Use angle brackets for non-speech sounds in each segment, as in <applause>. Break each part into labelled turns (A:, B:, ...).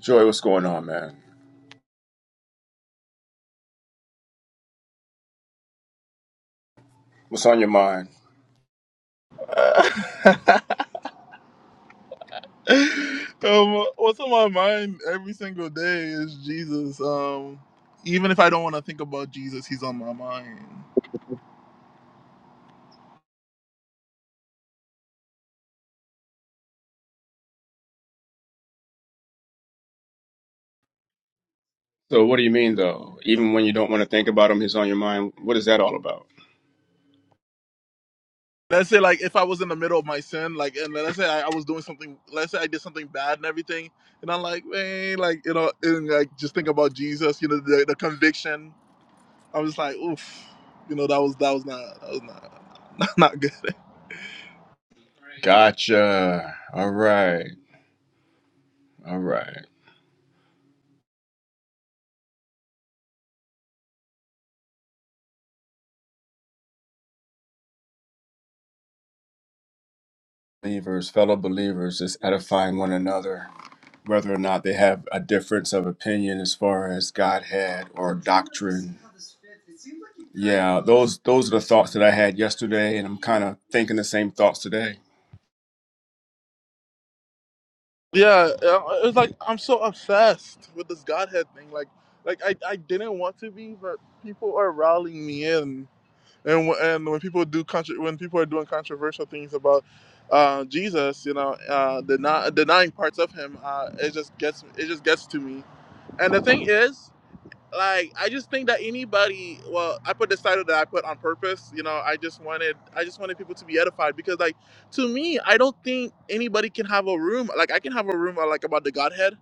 A: Joy, what's going on, man? What's on your mind?
B: <laughs> um, what's on my mind every single day is Jesus. Um, even if I don't want to think about Jesus, he's on my mind.
A: So, what do you mean, though? Even when you don't want to think about him, he's on your mind. What is that all about?
B: Let's say like if I was in the middle of my sin, like and let's say I, I was doing something, let's say I did something bad and everything, and I'm like, man, like you know, and like just think about Jesus, you know, the, the conviction I was like, oof, you know, that was that was not that was not <laughs> not, not good. <laughs>
A: Gotcha. All right. All right. Believers, fellow believers, is edifying one another, whether or not they have a difference of opinion as far as Godhead or doctrine. Yeah, those those are the thoughts that I had yesterday, and I'm kind of thinking the same thoughts today.
B: Yeah, it was like I'm so obsessed with this Godhead thing. Like, like I, I didn't want to be, but people are rallying me in. And wh- and when people do contro- when people are doing controversial things about uh, Jesus, you know, uh, deny, denying parts of him, uh, it just gets it just gets to me. And the thing is. like I just think that anybody well I put this title that I put on purpose you know I just wanted I just wanted people to be edified because like to me I don't think anybody can have a room like I can have a room uh, like about the Godhead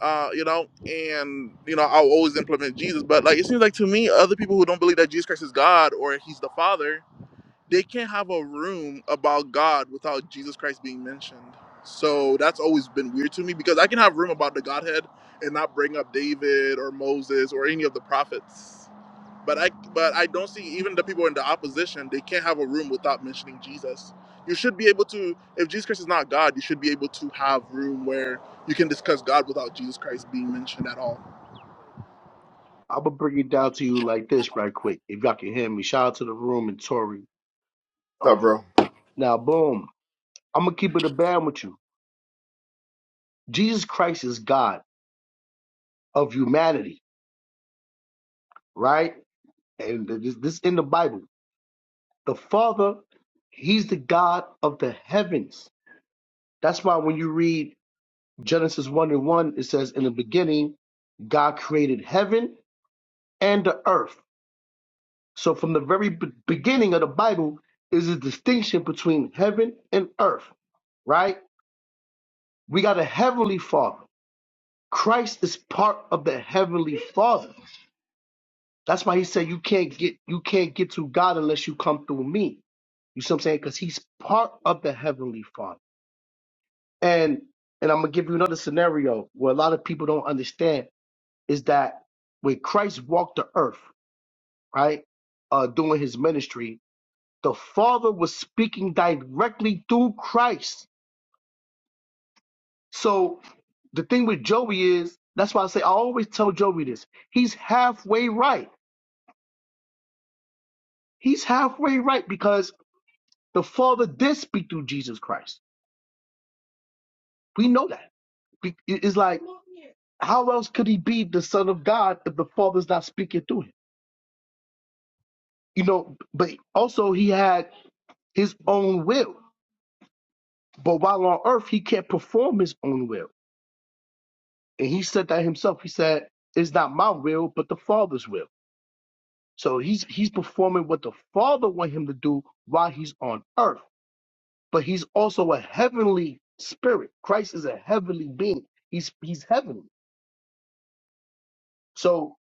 B: uh you know and you know I'll always implement Jesus but like it seems like to me other people who don't believe that Jesus Christ is God or he's the Father they can't have a room about God without Jesus Christ being mentioned. So that's always been weird to me because I can have room about the Godhead and not bring up David or Moses or any of the prophets. But I but I don't see even the people in the opposition, they can't have a room without mentioning Jesus. You should be able to if Jesus Christ is not God, you should be able to have room where you can discuss God without Jesus Christ being mentioned at all.
C: I'm gonna bring it down to you like this right quick. If y'all can hear me, shout out to the room and Tori.
A: What's up,
C: Um,
A: bro?
C: now, boom. I'm gonna keep it a band with you. Jesus Christ is God of humanity, right? And th- this, this in the Bible. The Father, He's the God of the heavens. That's why when you read Genesis one and one, it says, "In the beginning, God created heaven and the earth." So from the very be- beginning of the Bible is a distinction between heaven and earth right? We got a heavenly father. Christ is part of the heavenly father. That's why he said you can't get you can't get to God unless you come through me. You see what I'm saying? Because he's part of the heavenly father. And and I'm gonna give you another scenario where a lot of people don't understand is that when Christ walked the earth, right, uh, doing his ministry, the Father was speaking directly through Christ So the thing with Joey is that's why I say I always tell Joey this. He's halfway right. He's halfway right because the Father did speak through Jesus Christ. We know that. Be- it- It's like how else could he be the Son of God if the Father's not speaking through him? You know, but also he had his own will. But while on earth, he can't perform his own will. And he said that himself. He said, It's not my will, but the Father's will. So he's he's performing what the Father want him to do while he's on earth. But he's also a heavenly spirit. Christ is a heavenly being. He's he's heavenly. So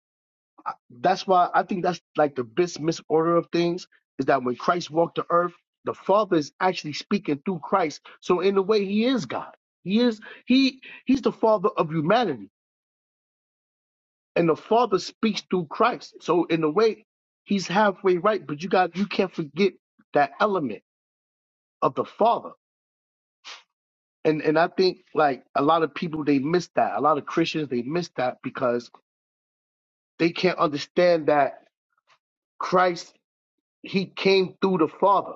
C: I- that's why I think that's like the best misorder of things is that when Christ walked the earth, the Father is actually speaking through Christ. So in a way, he is God. He is he he's the Father of humanity, and the Father speaks through Christ. So in a way, he's halfway right. But you got you can't forget that element of the Father. And and I think like a lot of people they miss that. A lot of Christians they miss that because they can't understand that Christ he came through the Father.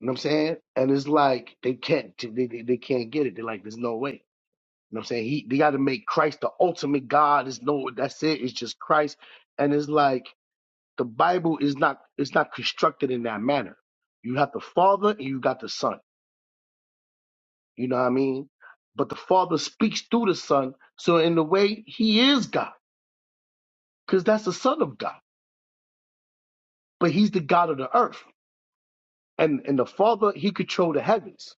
C: You know what I'm saying? And it's like they can't they, they, they can't get it. They're like, there's no way. You know what I'm saying? He they gotta make Christ the ultimate God. There's no that's it, it's just Christ. And it's like the Bible is not it's not constructed in that manner. You have the Father and you got the Son. You know what I mean? But the Father speaks through the Son. So in a way, he is God, because that's the Son of God. But he's the God of the earth. And and the Father, he controls the heavens.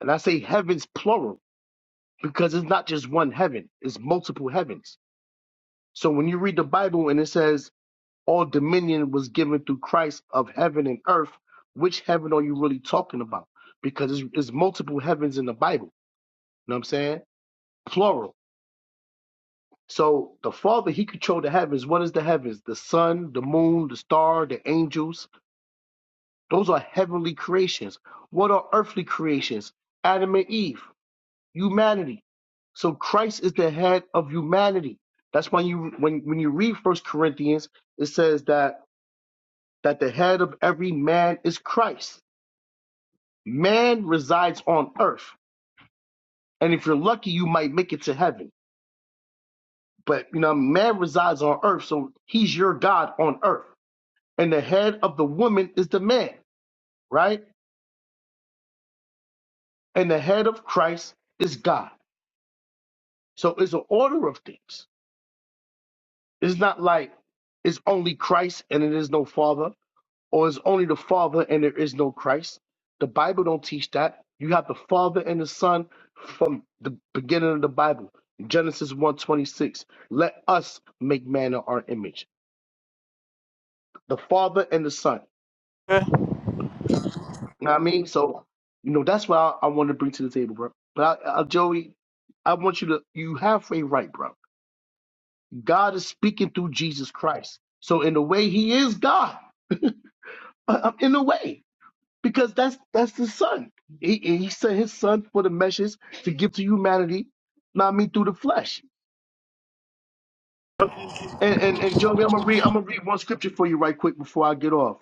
C: And I say heavens plural, because it's not just one heaven, it's multiple heavens. So when you read the Bible and it says all dominion was given through Christ of heaven and earth, which heaven are you really talking about? Because it's, it's multiple heavens in the Bible. You know what I'm saying? Plural. So the Father, He controlled the heavens. What is the heavens? The sun, the moon, the star, the angels. Those are heavenly creations. What are earthly creations? Adam and Eve, humanity. So Christ is the head of humanity. That's why you when when you read First Corinthians, it says that that the head of every man is Christ. Man resides on earth, and if you're lucky, you might make it to heaven. But you know, man resides on earth, so he's your God on earth. and the head of the woman is the man, right? And the head of Christ is God. So it's an order of things. It's not like it's only Christ and it is no father, or it's only the father and there is no Christ. The Bible don't teach that. You have the father and the son from the beginning of the Bible. Genesis 1:26. Let us make man in our image. The father and the son. You know what I mean? So, you know, that's what I, I want to bring to the table, bro. But I, I, Joey, I want you to, you have a right, bro. God is speaking through Jesus Christ. So, in a way, he is God, Uh, uh, in a way, because that's that's the son. He, he sent his son for the message to give to humanity, not me through the flesh. And, and, and Joey, I'm gonna read, I'm gonna read one scripture for you right quick before I get off.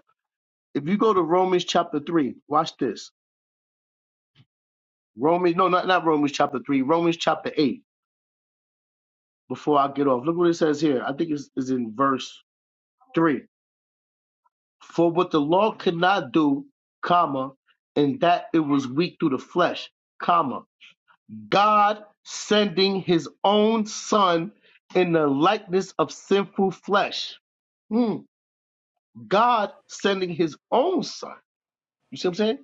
C: If you go to Romans chapter three, watch this. Romans, no, not, not Romans chapter three, Romans chapter eight. before I get off. Look what it says here. I think it's, it's in verse three. For what the law could not do, comma, and that it was weak through the flesh, comma, God sending his own son in the likeness of sinful flesh. Hmm. God sending his own son. You see what I'm saying?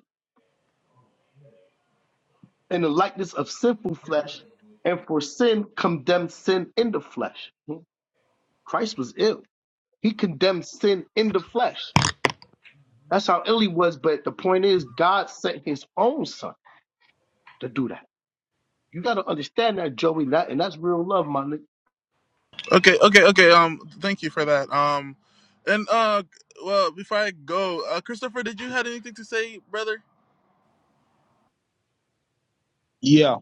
C: In the likeness of sinful flesh, and for sin condemned sin in the flesh. Hmm. Christ was ill. He condemned sin in the flesh. That's how ill he was. But the point is, God sent his own son to do that. You got to understand that, Joey. That, and that's real love, my nigga.
B: Okay, okay, okay. Um, thank you for that. Um, and uh, well, before I go, uh, Christopher, did you had anything to say, brother?
D: Yeah,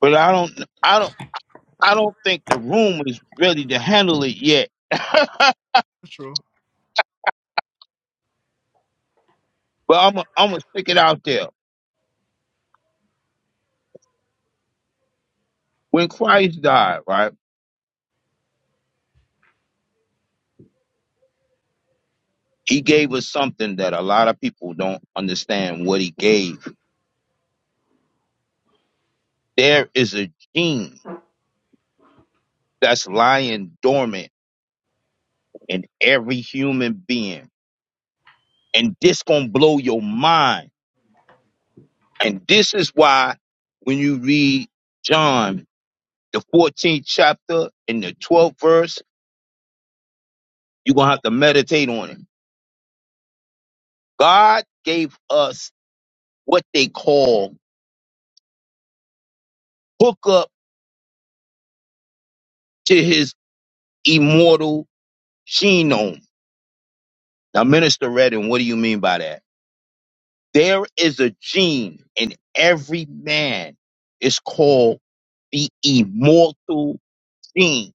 D: but I don't, I don't, I don't think the room is ready to handle it yet. <laughs> but
B: True.
D: I'm, i I'm gonna stick it out there. When Christ died, right, He gave us something that a lot of people don't understand. What He gave, there is a gene that's lying dormant in every human being, and this gonna blow your mind. And this is why, when you read John, the 14th chapter and the 12th verse, you're gonna have to meditate on it God gave us what they call hookup to his immortal genome. Now, Minister Redding, what do you mean by that? There is a gene in every man. It's called the immortal gene.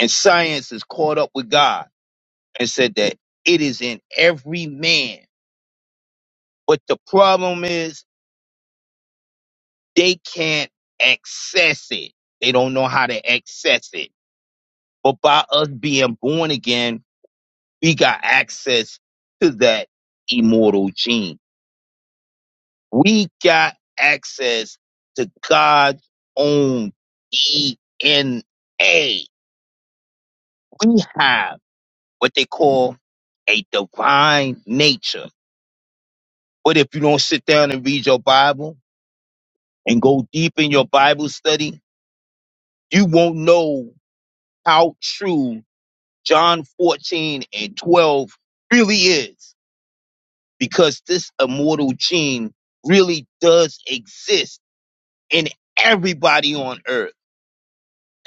D: And science is caught up with God and said that it is in every man. But the problem is they can't access it. They don't know how to access it. But by us being born again, We got access to that immortal gene. We got access to God's own DNA. We have what they call a divine nature. But if you don't sit down and read your Bible and go deep in your Bible study, you won't know how true John 14 and 12 really is because this immortal gene really does exist in everybody on earth.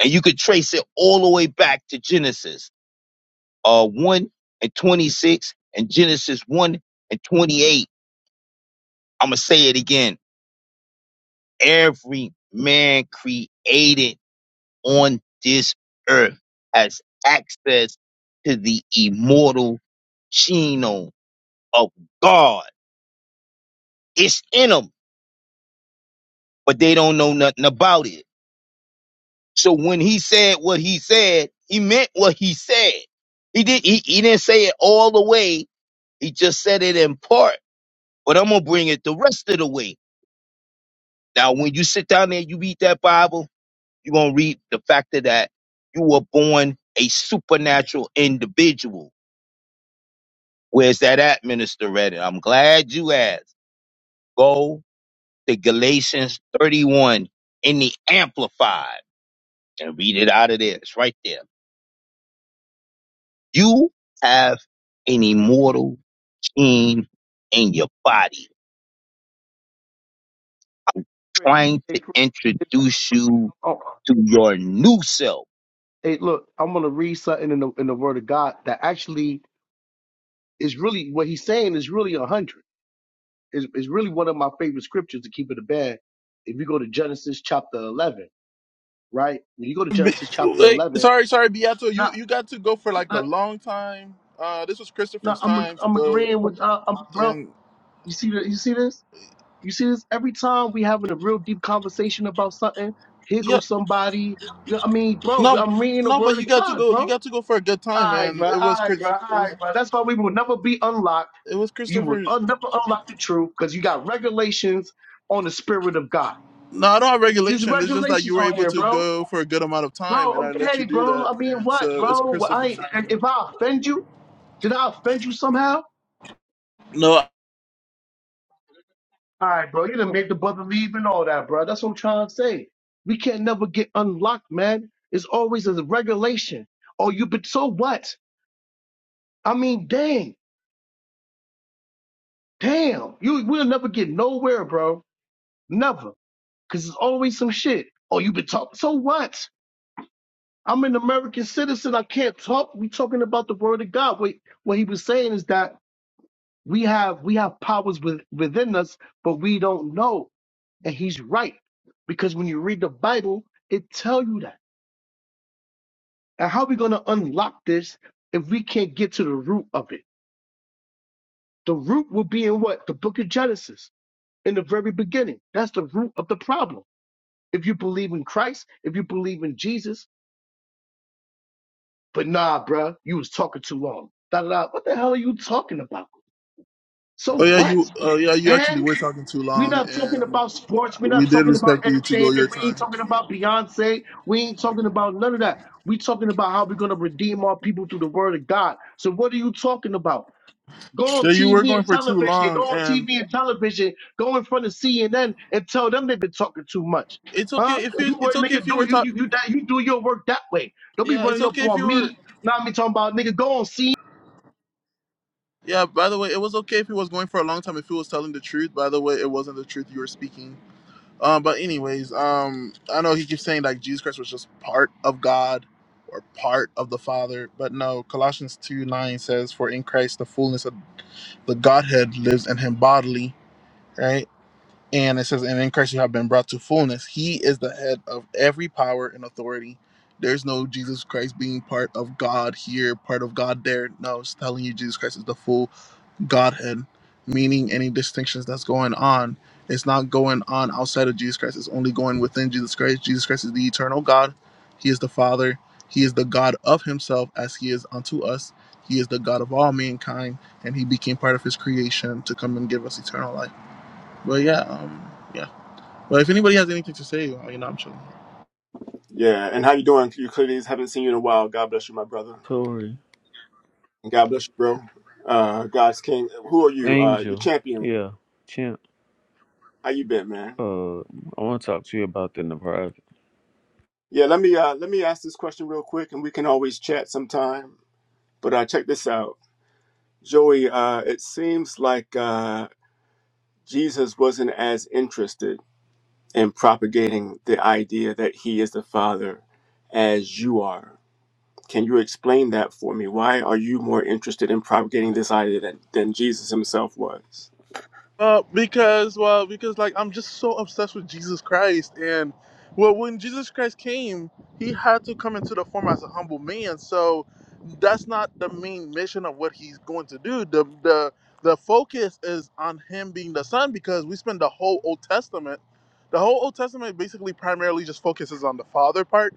D: And you could trace it all the way back to Genesis uh, 1 and 26 and Genesis 1 and 28. I'm going to say it again. Every man created on this earth has access to the immortal genome of God. It's in them, but they don't know nothing about it. So when he said what he said, he meant what he said. He did he, he didn't say it all the way. He just said it in part. But I'm gonna bring it the rest of the way. Now when you sit down there you read that Bible, you're gonna read the fact of that you were born a supernatural individual. Where's that at, Minister Reddit? I'm glad you asked. Go to Galatians 31 in the Amplified and read it out of there. It's right there. You have an immortal gene in your body
C: Chris,
D: trying
C: hey,
D: to
C: Chris. hey,
D: introduce you
C: Oh,
D: to your new self.
C: hey, look, I'm going to read something in the, in the Word of God that actually is really what he's saying is really a 100. Is is really one of my favorite scriptures to keep it a bed. If you go to Genesis chapter 11, right? When you go to
B: Be-
C: Genesis chapter
B: Wait,
C: 11,
B: sorry, sorry, Beato. You
C: not,
B: you got to go for like a
C: not,
B: long time. Uh, this was
C: not
B: Christopher's
C: I'm,
B: time to
C: I'm
B: go,
C: agreeing with, uh, I'm, bro,
B: and
C: you see, the, you see this? You see this every time we having a real deep conversation about something. Here
B: yeah,
C: goes somebody. I mean, bro,
B: no,
C: I'm reading the
B: no, but
C: word
B: you
C: of
B: got to
C: God,
B: go. You
C: bro.
B: got to go for a good time,
C: Alright,
B: man.
C: bro.
B: It was
C: Alright,
B: Chris.
C: bro.
B: It was
C: Alright, bro. That's why we will never be unlocked.
B: it was
C: You will
B: Christopher.
C: un- never unlock the truth because you got regulations on the spirit of God.
B: No, I don't have
C: There's
B: regulation. It's just that you
C: regulations
B: were
C: on
B: able
C: here,
B: to
C: bro.
B: go for a good amount of time, and
C: Bro,
B: I let you
C: okay,
B: do
C: bro.
B: that,
C: I mean,
B: and
C: what,
B: so it's
C: bro? Well, I
B: Christopher's.
C: ain't, if I offend you, did I offend you somehow?
B: No,
C: All right, bro. You done made the brother leave and all that, bro. That's what I'm trying to say. We can't never get unlocked, man. It's always a regulation. Oh, you but so what? I mean, dang, damn. You we'll never get nowhere, bro. Never. Cause it's always some shit. Oh, you been talking. So what? I'm an American citizen. I can't talk. We talking about the word of God. Wait, what he was saying is that we have we have powers with, within us, but we don't know. And he's right. Because when you read the Bible, it tell you that. And how are we going to unlock this if we can't get to the root of it? The root will be in what? The book of Genesis, in the very beginning. That's the root of the problem. If you believe in Christ, if you believe in Jesus, but nah, bruh, you was talking too long. Da, da, da. What the hell are you talking about? So
B: Oh yeah, you.
C: what?
B: Uh, yeah, you actually
C: And
B: were talking too
C: we're
B: long,
C: not talking
B: and
C: about sports. We're
B: we
C: not
B: did
C: talking about
B: respect you to go your
C: entertainment. We ain't
B: time.
C: talking about Beyonce. We ain't talking about none of that. we talking about how we're going to redeem our people through the word of God. So what are you talking about? Go on
B: Yeah, you were
C: TV
B: going
C: and
B: for too
C: television.
B: long,
C: Go on
B: and
C: TV and television. Go in front of CNN and tell them they've been talking too much.
B: it's
C: Huh?
B: okay if you.
C: You work,
B: It's okay
C: nigga.
B: if you
C: Do
B: were
C: you
B: talking.
C: you you that you do your work that way? Don't be
B: Yeah, it's
C: running up
B: okay if
C: on
B: you were.
C: me. Now me talking about nigga. Go on CNN.
B: Yeah. By the way, it was okay if he was going for a long time if he was telling the truth. By the way, it wasn't the truth you were speaking. Um, but anyways, um, I know he keeps saying like Jesus Christ was just part of God or part of the Father, but no. Colossians two nine says, "For in Christ the fullness of the Godhead lives in Him bodily." Right And it says, And in Christ you have been brought to fullness. He is the head of every power and authority. There's no Jesus Christ being part of God here, part of God there. No, it's telling you Jesus Christ is the full Godhead, meaning any distinctions that's going on. It's not going on outside of Jesus Christ, it's only going within Jesus Christ. Jesus Christ is the eternal God. He is the Father. He is the God of Himself as He is unto us. He is the God of all mankind, and He became part of His creation to come and give us eternal life. But yeah, um, yeah. Well, if anybody has anything to say, I mean, I'm chilling.
A: Yeah, and how you doing, Euclides? Haven't seen you in a while. God bless you, my brother.
E: Tori,
A: God bless you, bro. Uh, God's King. Who are you? Uh, your
E: Angel,
A: champion.
E: yeah, Champ.
A: How you been, man?
E: Uh, I want to talk to you about that in the private.
A: Yeah, let me uh, let me ask this question real quick, and we can always chat sometime. But uh, check this out, Joey. Uh, it seems like uh, Jesus wasn't as interested in propagating the idea that he is the Father as you are. Can you explain that for me? Why are you more interested in propagating this idea than, than Jesus himself was?
B: Uh, because well, because like I'm just so obsessed with Jesus Christ, and well, when Jesus Christ came, he had to come into the form as a humble man. So that's not the main mission of what he's going to do. The the the focus is on him being the son because we spend the whole Old Testament. The whole Old Testament basically primarily just focuses on the father part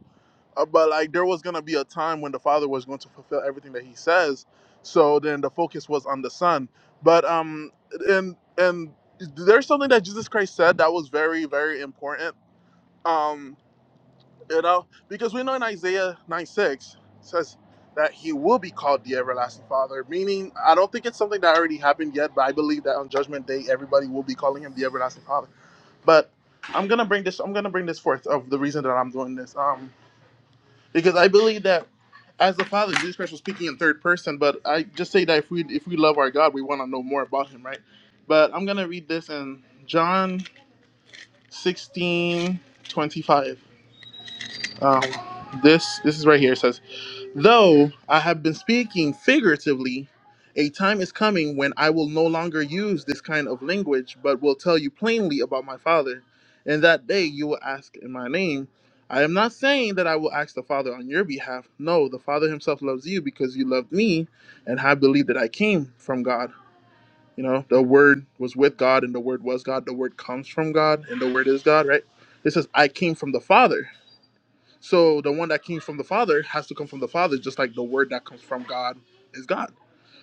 B: Uh, but like there was going to be a time when the father was going to fulfill everything that he says so then the focus was on the son but um and and there's something that jesus christ said that was very very important um you know because we know in isaiah 9 6 says that he will be called the everlasting father meaning i don't think it's something that already happened yet but i believe that on judgment day everybody will be calling him the everlasting father but i'm gonna bring this i'm gonna bring this forth of the reason that i'm doing this Um because I believe that as the Father, Jesus Christ was speaking in third person. But I just say that if we if we love our God, we want to know more about Him, right? But I'm gonna read this in John 16 25. Um, this this is right here. It says. Though I have been speaking figuratively, a time is coming when I will no longer use this kind of language, but will tell you plainly about my Father. In that day you will ask in my name. I am not saying that I will ask the Father on your behalf. No, the Father himself loves you because you loved me and have believed that I came from God. You know, the Word was with God and the Word was God. The Word comes from God and the Word is God, right? It says, I came from the Father. So the one that came from the Father has to come from the Father, just like the word that comes from God is God.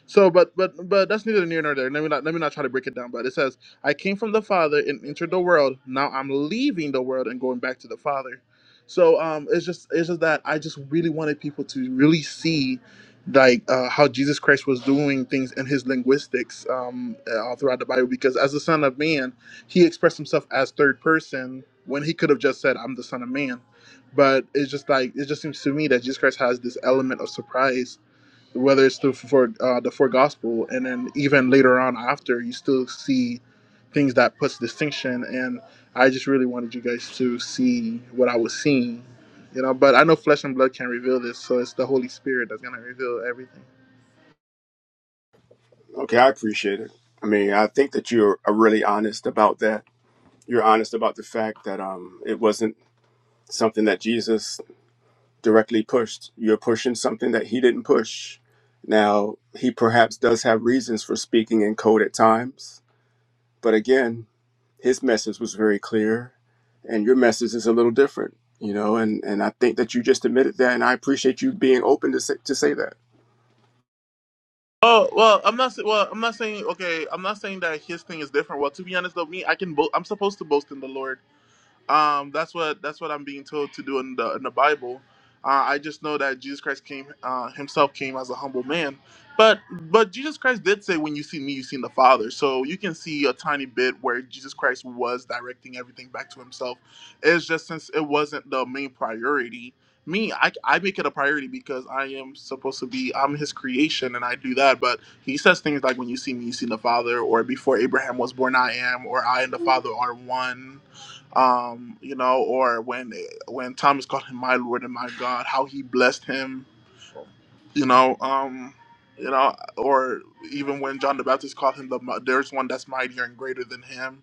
B: So, but but but that's neither near nor there. Let me not let me not try to break it down. But it says, "I came from the Father and entered the world. Now I'm leaving the world and going back to the Father." So um, it's just it's just that I just really wanted people to really see, like uh, how Jesus Christ was doing things in his linguistics um, uh, all throughout the Bible. Because as the Son of Man, he expressed himself as third person when he could have just said, "I'm the Son of Man." But it's just like it just seems to me that Jesus Christ has this element of surprise whether it's through for uh, the four gospel, and then even later on after, you still see things that puts distinction. And I just really wanted you guys to see what I was seeing, you know. But I know flesh and blood can't reveal this, so it's the Holy Spirit that's gonna reveal everything.
A: Okay, I appreciate it. I mean, I think that you're uh, really honest about that. You're honest about the fact that um, it wasn't something that Jesus directly pushed. You're pushing something that he didn't push. Now, he perhaps does have reasons for speaking in code at times, but again, his message was very clear, and your message is a little different, you know. And and I think that you just admitted that, and I appreciate you being open to say, to say that.
B: Oh well, I'm not. sa- Well, I'm not saying okay. I'm not saying that his thing is different. Well, to be honest though, me, I can. Bo- I'm supposed to boast in the Lord. Um, that's what that's what I'm being told to do in the in the Bible. Uh, I just know that Jesus Christ came uh, himself came as a humble man, but but Jesus Christ did say, "When you see me, you seen the Father." So you can see a tiny bit where Jesus Christ was directing everything back to himself. It's just since it wasn't the main priority. Me, I, I make it a priority because I am supposed to be I'm his creation and I do that. But he says things like, "When you see me, you seen the Father," or "Before Abraham was born, I am," or "I and the Father are one." um, you know, or when when Thomas called him my Lord and my God, how he blessed him, you know, um, you know, or even when John the Baptist called him the mi- there's one that's mightier and greater than him,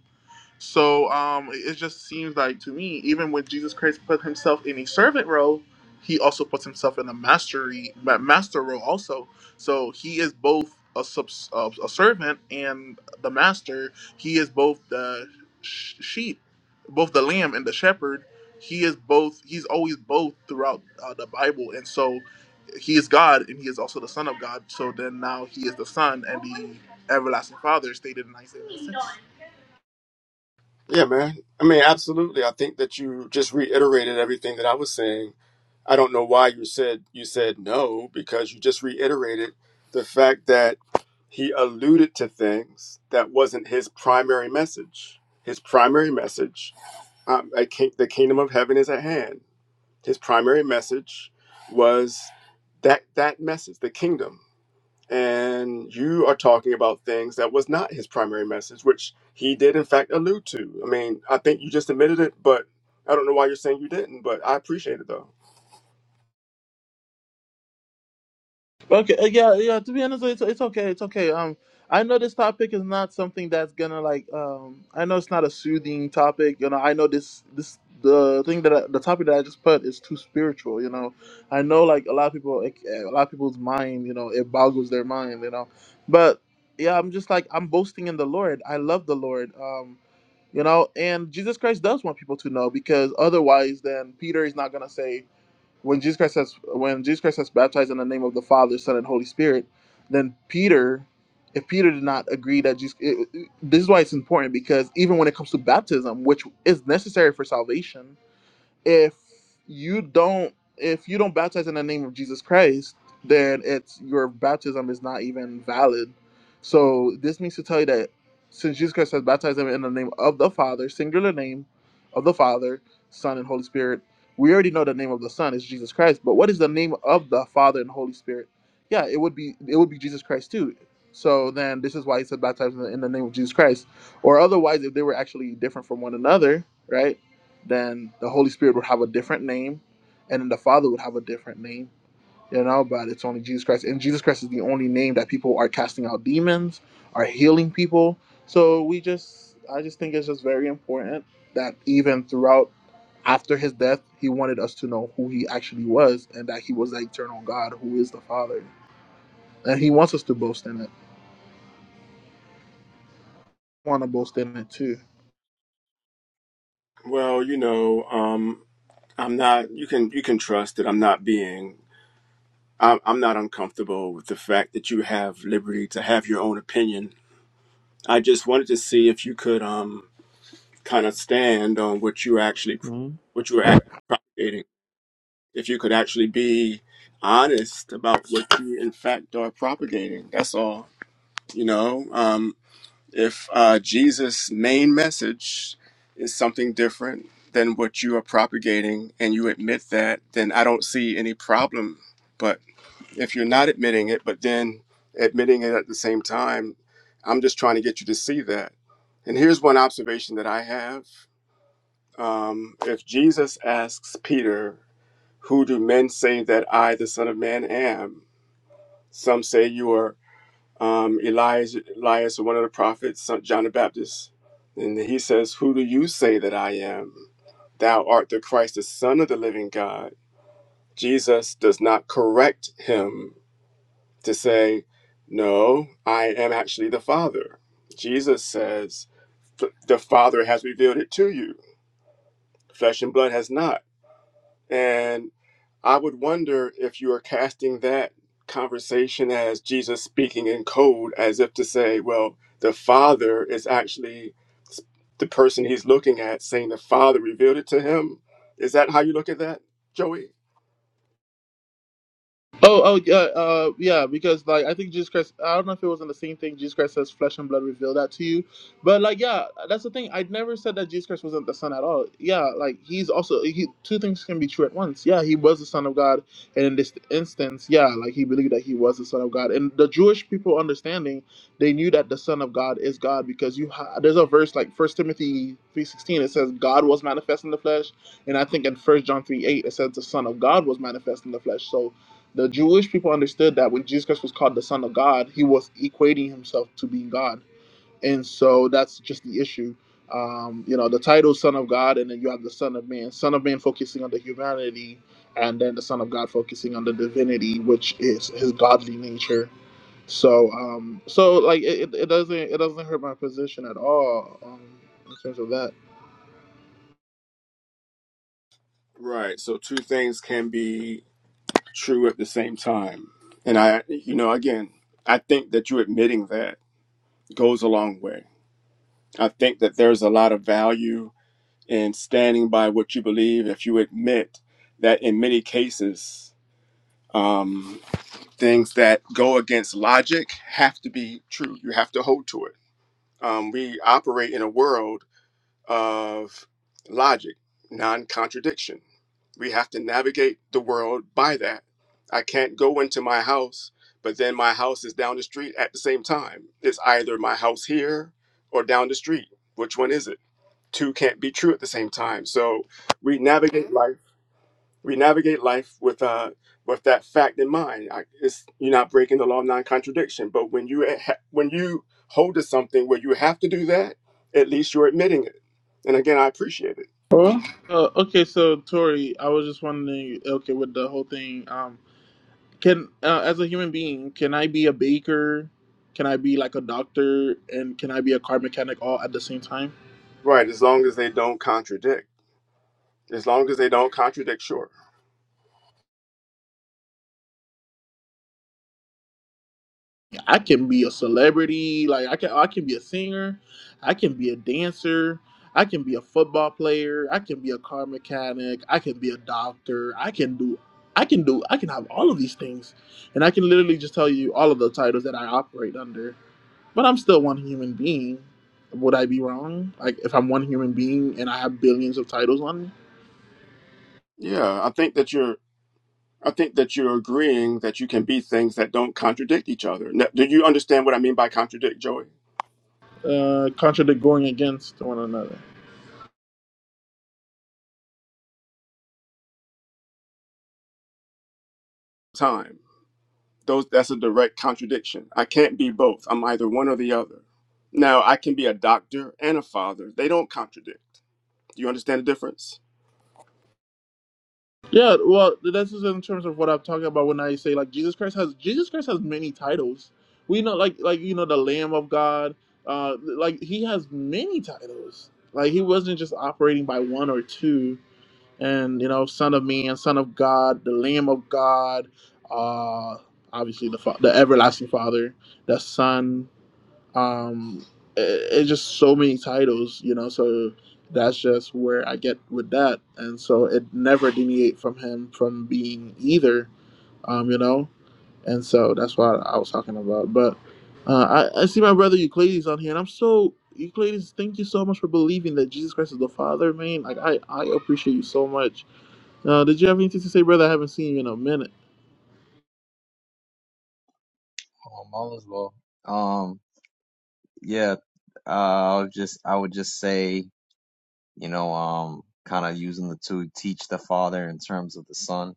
B: so um, it just seems like to me, even when Jesus Christ put himself in a servant role, he also puts himself in a mastery ma- master role also. So he is both a subs, uh, a servant and the master. He is both the sh- sheep, both the lamb and the shepherd. He is both. He's always both throughout uh, the Bible, and so he is God and he is also the Son of God. So then now he is the Son and the everlasting Father, stated in Isaiah. 6.
A: Yeah, man. I mean, absolutely. I think that you just reiterated everything that I was saying I don't know why you said you said no because you just reiterated the fact that he alluded to things that wasn't his primary message. His primary message, um, I can the kingdom of heaven is at hand. His primary message was that that message, the kingdom, and you are talking about things that was not his primary message, which he did in fact allude to. I mean, I think you just admitted it, but I don't know why you're saying you didn't. But I appreciate it though.
B: Okay, uh, yeah, yeah. To be honest, it's, it's okay. It's okay. Um, I know this topic is not something that's gonna like. Um, I know it's not a soothing topic. You know, I know this this the thing that I, the topic that I just put is too spiritual. You know, I know like a lot of people, like, a lot of people's mind. You know, it boggles their mind. You know, but yeah, I'm just like I'm boasting in the Lord. I love the Lord. Um, you know, and Jesus Christ does want people to know because otherwise, then Peter is not gonna say when Jesus Christ says when Jesus Christ says baptized in the name of the Father, Son, and Holy Spirit, then Peter, if Peter did not agree that Jesus, it, it- this is why it's important because even when it comes to baptism, which is necessary for salvation, if you don't if you don't baptize in the name of Jesus Christ, then it's your baptism is not even valid. So this means to tell you that since Jesus Christ has baptized them in the name of the Father, singular name of the Father, Son, and Holy Spirit, we already know the name of the Son is Jesus Christ. But what is the name of the Father and Holy Spirit? Yeah, it would be it would be Jesus Christ too. So then this is why he said baptize in the, in the name of Jesus Christ. Or otherwise, if they were actually different from one another, right? then the Holy Spirit would have a different name, and then the Father would have a different name. You know, but it's only Jesus Christ, and Jesus Christ is the only name that people are casting out demons, are healing people. So we just, I just think it's just very important that even throughout after his death, he wanted us to know who he actually was and that he was the eternal God who is the Father. And he wants us to boast in it. I want to boast in it too.
A: Well, you know, um, I'm not. You can you can trust that I'm not being. I'm, I'm not uncomfortable with the fact that you have liberty to have your own opinion. I just wanted to see if you could um kind of stand on what you actually
E: Hmm?
A: what you were act- propagating. If you could actually be honest about what you in fact are propagating. That's all. You know. Um, If uh, Jesus' main message is something different than what you are propagating and you admit that, then I don't see any problem. But if you're not admitting it, but then admitting it at the same time, I'm just trying to get you to see that. And here's one observation that I have. Um, if Jesus asks Peter, Who do men say that I, the Son of Man, am? Some say you are um, Elias, Elias, one of the prophets, John the Baptist, and he says, "Who do you say that I am? Thou art the Christ, the Son of the Living God." Jesus does not correct him to say, "No, I am actually the Father." Jesus says, the Father has revealed it to you; flesh and blood has not." And I would wonder if you are casting that conversation as Jesus speaking in code, as if to say, well, the Father is actually s- the person he's looking at, saying the Father revealed it to him. Is that how you look at that, Joey?
B: Oh, oh, yeah, uh, yeah, because like I think Jesus Christ. I don't know if it wasn't the same thing. Jesus Christ says, "Flesh and blood revealed that to you," but like, yeah, that's the thing. I never said that Jesus Christ wasn't the Son at all. Yeah, like he's also he, two things can be true at once. Yeah, he was the Son of God, and in this instance, yeah, like he believed that he was the Son of God. And the Jewish people understanding, they knew that the Son of God is God because you ha- there's a verse like First Timothy three sixteen. It says, "God was manifest in the flesh," and I think in First John three eight it says, "The Son of God was manifest in the flesh." So the Jewish people understood that when Jesus Christ was called the Son of God, he was equating himself to being God. And so that's just the issue. Um, you know, the title Son of God, and then you have the Son of Man. Son of Man focusing on the humanity, and then the Son of God focusing on the divinity, which is his godly nature. So, um, so like it, it it doesn't it doesn't hurt my position at all um, in terms of that.
A: Right. So two things can be true at the same time. And I, you know, again, I think that you admitting that goes a long way. I think that there's a lot of value and standing by what you believe if you admit that in many cases um, things that go against logic have to be true you have to hold to it um, we operate in a world of logic non-contradiction we have to navigate the world by that i can't go into my house but then my house is down the street at the same time it's either my house here or down the street which one is it two can't be true at the same time. So we navigate life. We navigate life with uh with that fact in mind. I, it's you're not breaking the law of non-contradiction. But when you eh, ha- when you hold to something where you have to do that, at least you're admitting it. And again, I appreciate it.
B: Huh? Uh, okay, so Tori, I was just wondering. Okay, with the whole thing, um, Can uh, as a human being, can I be a baker? Can I be like a doctor and can I be a car mechanic all at the same time?
A: Right, as long as they don't contradict. As long as they don't contradict, sure.
B: I can be a celebrity, like I can I can be a singer, I can be a dancer, I can be a football player, I can be a car mechanic, I can be a doctor, I can do I can do I can have all of these things. And I can literally just tell you all of the titles that I operate under. But I'm still one human being. Would I be wrong? Like if I'm one human being and I have billions of titles on me?
A: Yeah, I think that you're. I think that you're agreeing that you can be things that don't contradict each other. Now, do you understand what I mean by contradict, Joey?
B: uh, contradict going against one another.
A: Time. those that's a direct contradiction i can't be both i'm either one or the other now i can be a doctor and a father they don't contradict do you understand the difference
B: Yeah, well, this is in terms of what I'm talking about when I say like Jesus Christ has Jesus Christ has many titles. We know like like you know the Lamb of God, uh, like he has many titles. Like he wasn't just operating by one or two. And you know, Son of Man, Son of God, the Lamb of God, uh, obviously the fa- the everlasting Father, the Son. um it, it's just so many titles you know so that's just where i get with that and so it never deviate from him from being either um you know and so that's what i was talking about but uh, I, I see my brother euclides on here and i'm so euclides thank you so much for believing that jesus christ is the father man like i i appreciate you so much uh did you have anything to say brother i haven't seen you in a minute
F: Oh, i all as well. Um, yeah, uh, I'll just I would just say, you know, um, kind of using the to teach the father in terms of the son,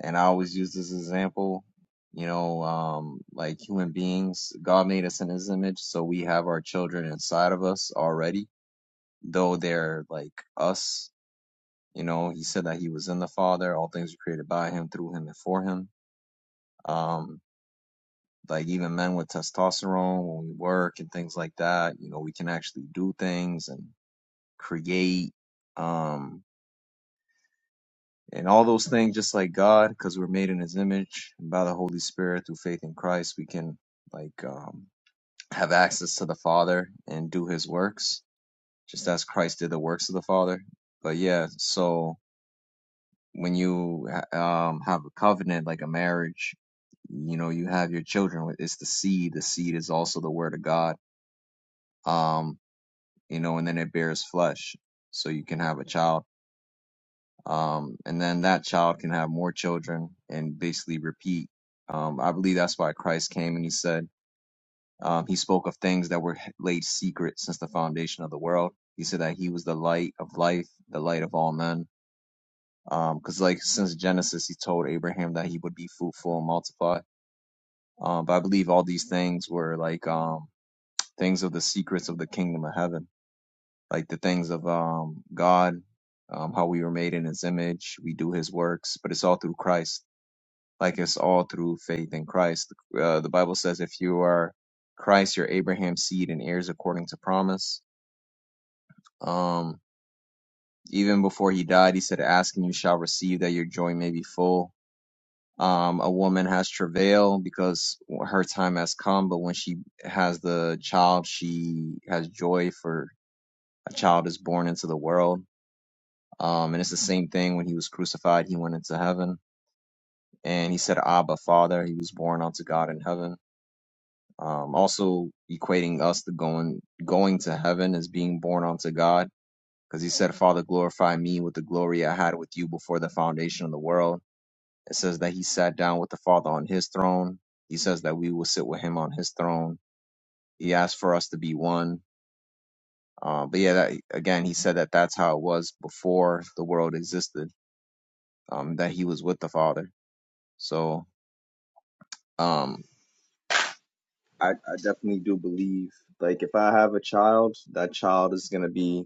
F: and I always use this example, you know, um, like human beings, God made us in His image, so we have our children inside of us already, though they're like us. You know, He said that He was in the Father. All things were created by Him, through Him, and for Him. Um, like even men with testosterone when we work and things like that you know we can actually do things and create um and all those things just like god because we're made in his image and by the holy spirit through faith in christ we can like um have access to the father and do his works just as christ did the works of the father but yeah so when you ha- um have a covenant like a marriage you know you have your children with it's the seed the seed is also the word of god Um, you know, and then it bears flesh. So you can have a child, um, and then that child can have more children and basically repeat. Um, I believe that's why Christ came and he said, um, he spoke of things that were laid secret since the foundation of the world. He said that he was the light of life, the light of all men. Um, 'cause cause like since Genesis, he told Abraham that he would be fruitful and multiply. Um, but I believe all these things were like, um, things of the secrets of the kingdom of heaven like the things of um, God, um, how we were made in His image. We do His works, but it's all through Christ. Like it's all through faith in Christ. Uh, the Bible says, if you are Christ, you're Abraham's seed and heirs according to promise. Um, even before he died, he said, "Ask and you shall receive, that your joy may be full." Um, a woman has travail because her time has come, but when she has the child, she has joy for a child is born into the world Um, and it's the same thing when he was crucified, he went into heaven and he said, Abba, Father, he was born unto God in heaven. Um, also equating us to going, going to heaven as being born unto God. Cause he said, Father, glorify me with the glory I had with you before the foundation of the world. It says that he sat down with the Father on his throne. He says that we will sit with him on his throne. He asked for us to be one. Uh, but yeah, that, again, he said that that's how it was before the world existed, um, that he was with the Father. So Um, I, I definitely do believe, like, if I have a child, that child is going to be,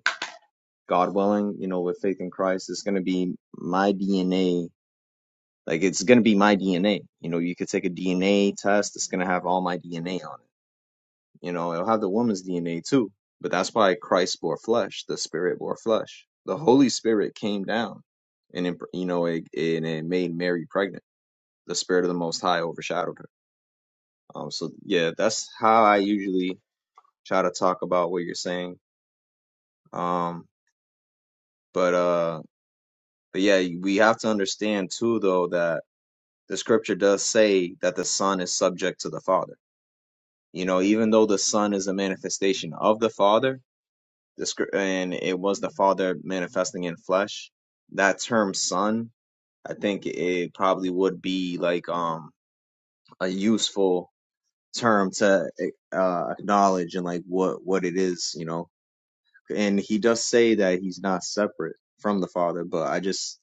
F: God willing, you know, with faith in Christ, it's going to be my DNA. Like, it's going to be my DNA. You know, you could take a DNA test, it's going to have all my DNA on it. You know, it'll have the woman's DNA too. But that's why Christ bore flesh, the Spirit bore flesh. The Holy Spirit came down and, it, you know, it, and it made Mary pregnant. The Spirit of the Most High overshadowed her. Um, so yeah, that's how I usually try to talk about what you're saying. Um, but uh, but yeah, we have to understand too, though, that the scripture does say that the Son is subject to the Father. You know, even though the Son is a manifestation of the Father, the script and it was the Father manifesting in flesh. That term "Son," I think it probably would be like um a useful term to eh, uh, acknowledge and like what what it is. You know, and he does say that he's not separate from the father but i just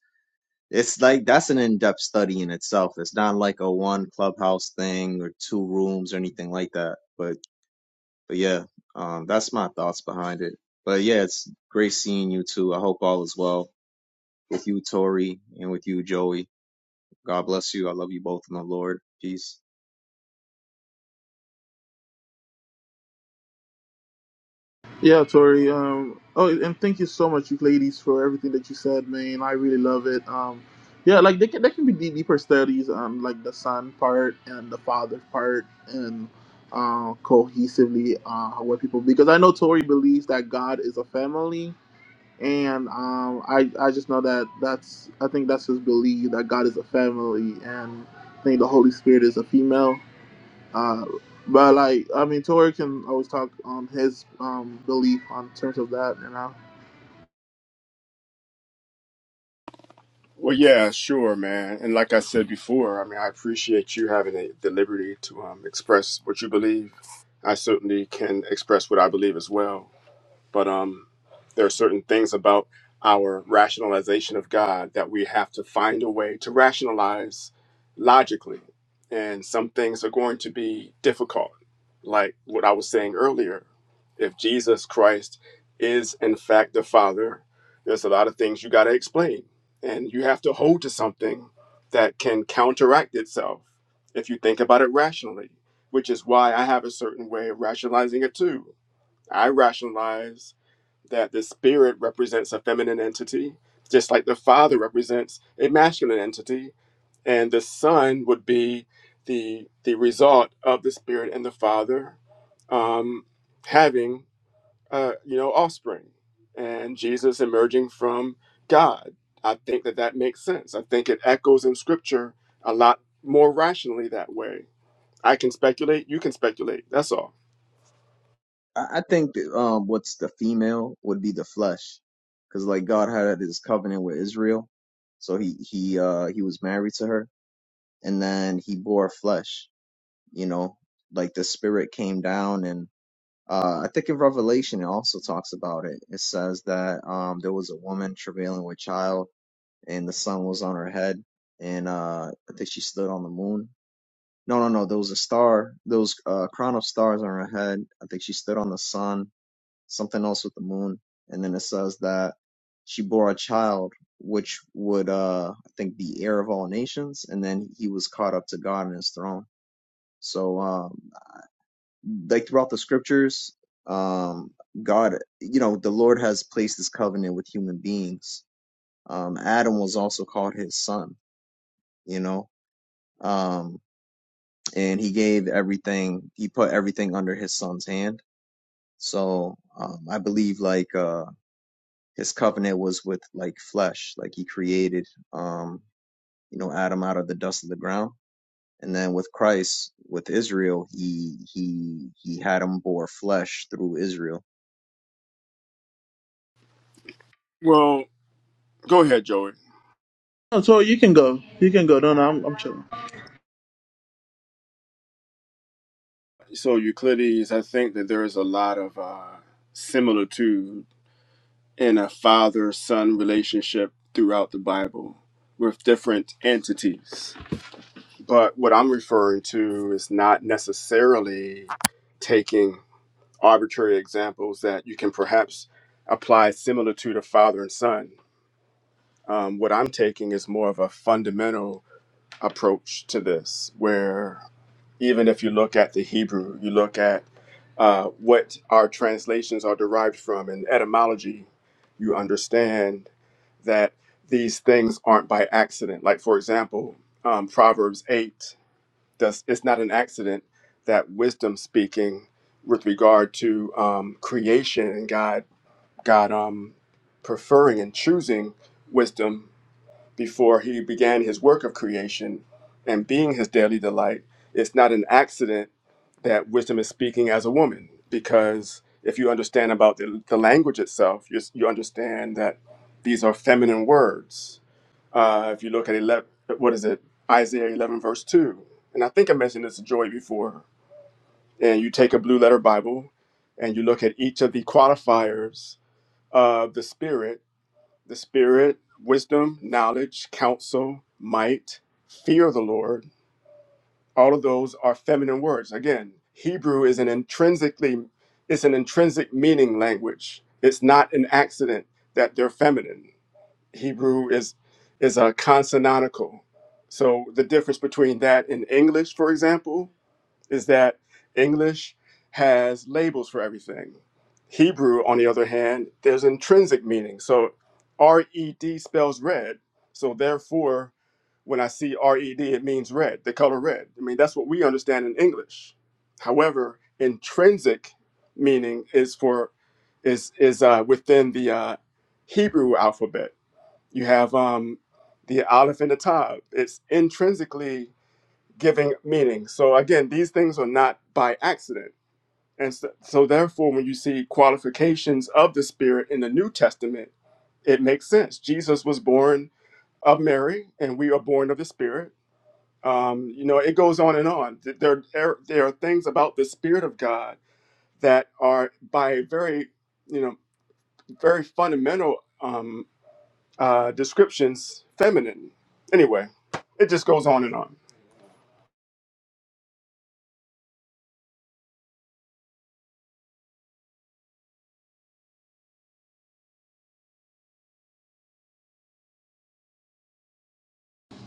F: it's like that's an in-depth study in itself it's not like a one clubhouse thing or two rooms or anything like that but but yeah um that's my thoughts behind it but yeah it's great seeing you too i hope all is well with you tori and with you joey god bless you i love you both in the lord peace
B: Yeah, Tori. Um, oh, and thank you so much, you ladies, for everything that you said, man. I really love it. Um, yeah, like there can, there can be deep- deeper studies on like the son part and the father part and uh, cohesively uh, what people because I know Tori believes that God is a family, and um, I I just know that that's I think that's his belief that God is a family, and I think the Holy Spirit is a female, uh, but like, I mean, Tori can always talk on his um belief on terms of that, you know.
A: well yeah sure man and like i said before i mean i appreciate you having the, the liberty to um, express what you believe i certainly can express what i believe as well but um, there are certain things about our rationalization of God that we have to find a way to rationalize logically. And some things are going to be difficult. Like what I was saying earlier, if Jesus Christ is in fact the Father, there's a lot of things you got to explain. And you have to hold to something that can counteract itself if you think about it rationally, which is why I have a certain way of rationalizing it too. I rationalize that the spirit represents a feminine entity, just like the father represents a masculine entity, and the son would be the the result of the spirit and the father um, having uh, you know offspring, and Jesus emerging from God. I think that that makes sense. I think it echoes in Scripture a lot more rationally that way. I can speculate. You can speculate. That's all.
F: I, I think that, um, what's the female would be the flesh, because like God had this covenant with Israel, so he he uh he was married to her, and then he bore flesh. You know, like the spirit came down, and uh, I think in Revelation it also talks about it. It says that um there was a woman travailing with child, and the sun was on her head, and uh I think she stood on the moon. No, no, no. There was a star. There was uh, a crown of stars on her head. I think she stood on the sun something else with the moon, and then it says that she bore a child which would uh I think be heir of all nations, and then he was caught up to God and his throne. So um like throughout the scriptures, um God you know, the Lord has placed this covenant with human beings. Um Adam was also called his son, you know. Um and he gave everything he put everything under his son's hand. So um I believe like uh. his covenant was with like flesh like he created um you know adam out of the dust of the ground and then with christ with israel he he he had him bore flesh through israel
A: Well, go ahead, Joey.
B: No, Tori, you can go. You can go. No, no, I'm, I'm chilling.
A: So Euclides, I think that there is a lot of uh, similitude in a father-son relationship throughout the Bible with different entities. But what I'm referring to is not necessarily taking arbitrary examples that you can perhaps apply similar to the father and son. Um, what I'm taking is more of a fundamental approach to this, where even if you look at the Hebrew, you look at uh, what our translations are derived from in etymology, you understand that these things aren't by accident. Like, for example, um, Proverbs 8, does, it's not an accident that wisdom speaking with regard to um, creation and God, God um, preferring and choosing wisdom before he began his work of creation and being his daily delight, it's not an accident that wisdom is speaking as a woman, because if you understand about the, the language itself, you, you understand that these are feminine words. Uh, if you look at 11, what is it, Isaiah 11, verse 2, and I think I mentioned this to Joy before, and you take a blue letter Bible and you look at each of the qualifiers of the Spirit the spirit, wisdom, knowledge, counsel, might, fear of the Lord. All of those are feminine words. Again, Hebrew is an intrinsically it's an intrinsic meaning language. It's not an accident that they're feminine. Hebrew is is a consonantical. So the difference between that and English, for example, is that English has labels for everything. Hebrew, on the other hand, there's intrinsic meaning. So R-E-D spells red. So therefore, when I see R-E-D, it means red, the color red. I mean, that's what we understand in English. However, intrinsic meaning is for is is uh, within the uh, Hebrew alphabet. You have um, the aleph and the tav. It's intrinsically giving meaning. So again, these things are not by accident. And so, so therefore, when you see qualifications of the Spirit in the New Testament, it makes sense. Jesus was born of Mary, and we are born of the Spirit. Um, you know, it goes on and on. There, there, there are things about the Spirit of God that are by very, you know, very fundamental um, uh, descriptions feminine. Anyway, it just goes on and on.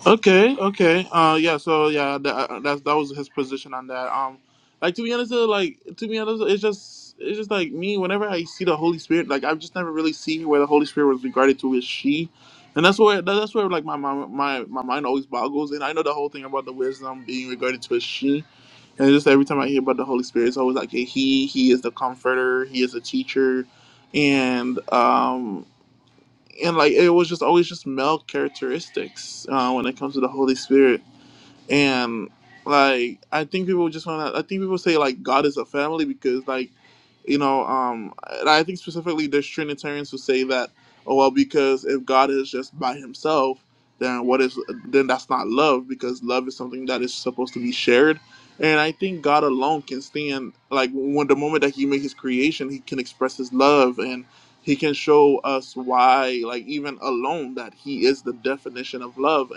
B: Okay, okay. Uh, yeah. So yeah, that that that was his position on that. Um, like to be honest, uh, like to be honest, it's just it's just like me. Whenever I see the Holy Spirit, like I've just never really seen where the Holy Spirit was regarded to as she. And that's where that- that's where like my, my my my mind always boggles, and I know the whole thing about the wisdom being regarded to as she, And just every time I hear about the Holy Spirit, it's always like a He. He is the Comforter. He is a teacher, and um, and like it was just always just male characteristics uh, when it comes to the Holy Spirit and like i think people just want to i think people say like god is a family because like you know um and i think specifically there's trinitarians who say that oh well because if god is just by himself then what is then that's not love because love is something that is supposed to be shared and i think god alone can stand like when the moment that he made his creation he can express his love and he can show us why like even alone that he is the definition of love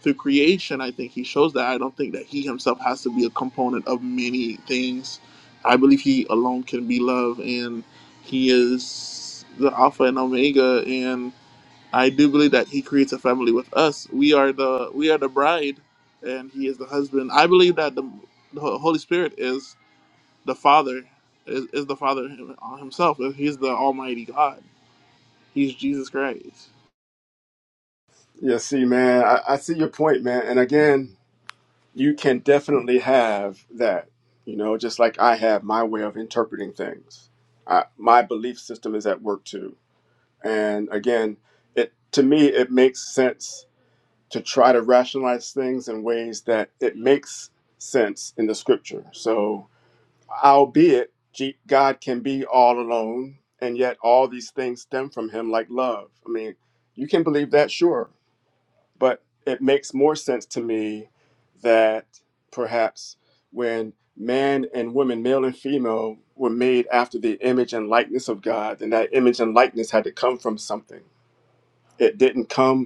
B: through creation, I think he shows that. I don't think that he himself has to be a component of many things. I believe he alone can be love, and he is the Alpha and Omega. And I do believe that he creates a family with us. We are the we are the bride, and he is the husband. I believe that the, the Holy Spirit is the Father, is, is the Father him- himself. He's the Almighty God. He's Jesus Christ.
A: Yeah, see, man, I, I see your point, man. And again, you can definitely have that you know just like i have my way of interpreting things I, my belief system is at work too and again it to me it makes sense to try to rationalize things in ways that it makes sense in the scripture so albeit G- god can be all alone and yet all these things stem from him like love i mean you can believe that sure but it makes more sense to me that perhaps when man and woman, male and female, were made after the image and likeness of God, then that image and likeness had to come from something. It didn't come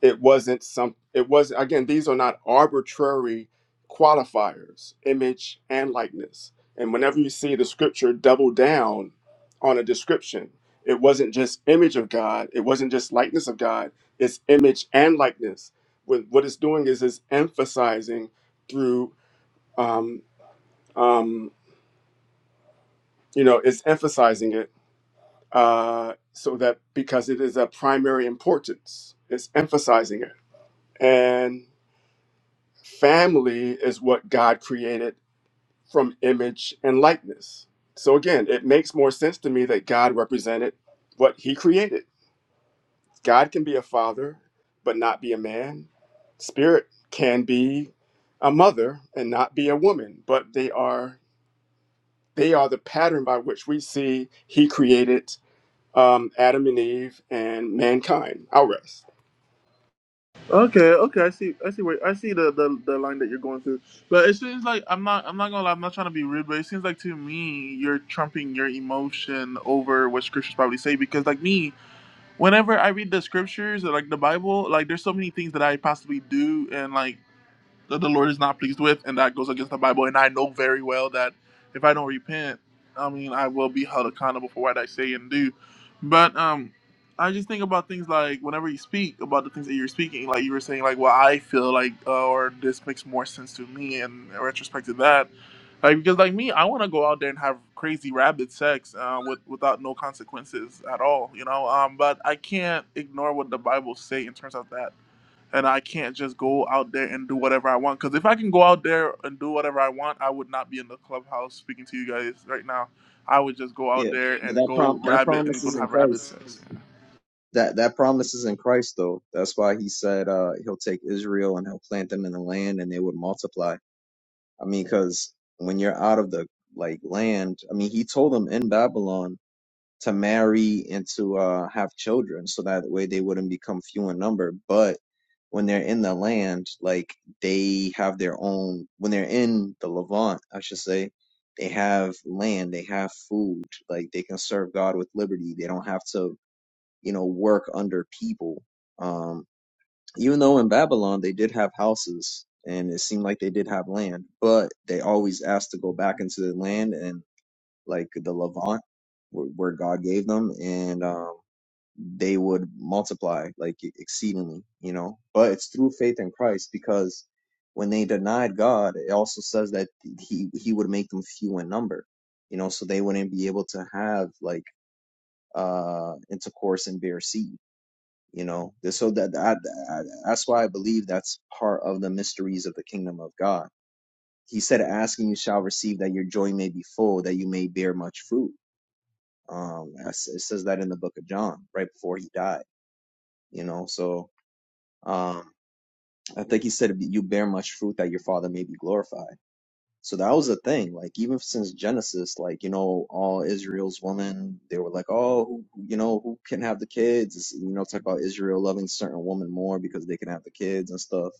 A: it wasn't some it was again these are not arbitrary qualifiers image and likeness and whenever you see the scripture double down on a description it wasn't just image of god it wasn't just likeness of god it's image and likeness what, what it's doing is it's emphasizing through um, um, you know it's emphasizing it uh, so that because it is a primary importance it's emphasizing it and. Family is what God created from image and likeness. So again, it makes more sense to me that God represented what he created. God can be a father, but not be a man. Spirit can be a mother and not be a woman, but they are they are the pattern by which we see he created um, Adam and Eve and mankind. I'll rest.
B: Okay, okay, I see, I see where I see the, the the line that you're going through, but it seems like I'm not, I'm not gonna lie, I'm not trying to be rude, but it seems like to me you're trumping your emotion over what scriptures probably say because like me, whenever I read the scriptures or like the Bible, like there's so many things that I possibly do and like that the Lord is not pleased with, and that goes against the Bible. And I know very well that if I don't repent, I mean, I will be held accountable for what I say and do. But um, I just think about things like whenever you speak about the things that you're speaking, like you were saying, like, well, I feel like, uh, or this makes more sense to me, and in retrospect to that. Like, because like me, I want to go out there and have crazy rabid sex uh, with without no consequences at all, you know. Um, but I can't ignore what the Bible say in terms of that and I can't just go out there and do whatever I want. Because if I can go out there and do whatever I want, I would not be in the clubhouse speaking to you guys right now. I would just go out
F: yeah
B: there
F: but
B: and
F: that
B: go
F: prom that
B: rabbit and
F: promise
B: go
F: is in
B: have rabbit
F: christ
B: sex.
F: that that promise is in christ though that's why he said uh he'll take israel and he'll plant them in the land and they would multiply i mean because when you're out of the like land i mean he told them in babylon to marry and to uh, have children so that way they wouldn't become few in number but when they're in the land like they have their own when they're in the levant i should say they have land they have food like they can serve god with liberty they don't have to you know work under people um even though in babylon they did have houses and it seemed like they did have land but they always asked to go back into the land and like the Levant, where, where God gave them, and um, they would multiply like e-, exceedingly, you know. But it's through faith in Christ because when they denied God, it also says that he he would make them few in number, you know, so they wouldn't be able to have like uh intercourse and bear seed. You know, so that, that that's why I believe that's part of the mysteries of the kingdom of God he said, Ask and you shall receive, that your joy may be full, that you may bear much fruit. Um, it says that in the book of John, right before he died, you know. So um, I think he said, "You bear much fruit that your Father may be glorified." So that was a thing. Like even since Genesis, like you know, all Israel's women, they were like, "Oh, who, you know, who can have the kids?" It's, you know, talk about Israel loving certain woman more because they can have the kids and stuff.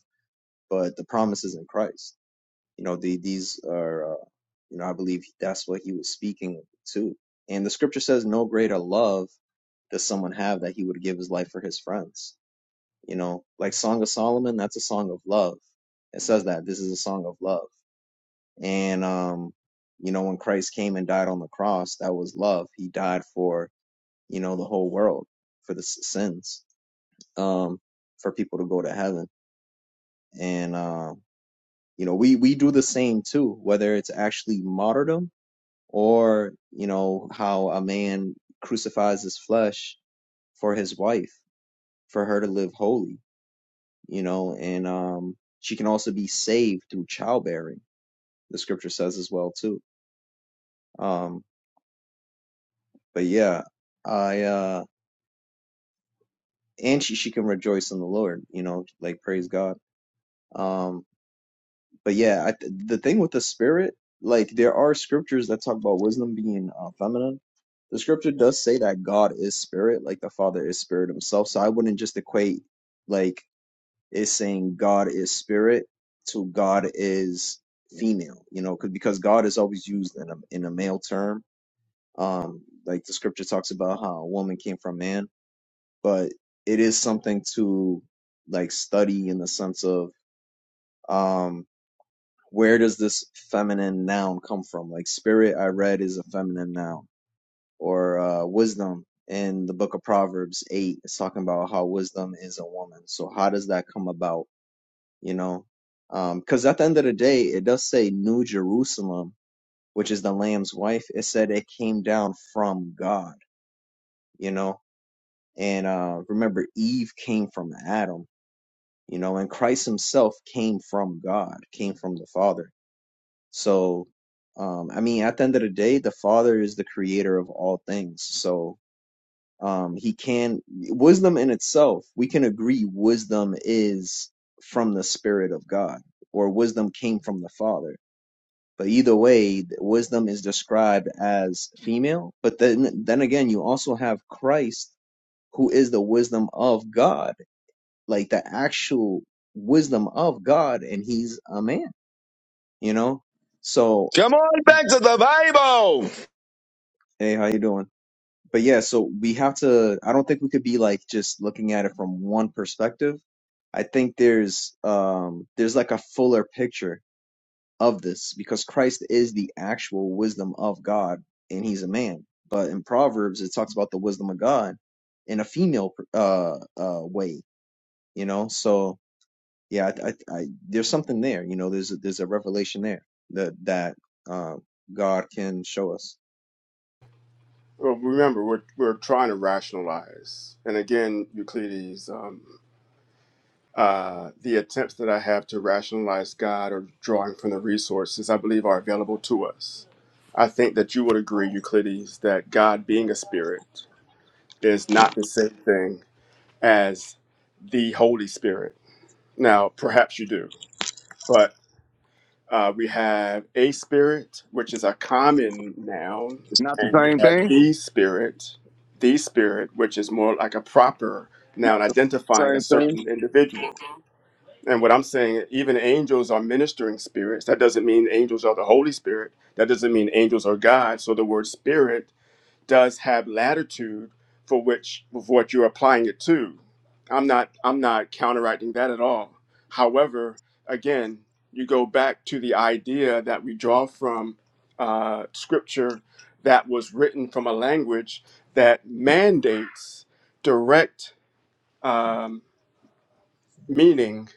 F: But the promise is in Christ. You know, the, these are, uh, you know, I believe that's what he was speaking to. And the scripture says, "No greater love." does someone have that he would give his life for his friends? You know, like Song of Solomon, that's a song of love. It says that this is a song of love. And, um, you know, when Christ came and died on the cross, that was love. He died for, you know, the whole world, for the s- sins, um, for people to go to heaven. And, um, you know, we, we do the same too, whether it's actually martyrdom or, you know, how a man crucifies his flesh for his wife, for her to live holy you know, and um, she can also be saved through childbearing. The scripture says as well too. Um, but yeah, I uh, and she she can rejoice in the Lord, you know, like praise God. Um, but yeah, I, th- the thing with the spirit, like there are scriptures that talk about wisdom being uh, feminine. The scripture does say that God is spirit, like the Father is spirit himself. So I wouldn't just equate like is saying God is spirit to God is female, you know, 'cause- because God is always used in a in a male term. Um, like the scripture talks about how a woman came from man, but it is something to like study in the sense of um where does this feminine noun come from? Like spirit I read is a feminine noun or uh wisdom in the book of Proverbs eight, it's talking about how wisdom is a woman. So how does that come about? you know um, because at the end of the day it does say new jerusalem which is the lamb's wife it said it came down from god you know and uh remember eve came from adam you know and christ himself came from god came from the father so um i mean at the end of the day the father is the creator of all things so um he can wisdom in itself we can agree wisdom is from the spirit of god or wisdom came from the father But either way, wisdom is described as female. But then, then again, you also have Christ, who is the wisdom of God, like the actual wisdom of God, and he's a man, you know? So,
G: Come on back to the Bible.
F: hey, how you doing? But yeah, so we have to, I don't think we could be like just looking at it from one perspective. I think there's um there's like a fuller picture of this because Christ is the actual wisdom of God and he's a man. But in Proverbs, it talks about the wisdom of God in a female uh, uh, way, you know? So, yeah, I, I, I, there's something there, you know, there's a, there's a revelation there that, that uh, God can show us.
A: Well, remember, we're, we're trying to rationalize. And again, Euclides, um, Uh, the attempts that I have to rationalize God or drawing from the resources I believe are available to us. I think that you would agree, Euclides, that God being a spirit is not the same thing as the Holy Spirit. Now, perhaps you do, but uh, we have a spirit, which is a common noun,
G: It's not the
A: and you
G: same
A: have
G: thing.
A: the spirit, the spirit, which is more like a proper
G: Not
A: noun
G: the
A: identifying a
G: same thing.
A: certain individual. And what I'm saying, even angels are ministering spirits. That doesn't mean angels are the Holy Spirit. That doesn't mean angels are God. So the word spirit does have latitude for which of what you're applying it to. I'm not I'm not counteracting that at all. However, again, you go back to the idea that we draw from uh, scripture that was written from a language that mandates direct um, meaning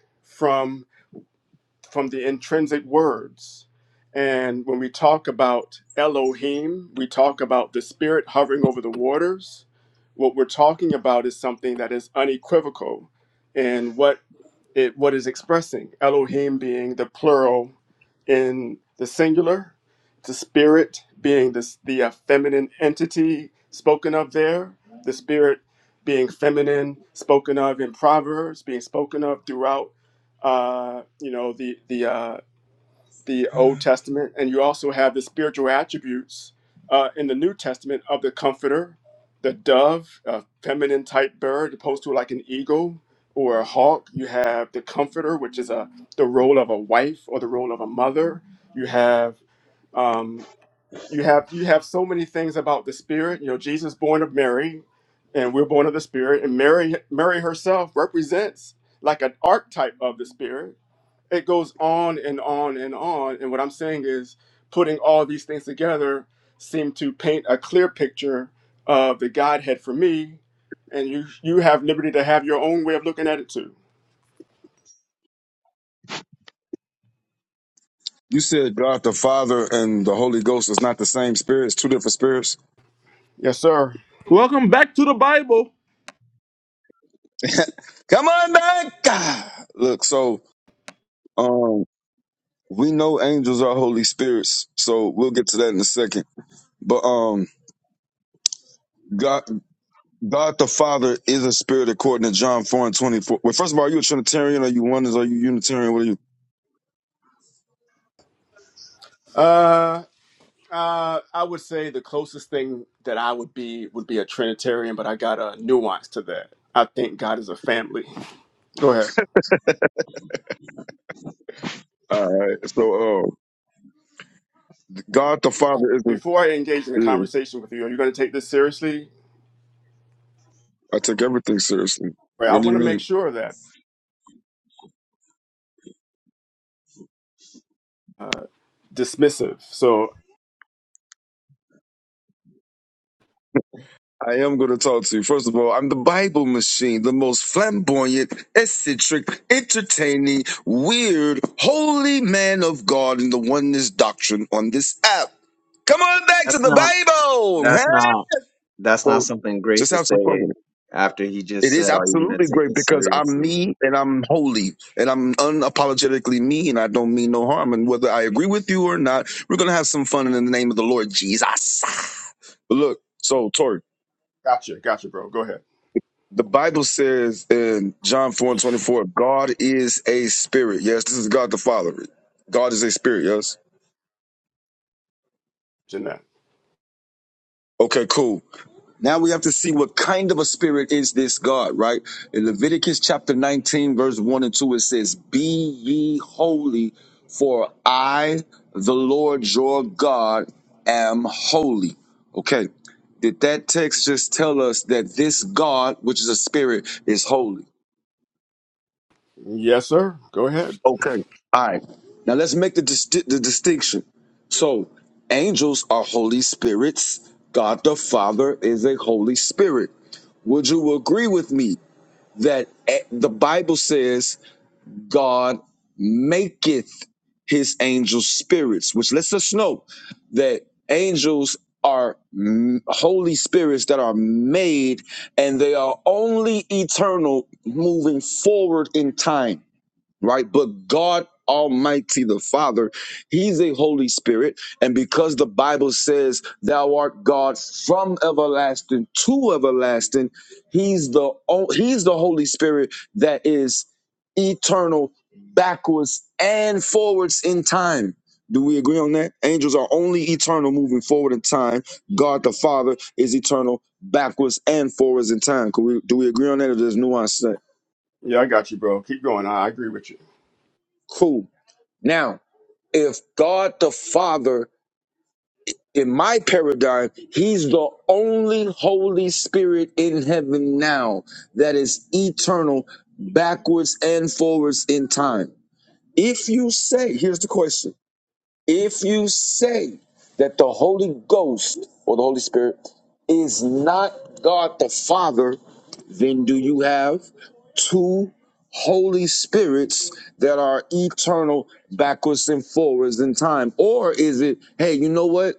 A: from the intrinsic words. And when we talk about Elohim, we talk about the spirit hovering over the waters. What we're talking about is something that is unequivocal. And what it what is expressing Elohim being the plural in the singular, the spirit being this the uh, feminine entity spoken of there, the spirit being feminine spoken of in Proverbs, being spoken of throughout uh, you know the the uh, the Old Testament, and you also have the spiritual attributes uh, in the New Testament of the Comforter, the dove, a feminine type bird, opposed to like an eagle or a hawk. You have the Comforter, which is a the role of a wife or the role of a mother. You have um, you have you have so many things about the Spirit. You know, Jesus born of Mary, and we're born of the Spirit, and Mary Mary herself represents like an archetype of the Spirit it goes on and on and on. And what I'm saying is, putting all these things together seem to paint a clear picture of the Godhead for me. And you you have liberty to have your own way of looking at it too.
G: You said God the Father and the Holy Ghost is not the same spirit. It's two different spirits.
A: Yes, sir.
B: Welcome back to the Bible.
G: Come on back. Ah, Look, so um, we know angels are holy spirits. So we'll get to that in a second. But um, God, God the Father is a spirit according to John four and twenty four. Well, first of all, are you a Trinitarian? Are you oneness? Are you Unitarian? What are you?
A: Uh, uh, I would say the closest thing that I would be would be a Trinitarian, but I got a nuance to that. I think God is a family. Go ahead.
G: All right. So uh, God the Father is a
A: Before I engage in a
G: yeah.
A: conversation with you, are you going to take this seriously?
G: I take everything seriously.
A: Right. I
G: What do you
A: want to make
G: mean?
A: sure that uh, dismissive. So
G: I am going to talk to you. First of all, I'm the Bible machine, the most flamboyant, eccentric, entertaining, weird, holy man of God in the oneness doctrine on this app. Come on back to
F: That's
G: the
F: not.
G: Bible,
F: That's
G: huh?
F: not. That's not
G: So
F: something great
G: just
F: to
G: have some fun
F: say
G: with it.
F: after he
G: It
F: just
G: is
F: said, Are you going
G: absolutely
F: to take
G: great
F: this
G: because I'm
F: seriously?
G: me and I'm holy and I'm unapologetically me and I don't mean no harm. And whether I agree with you or not, we're going to have some fun in the name of the Lord Jesus. But look, so Tori.
A: Gotcha, gotcha, bro. Go ahead,
G: The Bible says in John 4 and 24, God is a spirit. Yes, this is God the Father. God is a spirit, yes?
A: Jeanette.
G: Okay, cool. Now we have to see what kind of a spirit is this God, right? In Leviticus chapter 19, verse 1 and 2, it says, Be ye holy, for I, the Lord your God, am holy. Okay, did that text just tell us that this God, which is a spirit, is holy?
A: Yes, sir. Go ahead.
G: Okay. All right. Now let's make the, dis- the distinction. So, angels are Holy Spirits. God the Father is a Holy Spirit. Would you agree with me that a- the Bible says God maketh his angels spirits, which lets us know that angels are m- holy spirits that are made and they are only eternal moving forward in time right? But God Almighty, the Father, He's a Holy Spirit. And because the Bible says, Thou art God from everlasting to everlasting, He's the, o- he's the Holy Spirit that is eternal, backwards and forwards in time. Do we agree on that? Angels are only eternal moving forward in time. God the Father is eternal backwards and forwards in time. Can we, do we agree on that or there's nuance to that?
A: Yeah, I got you, bro. Keep going. I I agree with you.
G: Cool. Now, if God the Father, in my paradigm, He's the only Holy Spirit in heaven now that is eternal, backwards and forwards in time. If you say, here's the question if you say that the Holy Ghost or the Holy Spirit is not God the Father, then do you have? two Holy Spirits that are eternal backwards and forwards in time? Or is it, hey, you know what?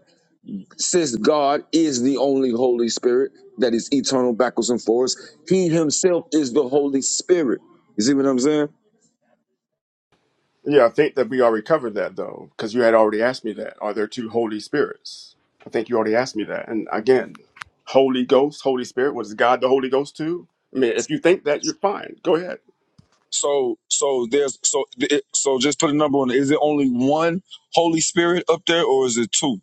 G: Since God is the only Holy Spirit that is eternal backwards and forwards, He Himself is the Holy Spirit. You see what I'm saying?
A: Yeah, I think that we already covered that though, because you had already asked me that. Are there two Holy Spirits? I think you already asked me that. And again, Holy Ghost, Holy Spirit, was God the Holy Ghost too? I mean,
G: Yes.
A: if you think that, you're fine. Go ahead.
G: So, so there's so it- so just put a number on it. Is it only one Holy Spirit up there, or is it two?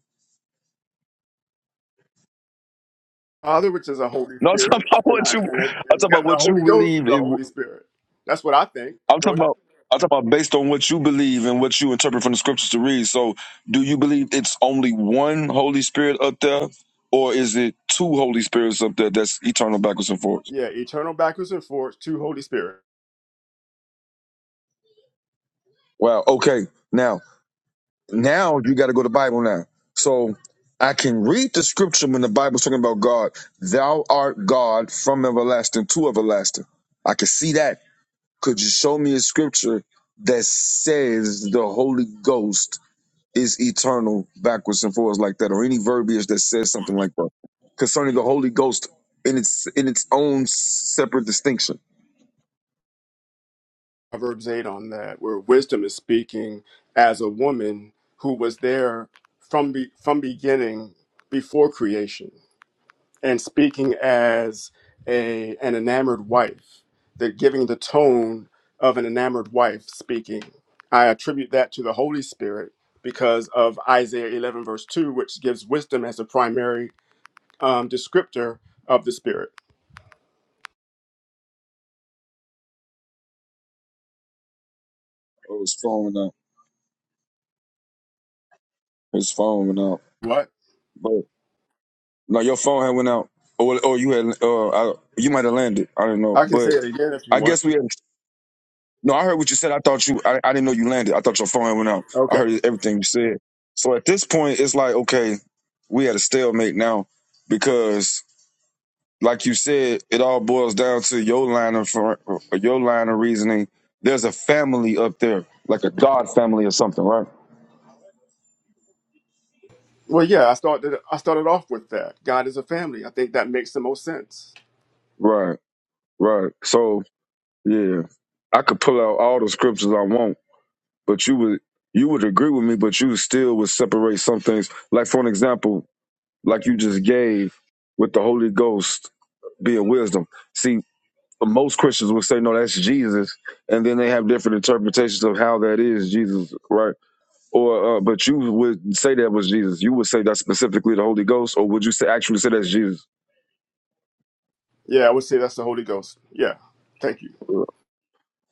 A: Father, which is a Holy
G: No, I'm talking
A: Spirit,
G: about
A: and
G: what
A: I
G: you.
A: and, I,
G: I'm talking
A: and
G: about
A: got the
G: what you
A: Holy Ghost is
G: believe.
A: a
G: It,
A: Holy Spirit. That's what I think.
G: I'm
A: Go
G: talking
A: ahead.
G: about. I'm talking about based on what you believe and what you interpret from the scriptures to read. So, do you believe it's only one Holy Spirit up there, or is it two Holy Spirits up there that's eternal backwards and forwards?
A: Yeah, eternal backwards and forwards, two Holy Spirit.
G: Wow. Okay. Now. Now you got to go to Bible now. So I can read the scripture when the Bible's talking about God. Thou art God from everlasting to everlasting. I can see that. Could you show me a scripture that says the Holy Ghost is eternal backwards and forwards like that, or any verbiage that says something like that concerning the Holy Ghost in its in its own separate distinction?
A: Proverbs 8 on that, where wisdom is speaking as a woman who was there from be, from beginning before creation and speaking as a an enamored wife, that giving the tone of an enamored wife speaking. I attribute that to the Holy Spirit because of Isaiah 11 verse 2, which gives wisdom as a primary um, descriptor of the Spirit.
G: Oh, it's falling out. It's falling
A: What?
G: out. No, your phone had went out, or or you had uh, I, you might have landed. I don't know,
A: I can say
G: but
A: it again if you
G: I
A: want.
G: guess we had. No, I heard what you said. I thought you. I, I didn't know you landed. I thought your phone had went out. I
A: Okay.
G: heard everything you said. So at this point, it's like okay, we had a stalemate now because, like you said, it all boils down to your line of for your line of reasoning. There's a family up there, like a god family or something, right?
A: Well, yeah, I started. I started off with that. God is a family. I think that makes the most sense.
G: Right, right. So yeah, I could pull out all the scriptures I want but you would you would agree with me, but you still would separate some things. Like for an example, like you just gave with the Holy Ghost being wisdom. See, most Christians would say, no, that's Jesus, and then they have different interpretations of how that is Jesus, right? Or uh, but you would say that was Jesus. You would say that's specifically the Holy Ghost, or would you say actually say that's Jesus?
A: Yeah, I would say that's the Holy Ghost. Yeah, thank you.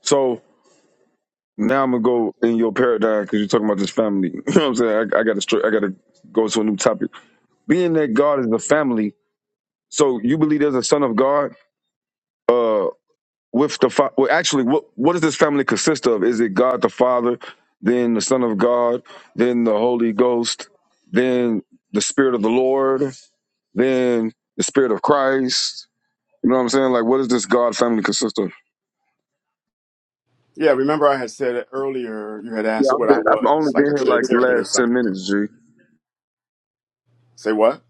G: So now I'm gonna go in your paradigm because you're talking about this family. <laughs> You know what I'm saying? I, I gotta str- I gotta go to a new topic. Being that God is a family, So you believe there's a son of God? Uh, with the fa- well, actually, what what does this family consist of? Is it God the Father, then the Son of God, then the Holy Ghost, then the Spirit of the Lord, then the Spirit of Christ? You know what I'm saying? Like, what does this God family consist of?
A: Yeah, remember I had said it earlier. You had
G: Yeah,
A: asked
G: I'm
A: what I
G: good. I've
A: was,
G: only
A: like
G: been
A: a
G: here like the
A: Trinitarian or
G: last
A: something.
G: ten minutes, G.
A: Say what?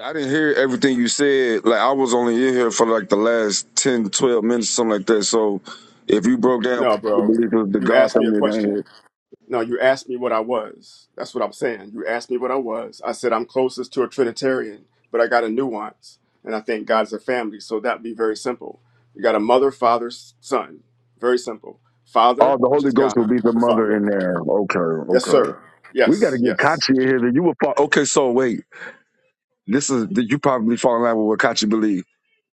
G: I didn't hear everything you said. Like, I was only in here for like the last 10, 12 minutes, something like that. So, if you broke down,
A: No,
G: you
A: bro.
G: believe it was the
A: You
G: God
A: asked me a
G: family down here.
A: question. No, you asked me what I was. That's what I'm saying. You asked me what I was. I said I'm closest to a Trinitarian, but I got a nuance, and I think God's a family. So that'd be very simple. You got a mother, father, s- son. Very simple. Father,
G: Oh, the
A: which
G: Holy
A: is
G: Ghost will be
A: God,
G: the
A: the
G: mother
A: Father.
G: in there. Okay,
A: Yes,
G: okay.
A: sir.
G: We got to
A: Yes,
G: get
A: yes.
G: Kachi in here. That you will fall. Okay, so wait. This is that you probably fall in line with what Kachi believe.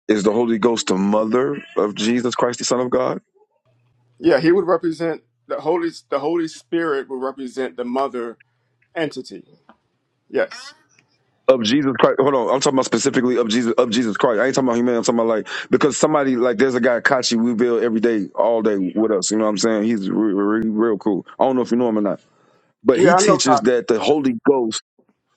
G: Is the Holy Ghost the mother of Jesus Christ, the Son of God?
A: Yeah, he would represent the Holy the Holy Spirit would represent the mother entity. Yes.
G: Of Jesus Christ. Hold on. I'm talking about specifically of Jesus of Jesus Christ. I ain't talking about humanity. I'm talking about like because somebody like there's a guy Kachi we build every day, all day with us. You know what I'm saying? He's re- re- real cool. I don't know if you know him or not, but
A: Yeah,
G: he
A: I know
G: teaches
A: Kachi.
G: that the Holy Ghost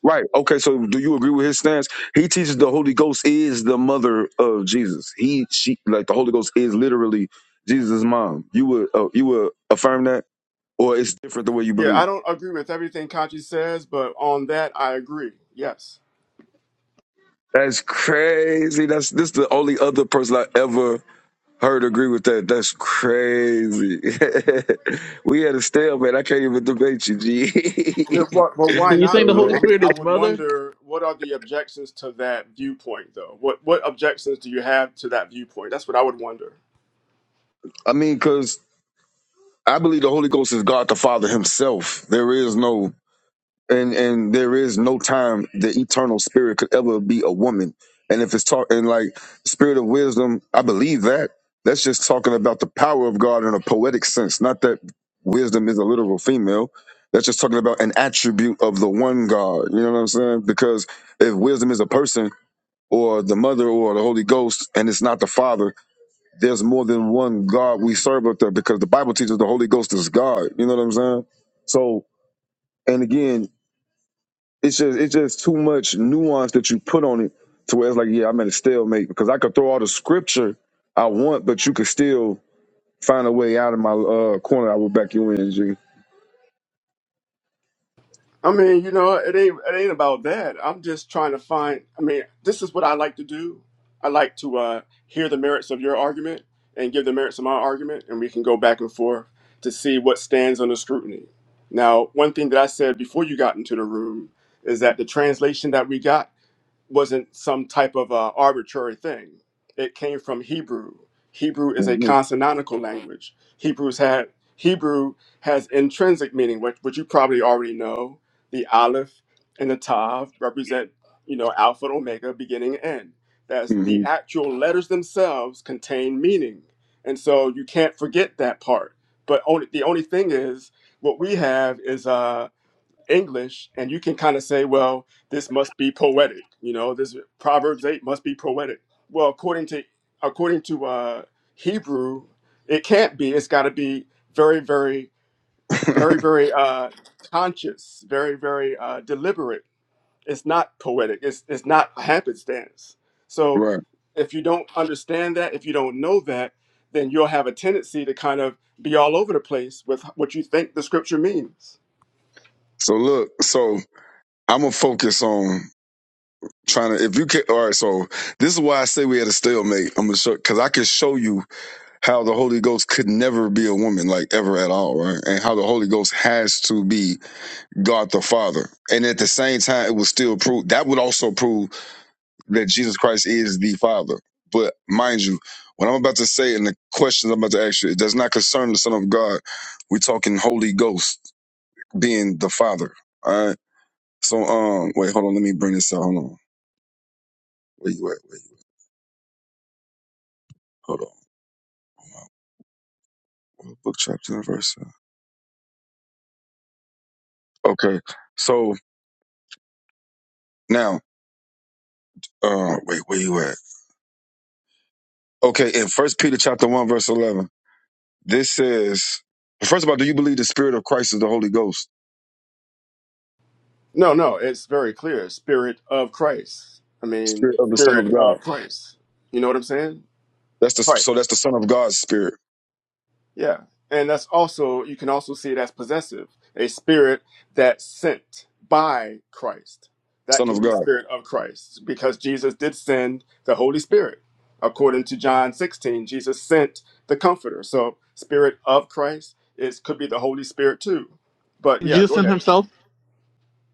G: Right. Okay. So, do you agree with his stance? He teaches the Holy Ghost is the mother of Jesus. He, she, like the Holy Ghost is literally Jesus' mom. You would, uh, you would affirm that, or it's different the way you
A: Yeah,
G: believe.
A: I don't agree with everything Kachi says, but on that I agree. Yes.
G: That's crazy. That's this the only other person I ever heard agree with that. That's crazy. <laughs> we had a stalemate. I can't even debate you,
A: But,
G: G.
A: but, but
B: So
A: why
B: you're saying
A: not
B: the
A: though?
B: Holy
A: I
G: <laughs>
A: mean,
B: Spirit
A: I
B: is
A: would
B: mother?
A: wonder what are the objections to that viewpoint though? What what objections do you have to that viewpoint? That's what I would wonder.
G: I mean, because I believe the Holy Ghost is God the Father Himself. There is no and and there is no time the eternal spirit could ever be a woman and if it's talking like spirit of wisdom i believe that that's just talking about the power of god in a poetic sense not that wisdom is a literal female that's just talking about an attribute of the one god you know what i'm saying because if wisdom is a person or the mother or the holy ghost and it's not the father there's more than one god we serve up there because the bible teaches the holy ghost is god you know what i'm saying so and again it's just it's just too much nuance that you put on it to where it's like, yeah, I'm at a stalemate because I could throw all the scripture I want, but you could still find a way out of my uh, corner. I will back you in, G.
A: I mean, you know, it ain't it ain't about that. I'm just trying to find. I mean, this is what I like to do. I like to uh, hear the merits of your argument and give the merits of my argument, and we can go back and forth to see what stands under scrutiny. Now, one thing that I said before you got into the room is that the translation that we got wasn't some type of uh, arbitrary thing. It came from Hebrew. Hebrew is a
G: hmm
A: consonantical language. Hebrews had Hebrew has intrinsic meaning, which, which you probably already know. The aleph and the tav represent, you know, alpha and omega, beginning and end. That's the
G: hmm
A: actual letters themselves contain meaning, and so you can't forget that part. But only the only thing is, what we have is uh, English, and you can kind of say, well, this must be poetic. You know, this Proverbs eight must be poetic. Well, according to according to uh, Hebrew, it can't be. It's got to be very, very, very, very uh, conscious, very, very uh, deliberate. It's not poetic. It's it's not happenstance. So,
G: Right.
A: if you don't understand that, if you don't know that, then you'll have a tendency to kind of be all over the place with what you think the scripture means
G: So look, so I'm gonna focus on trying to. If you can, all right. So this is why I say we had a stalemate. I'm gonna show because I can show you how the Holy Ghost could never be a woman, like ever at all, right? And how the Holy Ghost has to be God the Father. And at the same time, it would still prove that would also prove that Jesus Christ is the Father. But mind you, what I'm about to say and the questions I'm about to ask you, it does not concern the Son of God. We're talking Holy Ghost being the Father. All right. So um wait, hold on, let me bring this out. Hold on. Where you at? wait. Hold on. Book chapter and verse. Okay. So now, uh wait, where you at? Okay, in first Peter chapter one, verse eleven. This says, first of all, do you believe the Spirit of Christ is the Holy Ghost,
A: No, no, it's very clear. Spirit of Christ. I mean,
G: Spirit of the Son
A: Spirit
G: of God?
A: of Christ. You know what I'm saying?
G: That's the
A: Christ.
G: so that's the Son of God's Spirit,
A: Yeah. And that's also, you can also see it as possessive, a spirit that's sent by Christ. That
G: Son
A: can
G: of
A: be
G: God.
A: Spirit of Christ because Jesus did send the Holy Spirit. According to John 16, Jesus sent the Comforter. So, Spirit of Christ is could be the Holy Spirit too. But yeah,
B: Jesus
A: go
B: and
A: ahead.
B: Himself.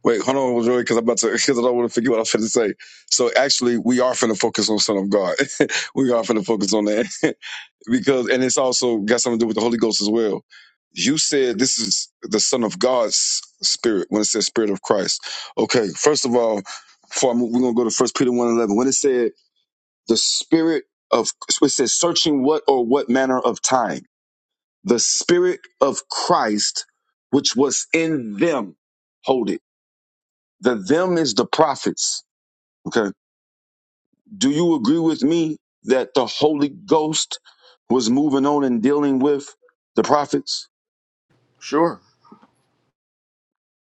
G: Wait, hold on, Joey, because I'm about to <laughs> because I don't want to forget what I was going to say. So actually, we are finna focus on Son of God. <laughs> we are finna focus on that <laughs> because, and it's also got something to do with the Holy Ghost as well. You said this is the Son of God's Spirit when it says Spirit of Christ. Okay, first of all, before I move, we're gonna go to First Peter one eleven when it said the spirit of so it says searching what or what manner of time the spirit of christ which was in them hold it the them is the prophets okay do you agree with me that the holy ghost was moving on and dealing with the prophets
A: Sure.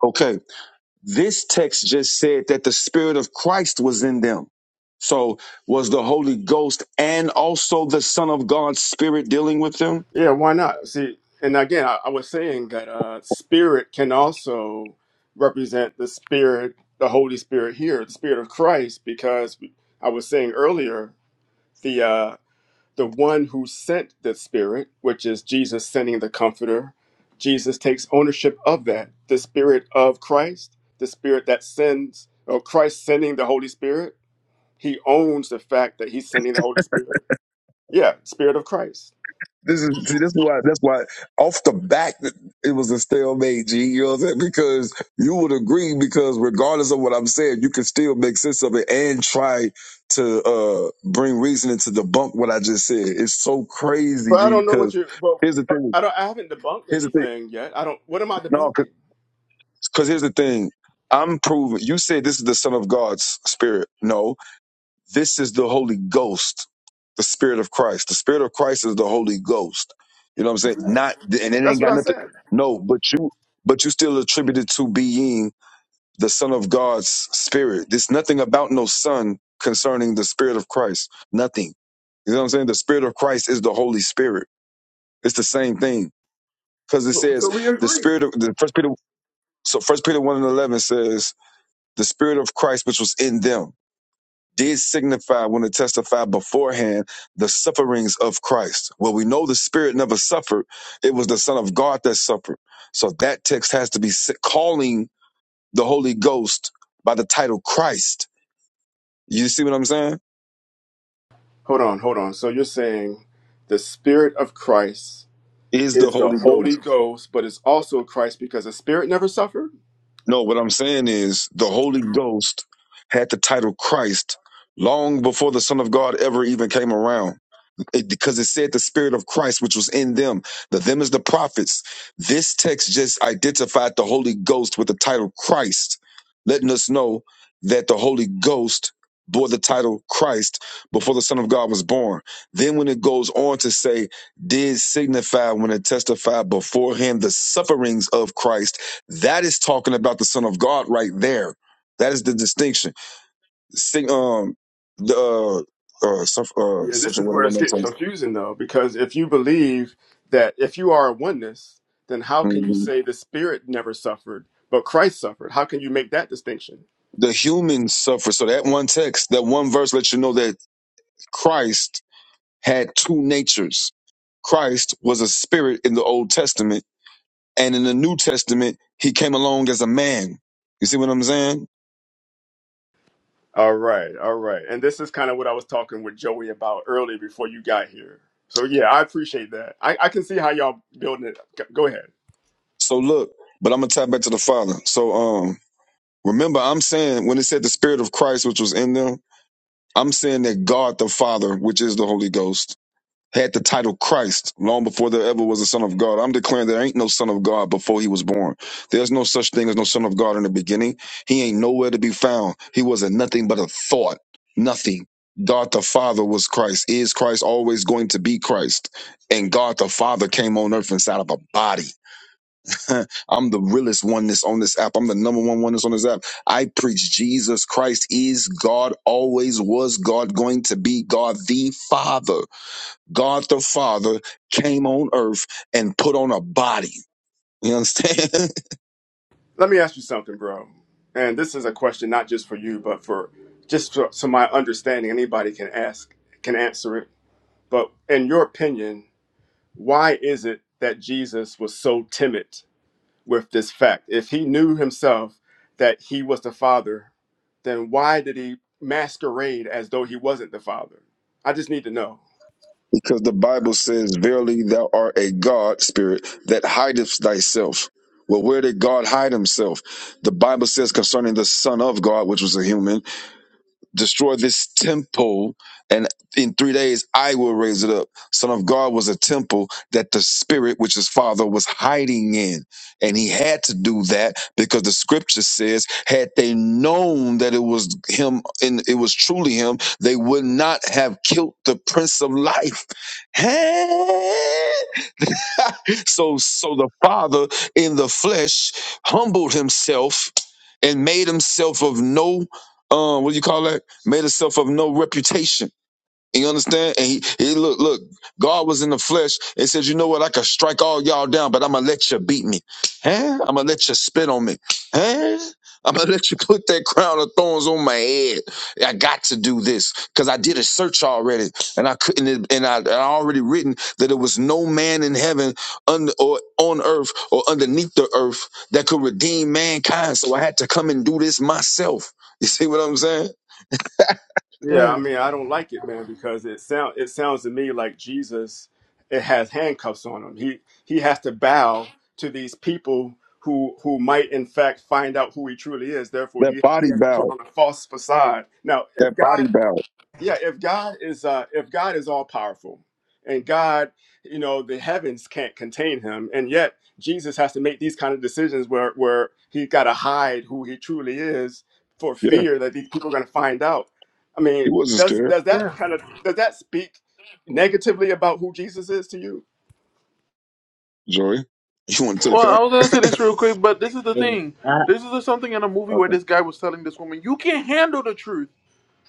G: okay this text just said that the spirit of christ was in them so was the holy ghost and also the son of god's spirit dealing with them
A: Yeah, why not? See, and again, I, I was saying that uh, spirit can also represent the spirit, the Holy Spirit here, the Spirit of Christ, because I was saying earlier the uh, the one who sent the Spirit, which is Jesus sending the Comforter, Jesus takes ownership of that. The Spirit of Christ, the Spirit that sends, or Christ sending the Holy Spirit, he owns the fact that he's sending the Holy Spirit. Yeah, Spirit of Christ.
G: This is see. This is why. That's why. Off the back, it was a stalemate. G, you know what I'm saying? Because you would agree. Because regardless of what I'm saying, you can still make sense of it and try to uh bring reasoning to debunk what I just said. It's so crazy,
A: But I
G: G.
A: don't know what
G: Because
A: you're. But
G: here's the thing.
A: I don't. I haven't debunked
G: Here's the thing.
A: anything yet. I don't. What am I
G: No,
A: debunking?
G: because here's the thing. I'm proving. You said this is the Son of God's Spirit. No, this is the Holy Ghost. The Spirit of Christ. The Spirit of Christ is the Holy Ghost. You know what I'm saying? Not and it
A: That's
G: ain't
A: what
G: got
A: I
G: nothing.
A: said.
G: No, but you but you still attributed to being the Son of God's Spirit. There's nothing about no Son concerning the Spirit of Christ. Nothing. You know what I'm saying? The Spirit of Christ is the Holy Spirit. It's the same thing because it
A: So so
G: says
A: we
G: the
A: agree.
G: Spirit of the First Peter. So First Peter one and eleven says the Spirit of Christ which was in them did signify when it testified beforehand the sufferings of Christ. Well, we know the Spirit never suffered. It was the Son of God that suffered. So that text has to be si- calling the Holy Ghost by the title Christ. You see what I'm saying?
A: Hold on, hold on. So you're saying the Spirit of Christ
G: Is the
A: is the
G: Holy
A: Holy
G: Ghost.
A: Ghost, but it's also Christ because the Spirit never suffered.
G: No, what I'm saying is the Holy Ghost had the title Christ long before the Son of God ever even came around. It, because it said the spirit of Christ, which was in them. The them is the prophets. This text just identified the Holy Ghost with the title Christ, letting us know that the Holy Ghost bore the title Christ before the Son of God was born. Then when it goes on to say, did signify when it testified beforehand the sufferings of Christ, that is talking about the Son of God right there. That is the distinction. Sig- um, the uh, uh, suff- uh,
A: Yeah,
G: such
A: this
G: a
A: is where it's getting
G: word.
A: confusing though, because if you believe that if you are a oneness, then how can you
G: Mhm.
A: say the Spirit never suffered, but Christ suffered? How can you make that distinction?
G: The humans suffer. So that one text, that one verse lets you know that Christ had two natures. Christ was a spirit in the Old Testament, and in the New Testament, he came along as a man. You see what I'm saying?
A: All right, all right. And this is kind of what I was talking with Joey about earlier before you got here. So yeah, I appreciate that. I, I can see how y'all building it. G- Go ahead.
G: So look, but I'm gonna tie back to the Father. So um remember I'm saying when it said the Spirit of Christ which was in them, I'm saying that God the Father, which is the Holy Ghost, had the title Christ long before there ever was a son of God. I'm declaring there ain't no son of God before he was born. There's no such thing as no son of God in the beginning. He ain't nowhere to be found. He was not nothing but a thought. Nothing. God the Father was Christ. Is Christ always going to be Christ? And God the Father came on earth inside of a body. <laughs> I'm the realest one that's on this app. I'm the number one one that's on this app. I preach Jesus Christ is God, always was God, going to be God the Father. God the Father came on earth and put on a body. You understand?
A: Let me ask you something, bro. And this is a question not just for you, but for just so, so my understanding, anybody can ask can answer it. But in your opinion, why is it that Jesus was so timid with this fact. If he knew himself that he was the father, then why did he masquerade as though he wasn't the father? I just need to know.
G: <laughs> because the Bible says, Verily thou art a God spirit that hidest thyself. Well, where did God hide himself? The Bible says concerning the Son of God, which was a human, destroy this temple and in three days i will raise it up son of god was a temple that the spirit which his father was hiding in and he had to do that because the scripture says had they known that it was him and it was truly him they would not have killed the prince of life Hey! <laughs> so so the Father in the flesh humbled himself and made himself of no um, what do you call that? Made himself of no reputation you understand? And he, he look, look, God was in the flesh and said, you know what? I could strike all y'all down, but I'm gonna let you beat me. Huh? I'm gonna let you spit on me. Huh? I'm gonna <laughs> let you put that crown of thorns on my head. I got to do this because I did a search already, and I couldn't. And I, I already written that there was no man in heaven, under or on earth, or underneath the earth that could redeem mankind. So I had to come and do this myself. You see what I'm saying?
A: Yeah, I
B: Yeah.
A: mean, I don't like it, man, because it sound it sounds to me like Jesus it has handcuffs on him. He he has to bow to these people who who might in fact find out who he truly is. Therefore,
G: That
A: he he
G: body
A: has to put
G: bow.
A: on a false facade. Now, if
G: That
A: God
G: body bow.
A: yeah if god is uh if god is all powerful and god you know the heavens can't contain him and yet jesus has to make these kind of decisions where where he got to hide who he truly is for
G: Yeah."
A: fear that these people are going to find out i mean
G: He wasn't
A: does
G: scared,
A: does that kind of does that speak negatively about who jesus is to you
G: Joey. <laughs> You want to take
B: Well, I was gonna say this
G: that? <laughs>
B: real quick, but this is the
F: And
B: thing.
F: that,
B: This is something in a movie where
F: okay.
B: this guy was telling this woman, "You can't handle the truth."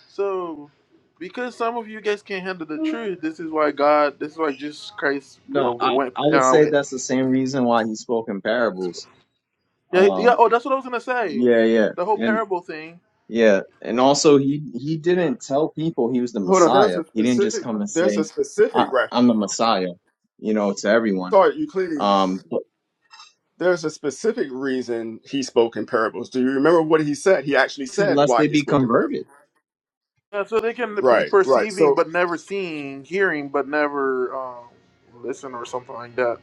B: So, because some of you guys can't handle the truth, this is why God, this is why Jesus Christ uh,
F: No, I,
B: went.
F: I would
B: Uh,
F: say that's the same reason why he spoke in parables.
B: yeah, yeah.
F: Um,
B: Oh, that's what I was gonna say.
F: yeah, yeah.
B: The whole
F: and.
B: parable thing.
F: Yeah, and also he he
B: Yeah.
F: didn't tell people he was the
A: hold on there's
F: Messiah.
A: a
F: He didn't just
A: specific
F: come and
A: there's a
F: say, I,
A: specific
F: "I'm the
A: rationale
F: Messiah," you know, to everyone.
A: sorry euclides
F: Um, but
A: There's a specific reason he spoke in parables. Do you remember what he said? He actually said
F: unless
A: why
F: they
A: he
F: be
A: spoke in parables.
F: converted,
B: yeah so they can be
A: Right, right.
B: perceiving
A: So,
B: but never seeing, hearing but never um, listen or something like that.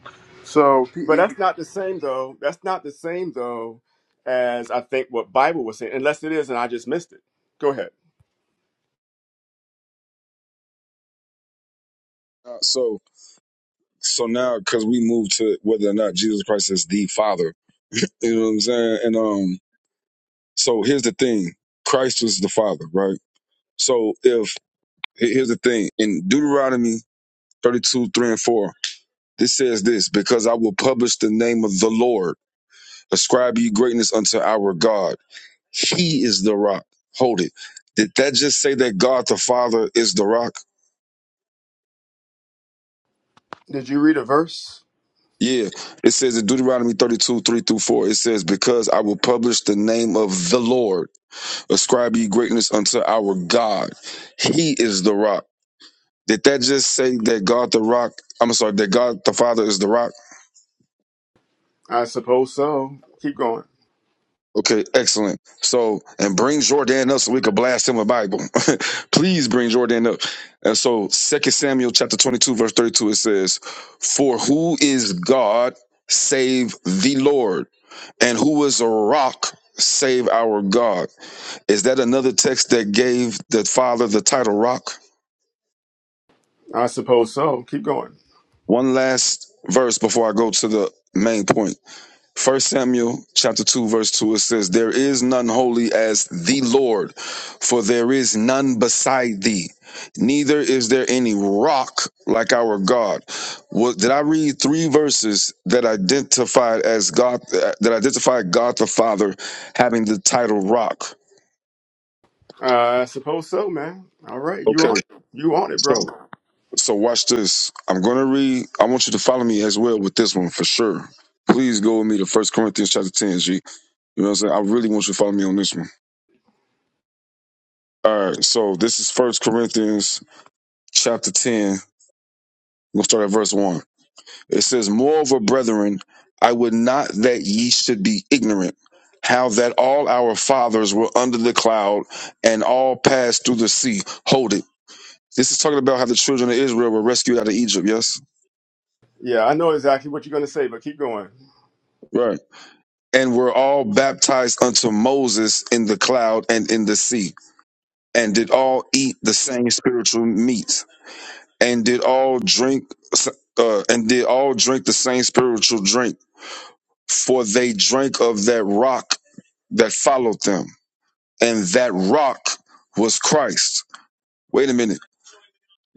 B: So
A: but
B: p-
A: that's not the same though. That's not the same though as I think what Bible was saying, unless it is and I just missed it. Go ahead.
G: Uh, so, so now because we moved to whether or not Jesus Christ is the Father, <laughs> you know what I'm saying? And um, so here's the thing: Christ was the Father, right? So if he- here's the thing in Deuteronomy 32, 3 and 4, this says this: Because I will publish the name of the Lord, ascribe ye greatness unto our God. He is the rock. Hold it. Did that just say that God the Father is the rock?
A: Did you read a verse?
G: Yeah, it says in Deuteronomy 32, 3 through 4, it says, Because I will publish the name of the Lord, ascribe ye greatness unto our God. He is the rock. Did that just say that God the rock, I'm sorry, that God the Father is the rock?
A: I suppose so. Keep going.
G: Okay, excellent. So, and bring Jordan up so we could blast him a Bible. <laughs> Please bring Jordan up. And so, Second Samuel chapter 22, verse 32, it says, For who is God save the Lord? And who is a rock save our God? Is that another text that gave the Father the title rock?
A: I suppose so. Keep going.
G: One last verse before I go to the main point. First Samuel chapter 2 verse 2 it says there is none holy as the Lord for there is none beside thee neither is there any rock like our God. What did I read three verses that identified as God that identified God the Father having the title rock.
A: Uh, I suppose so, man. All right, you
G: Okay.
A: on it. You on it, bro.
G: So so watch this. I'm going to read I want you to follow me as well with this one for sure. Please go with me to First Corinthians chapter 10, G. You know what I'm saying? I really want you to follow me on this one. All right, so this is First Corinthians chapter 10. We'll start at verse 1. It says, Moreover, brethren, I would not that ye should be ignorant how that all our fathers were under the cloud and all passed through the sea. Hold it. This is talking about how the children of Israel were rescued out of Egypt, yes?
A: Yeah, I know exactly what you're gonna say, but keep going.
G: Right. And were all baptized unto Moses in the cloud and in the sea, and did all eat the same spiritual meat and did all drink uh, and did all drink the same spiritual drink for they drank of that rock that followed them and that rock was christ wait a minute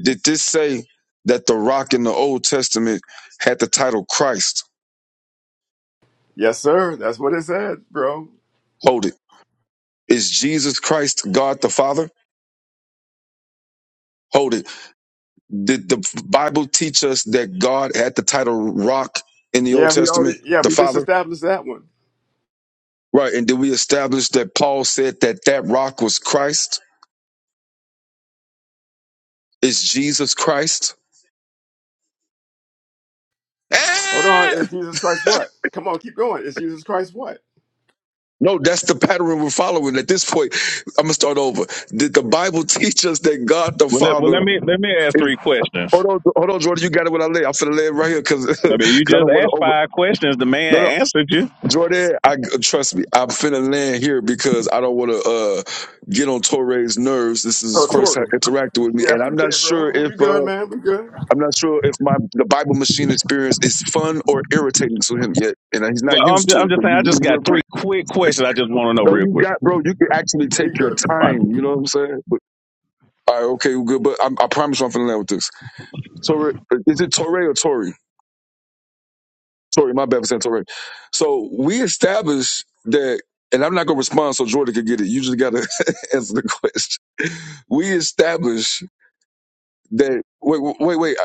G: did this say that the rock in the old testament had the title christ
A: Yes, sir. That's what it said, bro.
G: hold it is jesus christ god the father hold it did the bible teach us that god had the title rock in the old
A: Yeah, we
G: testament
A: already, yeah,
G: the
A: we just
G: father
A: established that one.
G: right and did we establish that paul said that that rock was christ is Jesus Christ.
A: Hold on,
G: Eh!
A: is Jesus Christ what? Come on, keep going. Is Jesus Christ what?
G: No, that's the pattern we're following. At this point, I'm gonna start over. Did the Bible teach us that God the
H: Well, let, well,
G: Father
H: let me let me ask
G: is?
H: three questions.
G: Hold on, hold on, Jordan. You got it when I lay. I'm finna lay it right here because <laughs>
H: I mean, you
G: I
H: just
G: don't want to
H: asked
G: over.
H: five questions. The
G: No, no,
H: man answered you.
G: Jordan. I trust me. I'm finna land here because I don't want to uh, get on Torre's nerves. This is his
A: Oh,
G: first time
A: Tori.
G: interacting with me,
A: Yeah,
G: and I'm
A: appreciate
G: not
A: it,
G: sure
A: bro.
G: if
A: We
G: uh,
A: good, man. We good.
G: I'm not sure if my the Bible machine experience is fun or irritating to him yet, and he's not
H: Well, I'm
G: used
H: just,
G: to
H: I'm
G: it.
H: just
G: Give
H: saying. I just
G: me Real
H: got
G: quick.
H: three quick questions. I just want to know
G: No,
H: real
G: you
H: quick.
G: got, bro. You can actually
A: We
G: take your
A: good.
G: time.
A: Bible.
G: You know what I'm saying? But, all right, okay, well, good. But I'm, I promise you I'm finna land with this. Torre, is it Torre or Tori? Tori, my bad for saying Torre. So we established that, and I'm not gonna respond so Jordan can get it. You just gotta <laughs> answer the question. We established that. Wait, wait, wait.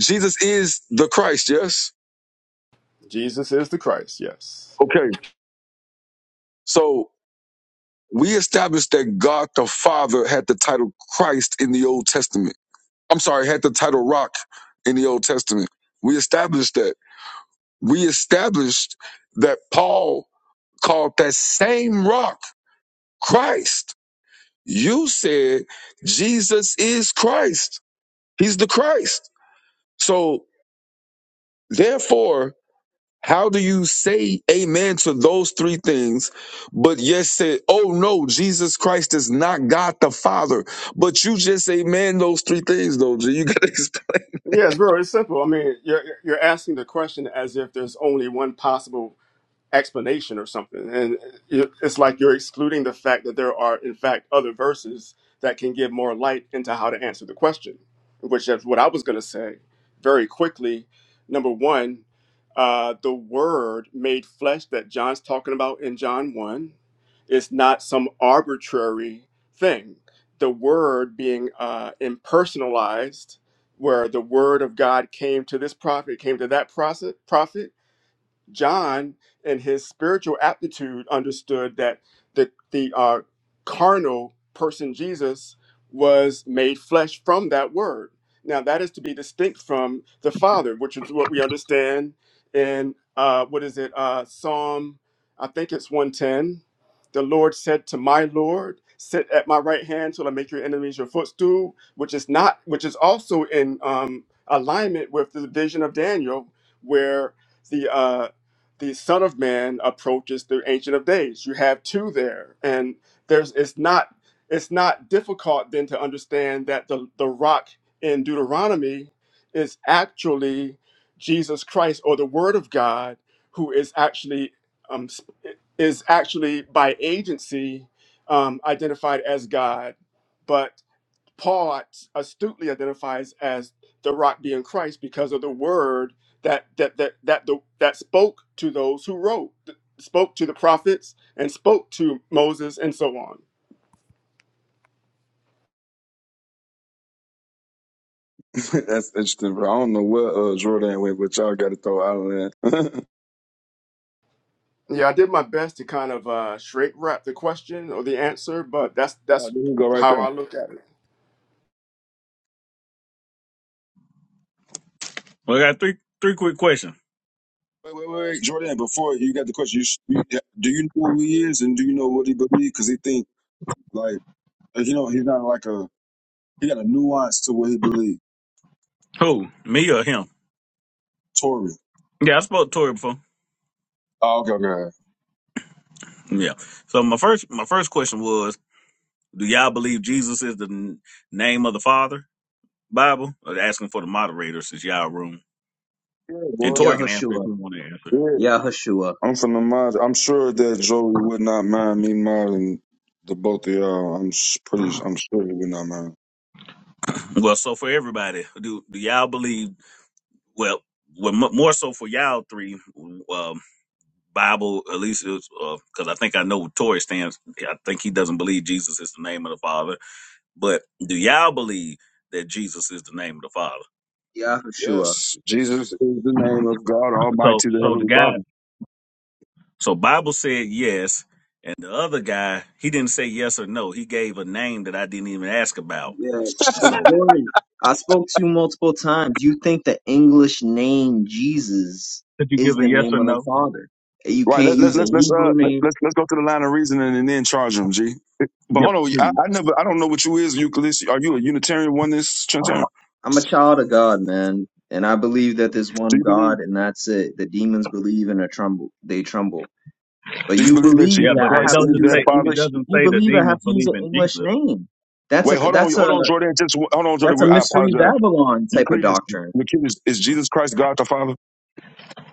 G: Jesus is the Christ. Yes.
A: Jesus is the Christ. Yes.
G: Okay. So we established that God the Father had the title Christ in the Old Testament. I'm sorry, had the title rock in the Old Testament. We established that. We established that Paul called that same rock Christ. You said Jesus is Christ. He's the Christ. So therefore, how do you say amen to those three things, but yet say, oh no, Jesus Christ is not God the Father? But you just amen those three things, though. G. You gotta <laughs>
A: Yes, bro. It's simple. I mean, you're you're asking the question as if there's only one possible explanation or something. And it- it's like you're excluding the fact that there are, in fact, other verses that can give more light into how to answer the question, which is what I was going to say very quickly. Number one, uh, the word made flesh that John's talking about in John 1 is not some arbitrary thing. The word being uh, impersonalized, where the word of God came to this prophet, came to that prophet, prophet John, in his spiritual aptitude, understood that the the uh, carnal person Jesus was made flesh from that word. Now that is to be distinct from the Father, which is what we understand in uh, what is it uh, Psalm? I think it's one ten. The Lord said to my Lord, "Sit at my right hand till I make your enemies your footstool," which is not, which is also in um, alignment with the vision of Daniel, where the uh, the Son of Man approaches the Ancient of Days. You have two there, and there's it's not it's not difficult then to understand that the the rock in Deuteronomy is actually Jesus Christ or the Word of God, who is actually um, s- is actually by agency um, identified as God, but Paul astutely identifies as the rock being Christ because of the word that that that that the, that spoke to those who wrote, spoke to the prophets, and spoke to Moses, and so on.
G: <laughs> That's interesting, bro. I don't know where uh, Jordan went, but y'all got to throw Ireland. <laughs> oh, there
A: Yeah, I did my best to kind of uh, shrink wrap the question or the answer, but that's that's
G: you go right
A: how
G: there.
A: I look at it.
H: Well, I got three three quick questions.
G: Wait, wait, wait, wait, Jordan. Before you got the question, you, sh- you yeah, do you know who he is and do you know what he believes? Because he think like you know he's not like a he got a nuance to what he believes.
H: Who? Me or him?
G: Tory.
H: Yeah, I spoke to Tori before.
G: Oh, okay, okay.
H: Yeah. So my first my first question was, do y'all believe Jesus is the n- name of the Father? Bible? Or asking for the moderator since y'all room.
G: Yeah,
H: And
G: boy.
H: Tori can answer if
F: Yahushua,
H: you want to answer.
G: Yeah.
F: Yahushua,
G: I'm from the mod. I'm sure that Joey would not mind me modding the both of y'all. I'm s- pretty. I'm sure he would not mind.
H: Well, so for everybody, do do y'all believe? Well, well, mo- more so for y'all three. Um, Bible, at least because I think I know what Tory stands. I think he doesn't believe Jesus is the name of the Father. But do y'all believe that Jesus is the name of the Father?
F: Yahushua.
G: Yes, Jesus is the name of God
H: So,
G: Almighty, the
H: so the
G: Heavenly
H: guy,
G: Father.
H: so Bible said yes, and the other guy he didn't say yes or no. He gave a name that I didn't even ask about.
F: Yeah,
H: And
F: because
H: so,
F: Jordan, I spoke to you multiple times. You think the English name Jesus
H: could you
F: is
H: give a
F: the
H: yes
F: name
H: or
F: of the
H: no?
F: Father? You
G: Right.
F: can't
G: Let, let,
F: use a
G: let's let's uh
F: Hebrew
G: let,
F: name
G: let's let's go to the line of reasoning and then charge them, G. But
H: Yeah,
G: hold on, I,
H: please.
G: I never I don't know what you is Euclid. Are you a Unitarian oneness Trinitarian?
F: I'm a child of God, man, and I believe that there's
G: Do
F: one
G: you believe
F: God, and that's it. The demons believe and are tremble. They tremble. But
G: Do you
F: you
G: believe that
H: Yeah,
F: believe
G: Jesus
F: that
H: but
F: I
H: it
F: have
G: Christ
F: to
G: is
H: doesn't
F: use
G: their
F: an
H: say
G: Father?
H: it
F: English.
H: doesn't
F: You
H: say the
F: believe I
H: demons
F: have to use
H: believe
F: an
H: in
F: English
H: Jesus.
F: name. That's a
G: Wait, hold on,
F: that's a
G: hold on, Jordan. Just one- hold on, Jordan.
F: that's a
G: I
F: mystery
G: apologize.
F: Babylon type of
G: Euclidus,
F: doctrine.
G: Euclidus, is Jesus Christ God the Father?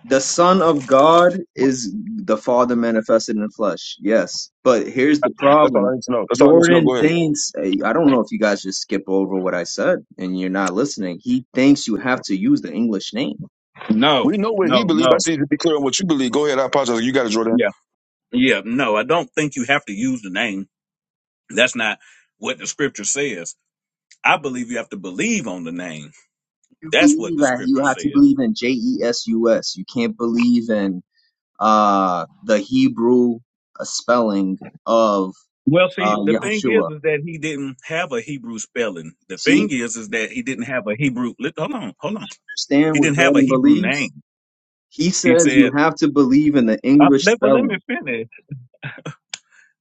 F: The Son of God is the Father manifested in the flesh. Yes, but here's the
G: That's all I
F: problem.
G: need to know. That's all I need to know. Go
F: Jordan
G: ahead.
F: thinks eh, I don't know if you guys just skip over what I said and you're not listening. He thinks you have to use the English name
H: No,
G: We know what he
H: no,
G: believes. I
H: no.
G: just need to be clear on what you believe. Go ahead. I apologize. You got it, Jordan.
H: Yeah, yeah, no. I don't think you have to use the name That's not what the scripture says. I believe you have to believe on the name.
F: you
H: That's what
F: believe
H: the
F: that you
H: scripture
F: have to
H: says.
F: believe in J-E-S-U-S. You can't believe in uh the Hebrew uh, spelling of
H: Well, see,
F: uh
H: the thing is,
F: Yahshua.
H: is that he didn't have a Hebrew spelling. The thing
F: See,
H: is, is that he didn't have a Hebrew. li- Hold on, hold on.
F: understand
H: He
F: what
H: didn't have a
F: Jordan
H: Hebrew
F: believes?
H: name.
F: He
H: He
F: says you
H: said,
F: have to believe in the
H: uh,
F: English
H: let, "Well, let me
F: spelling.
H: finish.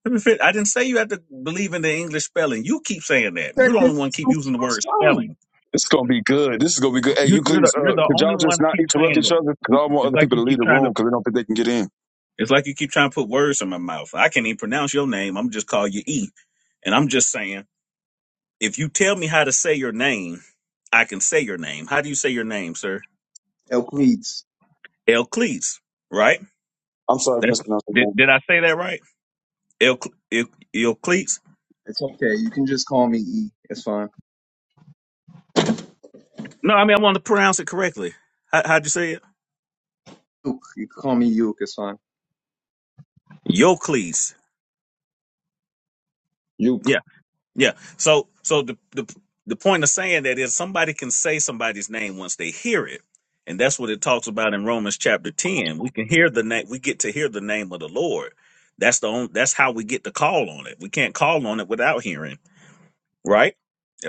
H: Let me finish. I didn't say you have to believe in the English spelling. You keep saying that. You're
F: That
H: the
F: there's
H: only one keep
F: no
H: using the
F: Hebrew
H: word
F: spelling.
H: spelling.
G: This is gonna be good. This is gonna be good. Hey,
H: You, you're the
G: Euclidus,
H: you're
G: uh,
H: the
G: could
H: only
G: y'all
H: one
G: just not
H: keep
G: interrupt
H: saying
G: each
H: that.
G: other? Cause I
H: You,
G: don't want
H: it's
G: other
H: like
G: people
H: you
G: to leave
H: keep
G: the
H: trying to
G: room because they don't think they can get in.
H: It's like you keep trying to put words in my mouth. I can't even pronounce your name. I'm just call you E. And I'm just saying, if you tell me how to say your name, I can say your name. How do you say your name, sir?
F: El
H: Elcleats, right?
G: I'm sorry if I
H: That's,
G: mispronounced the
H: did,
G: name.
H: did I say that right? El, El, Elcleats?
F: It's okay. You can just call me E. It's fine.
H: No, I mean, I want to pronounce it correctly. How, how'd you say it?
F: Luke. You can call me Luke. It's fine.
H: Euclides.
G: Uke.
H: Yeah. So so the the the point of saying that is somebody can say somebody's name once they hear it. And that's what it talks about in Romans chapter 10. We can hear the name we get to hear the name of the Lord. That's the only, that's how we get to call on it. We can't call on it without hearing right?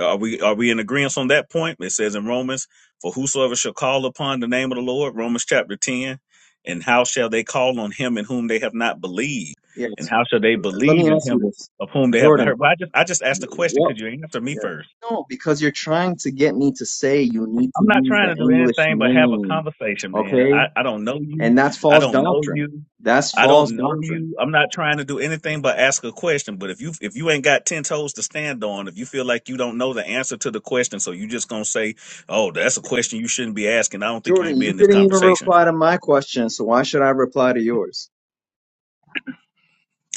H: Are we are we in agreement on that point? It says in Romans, for whosoever shall call upon the name of the Lord, Romans chapter ten, and how shall they call on him in whom they have not believed? And
F: Yes.
H: how shall they
F: Let me
H: believe in
F: ask you
H: him
F: this.
H: of whom they have not
F: Jordan,
H: heard? But I just I just asked the question. Could
F: Well,
H: you answer me
F: yeah.
H: first?
F: No, because you're trying to get me to say you need to
H: I'm not
F: use
H: trying
F: the
H: to do
F: English
H: anything but have a
F: name,
H: conversation, man.
F: okay?
H: I, I don't know you.
F: And that's
H: I
F: false
H: don't know
F: doctrine.
H: you.
F: That's
H: I
F: false
H: don't know
F: doctrine.
H: you. I'm not trying to do anything but ask a question. But if you if you ain't got ten toes to stand on, if you feel like you don't know the answer to the question, so you just gonna say, "Oh, that's a question you shouldn't be asking." I don't think you should
F: Jordan,
H: be
F: you
H: in this
F: didn't even
H: conversation.
F: reply to my question, so why should I reply to yours?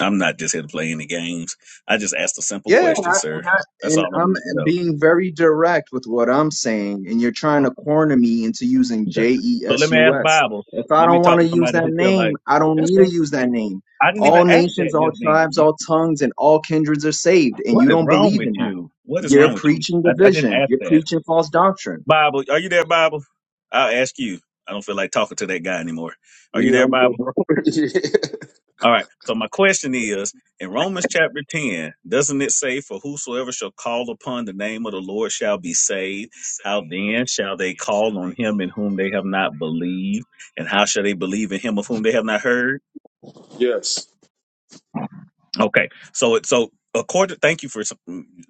H: I'm not just here to play any games. I just asked a simple
F: Yeah, and,
H: question,
F: I,
H: sir.
F: and I-
H: That's all
F: and
H: I wanted to
F: I'm
H: know.
F: being very direct with what I'm saying, and you're trying to corner me into using
H: Okay.
F: J E
H: So let
F: S
H: me
F: U
H: ask
F: S.
H: Bible.
F: If I
H: Let me
F: don't
H: talk
F: want to
H: to
F: use
H: somebody
F: that
H: who feel
F: name,
H: like
F: I don't
H: that's
F: need to
H: what
F: use that name.
H: I didn't even
F: All
H: ask that
F: nations, all
H: just then.
F: tribes, all tongues, and all kindreds are saved, and
H: What
F: you
H: is
F: don't
H: wrong
F: believe
H: with
F: in that.
H: you? What is wrong
F: You're
H: with you?
F: preaching
H: I, I didn't
F: division.
H: ask
F: You're
H: that.
F: preaching false doctrine.
H: Bible, are you there, Bible? I'll ask you. I don't feel like talking to that guy anymore. Are you
G: Yeah,
H: there,
G: I'm there,
H: Bible?
G: bro. <laughs>
H: All right. So my question is in Romans chapter 10, doesn't it say, For whosoever shall call upon the name of the Lord shall be saved? How then shall they call on him in whom they have not believed? And how shall they believe in him of whom they have not heard?
G: Yeah. yes.
H: Okay. So it so according thank you for some-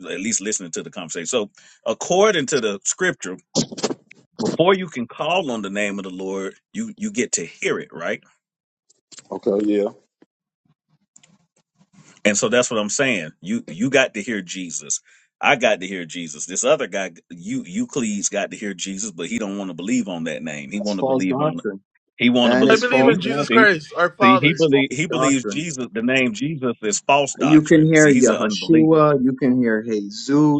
H: at least listening to the conversation. So according to the scripture, before you can call on the name of the Lord, you you get to hear it, right?
G: Okay, yeah.
H: And so that's what I'm saying. You you got to hear Jesus. I got to hear Jesus. This other guy, you Euclides, got to hear Jesus, but he don't want to believe on that name. He
F: That's
H: want to
F: false
H: believe on.
F: doctrine.
H: He want to
F: That
B: I
F: is
H: believe.
B: believe
F: false
B: in
H: See,
B: Jesus
H: see,
F: doctrine.
B: Christ, our
H: see. He
F: That is
B: Father.
F: false
H: believe. He believes
F: doctrine.
H: Jesus. The name Jesus is false
F: You can
H: doctrine. See,
F: hear
H: he's an unbeliever.
F: Yahshua, you can hear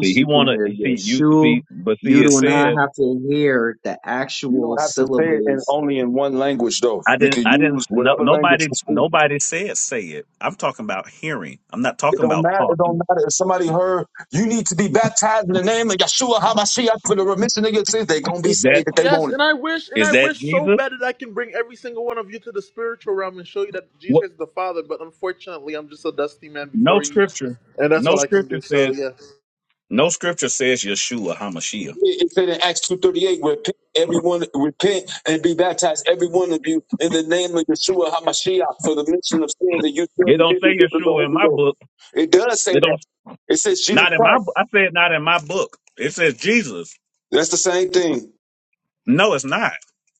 H: See, he
F: you
H: want
F: can
H: to.
F: hear
H: See you.
F: Yeshua.
H: See, but see,
F: You
H: it
F: do not
H: says
F: have to hear the
G: You
F: actual
G: don't have to say it in
F: syllables.
G: only in one language though.
H: I
G: You
H: didn't.
G: can
H: I didn't.
G: use
H: No,
G: whatever language
H: nobody.
G: you speak.
H: Nobody said say it. I'm talking about hearing. I'm not
G: It
H: talking
G: don't
H: about
G: matter. It
H: talking.
G: don't matter. If somebody heard you need to be baptized in the name of Yeshua Hamashiach for the remission of your sins, they gonna be
H: Is that
G: saved if they
B: Yes,
G: want it.
B: and I wish, and
H: is
B: I
H: that
B: wish so
H: Jesus?
B: bad that I can bring every single one of you to the spiritual realm and show you that Jesus
H: What?
B: Christ is the Father. But unfortunately, I'm just a dusty man before
H: No
B: you
H: scripture.
B: and that's
H: No
B: what I can
H: scripture
B: do. So
H: says.
B: yeah,
H: No scripture says Yeshua Hamashiach.
G: It it said in Acts two thirty eight, repent everyone repent and be baptized, every one of you, in the name of Yeshua Hamashiach for the remission of sins, and you shall
H: It don't
G: receive the
H: say
G: gift of the
H: Yeshua
G: Holy
H: in my
G: Ghost.
H: book.
G: It does say
H: It
G: that.
H: don't.
G: It says Jesus
H: Not in my.
G: Christ.
H: bo- I said not in my book. It says Jesus.
G: That's the same thing.
H: No, it's not.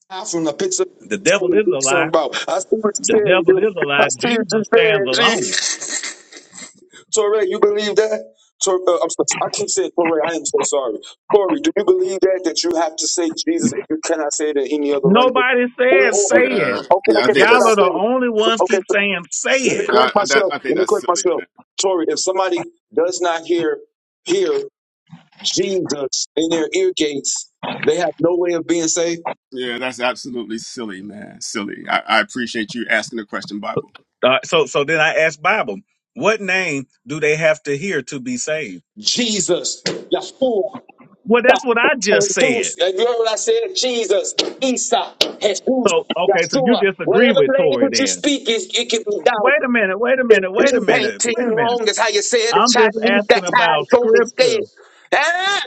G: Out From the picture
H: The devil is a
G: himself
H: lie.
G: about. I see what you
H: The
G: said,
H: devil
G: dude.
H: is a
G: I
H: lie.
G: see what
H: Jesus stands
G: you
H: alone.
G: said, G. Torre, you believe that? Tor- uh, I'm sorry. I keep saying Torre. I am so sorry. Torre, do you believe that that you have to say Jesus if you cannot say it in any other language?
H: Nobody
G: Or,
H: says
G: or,
H: say
G: or
A: Yeah,
H: it.
G: okay,
A: yeah, I
G: okay,
A: think
G: forget
H: Y'all
G: I
H: are
A: that's
H: the
G: said it.
H: only
G: F-
H: ones
G: Okay,
H: keep
G: f-
H: saying say
G: let me
H: it.
A: yeah,
G: correct
A: I- that
G: myself.
A: I think
G: Let me
A: that's
G: correct
A: silly,
G: myself.
A: man.
G: Torre, if somebody does not hear, hear. Jesus in their ear gates. They have no way of being saved.
A: Yeah, that's absolutely silly, man. Silly. I, I appreciate you asking the question, Bible.
H: Uh, so so then I asked Bible, what name do they have to hear to be saved?
G: Jesus, Yahshua,
H: Well, that's what I just
G: Isa,
H: said.
G: Jesus. you heard what I said? Jesus, Isa, Jesus,
H: So okay, so you
G: Yahshua.
H: disagree
G: Whatever
H: with Tory
G: language you
H: then?
G: speak, is it can be done.
H: Wait a minute, wait a
G: If
H: minute, wait a
G: ping, pang,
H: minute,
G: ting,
H: wait a minute.
G: wrong, is how you say it in
H: I'm just
G: Chinese,
H: asking
G: that's how
H: about
G: it can be
H: scripture.
G: said.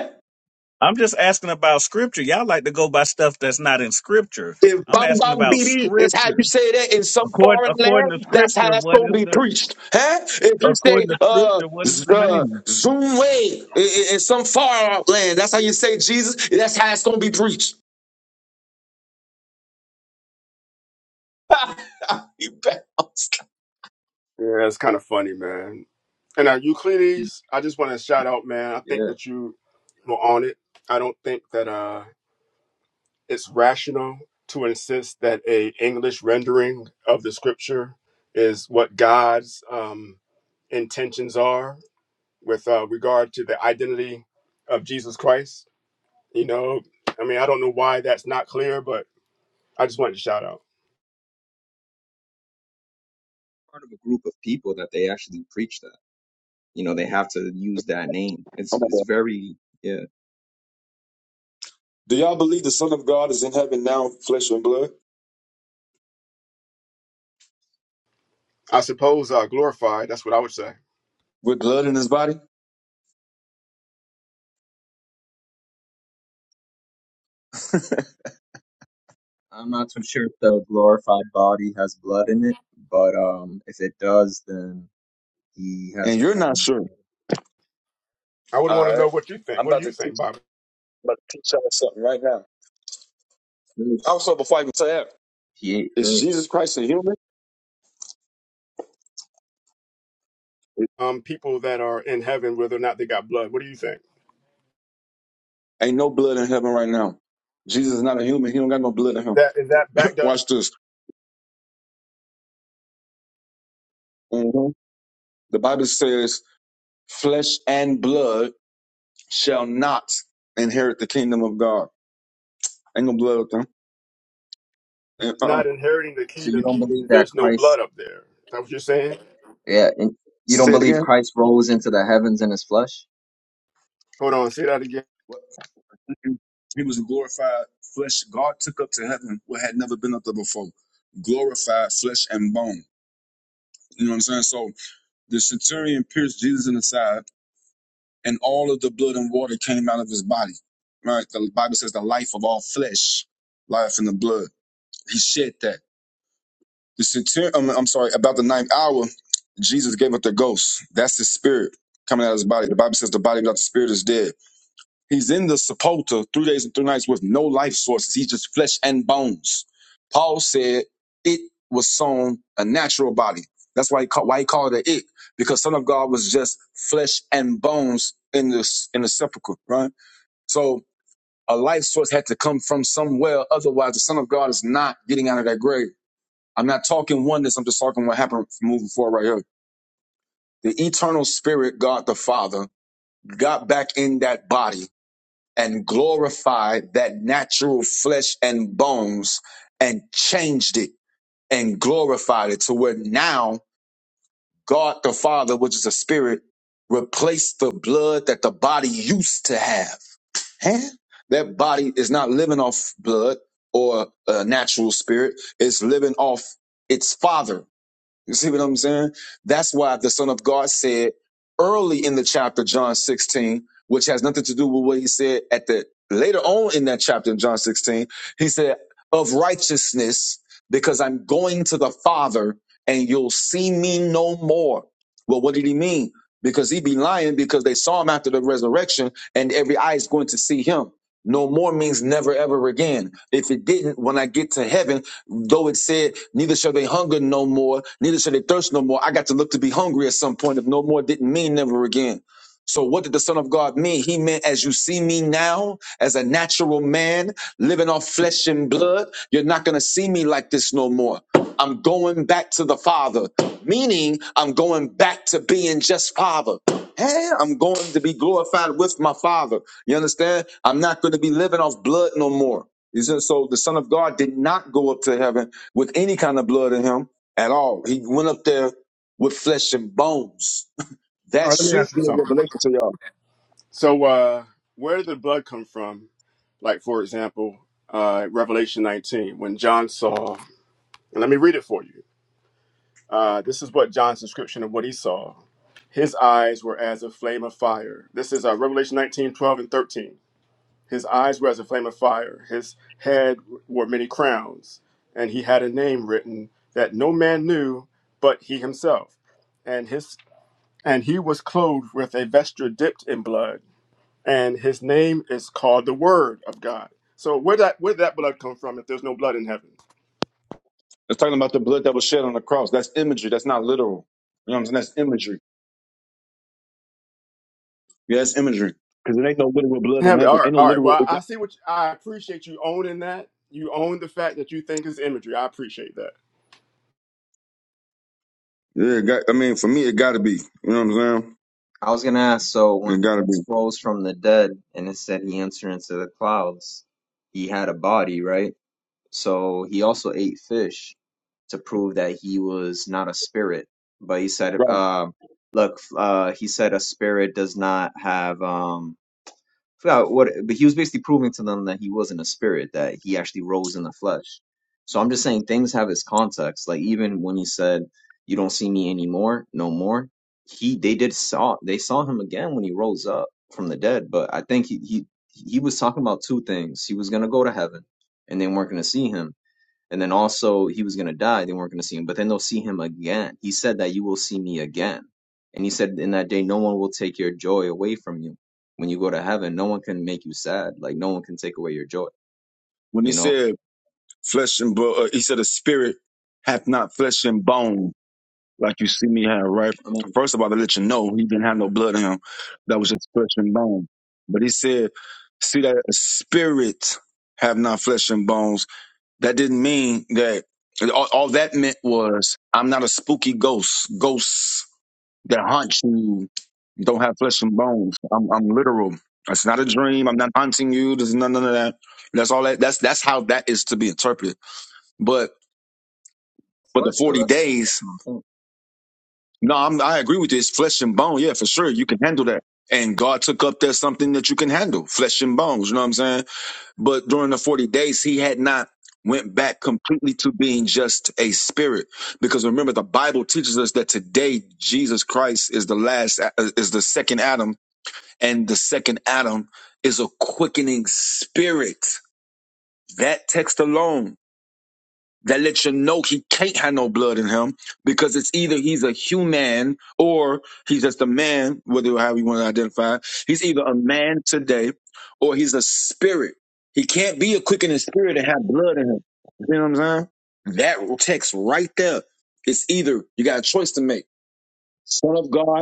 H: I'm just asking about scripture. Y'all like to go by stuff that's not in scripture.
G: If
H: I'm asking about
G: Bambambiri is how you
H: scripture.
G: say that in some
H: According
G: foreign
H: according to
G: land, that's how
H: scripture,
G: it's
H: what
G: going to
H: is
G: be
H: the
G: preached. Huh? If you say
H: according to
G: uh,
H: scripture, what is
G: z-
H: the
G: uh,
H: name?
G: Zoom in, in- in some far land, that's how you say Jesus, that's how it's going to be preached. You bet. Oh
A: Yeah, it's kind of funny, man. And now Euclides, I just want to shout out, man. I think
F: Yeah,
A: that you were on it. I don't think that uh, it's rational to insist that a English rendering of the scripture is what God's um, intentions are with uh, regard to the identity of Jesus Christ. You know, I mean, I don't know why that's not clear, but I just wanted to shout out.
F: part of a group of people that they actually preach that. You know, they have to use that name.
G: my
F: It's it's
G: God.
F: very yeah.
G: Do y'all believe the Son of God is in heaven now, flesh and blood,
A: I suppose uh, glorified. That's what I would say.
G: with blood in his body?
F: I'm not too sure if the glorified body has blood in it, but um, if it does, then he has
G: And you're
F: blood
G: not
F: in the
G: sure.
A: I would want
G: All
A: to know
G: right.
A: what you think.
G: I'm
A: What do
G: about
A: you
G: to
A: think, Bob?
G: tell you right now.
F: Fish.
G: Also, before I even say that,
F: He ate
G: is
F: fish.
G: Jesus Christ a human?
A: um, people that are in heaven, whether or not they got blood. What do you think?
G: Ain't no blood in heaven right now. Jesus is not a human. He don't got no blood in him.
A: That is that backed up
G: Watch this. Mhm. The Bible says, flesh and blood shall not inherit the kingdom of God. Ain't no blood with there. And, uh-uh.
A: not inheriting the
F: So you
A: kingdom
F: don't
A: meaning
F: believe that
A: there's no
F: Christ
A: blood up there. Is that what you're saying?
F: Yeah, and you don't
G: Say it
F: believe
G: again.
F: Christ rose into the heavens in his flesh?
A: Hold on, say that again.
G: What? Mhm. He was glorified flesh. God took up to heaven what had never been up there before. Glorified flesh and bone. You know what I'm saying? So the centurion pierced Jesus in the side, and all of the blood and water came out of his body. Right? The Bible says the life of all flesh, life in the blood. He shed that. The centurion, um, I'm sorry, about the ninth hour, Jesus gave up the ghost. That's his spirit coming out of his body. The Bible says the body without the spirit is dead. He's in the sepulcher three days and three nights with no life sources. He's just flesh and bones. Paul said it was sown a natural body. That's why he called, why he called it it because Son of God was just flesh and bones in this in the sepulcher, right? So a life source had to come from somewhere. Otherwise, the Son of God is not getting out of that grave. I'm not talking oneness. I'm just talking what happened from moving forward right here. The eternal spirit, God the Father, got back in that body and glorified that natural flesh and bones and changed it and glorified it to where now God the Father, which is a spirit, replaced the blood that the body used to have. Huh? That body is not living off blood or a natural spirit. It's living off its father You see what I'm saying? That's why the Son of God said early in the chapter, John 16, which has nothing to do with what he said at the later on in that chapter in John 16. He said, of righteousness, because I'm going to the Father and you'll see me no more. Well, what did he mean? Because he be lying because they saw him after the resurrection and every eye is going to see him. No more means never ever again. If it didn't, when I get to heaven, Though it said, neither shall they hunger no more, neither shall they thirst no more. I got to look to be hungry at some point. If no more didn't mean never again. So what did the Son of God mean? He meant as you see me now, as a natural man, living off flesh and blood, you're not going to see me like this no more. I'm going back to the Father, meaning I'm going back to being just Father. Hey, I'm going to be glorified with my Father. You understand? I'm not going to be living off blood no more. You see, So the Son of God did not go up to heaven with any kind of blood in him at all. He went up there with flesh and bones. <laughs>
A: All
G: That
A: right, let me
G: should
A: ask you
G: be.
A: something. So uh where did the blood come from? Like for example, uh Revelation 19, when John saw and let me read it for you. Uh this is what John's description of what he saw. His eyes were as a flame of fire. This is uh, Revelation 19, 12, and 13. His eyes were as a flame of fire. His head wore many crowns. And he had a name written that no man knew but he himself. And his and he was clothed with a vesture dipped in blood. And his name is called the Word of God. So where that where that blood come from if there's no blood in heaven?
G: It's talking about the blood that was shed on the cross. That's imagery. That's not literal. You know what I'm saying? That's imagery. Yeah, that's imagery. No literal blood in
A: Heaven. All
G: heaven.
A: right,
G: Ain't no
A: all right.
G: literal.
A: Well, I see what you, I appreciate you owning that. You own the fact that you think is imagery. I appreciate that.
F: I was gonna ask, so when Christ rose from the dead and it said he entered into the clouds, he had a body, right? So he also ate fish to prove that he was not a spirit. But he said,
G: Right.
F: um, look, uh, he said a spirit does not have, um forgot what, but he was basically proving to them that he wasn't a spirit, that he actually rose in the flesh. So I'm just saying things have its context. Like even when he said, "You don't see me anymore, no more," he they did saw they saw him again when he rose up from the dead. But I think he he he was talking about two things. He was gonna go to heaven, and they weren't gonna see him and then also he was going to die. They weren't going to see him, but then they'll see him again. He said that you will see me again. And he said in that day, no one will take your joy away from you. When you go to heaven, no one can make you sad. Like no one can take away your joy.
G: When he
F: You know,
G: said flesh and blood, uh, he said a spirit hath not flesh and bone. Like you see me have, right?
F: I mean,
G: First of all, to let you know, he didn't have no blood in him. That was just flesh and bone. But he said, see that a spirit have not flesh and bones. That didn't mean that all, all that meant was I'm not a spooky ghost. Ghosts that haunt you don't have flesh and bones. I'm I'm literal. It's not a dream. I'm not haunting you. There's none, none of that. That's all that that's that's how that is to be interpreted. But but the
F: flesh though.
G: 40
F: That's that's
G: days
F: what I'm saying.
G: No, I'm, I agree with you. It's flesh and bone. Yeah, for sure. You can handle that. And God took up that something that you can handle, flesh and bones. You know what I'm saying? But during the 40 days, he had not went back completely to being just a spirit. Because remember, the Bible teaches us that today Jesus Christ is the last, uh, is the second Adam and the second Adam is a quickening spirit. That text alone that lets you know he can't have no blood in him because it's either he's a human or he's just a man, whether however you want to identify. He's either a man today or he's a spirit. He can't be a quickening spirit and have blood in him. You know what I'm saying? That text right there. It's either you got a choice to make, son of God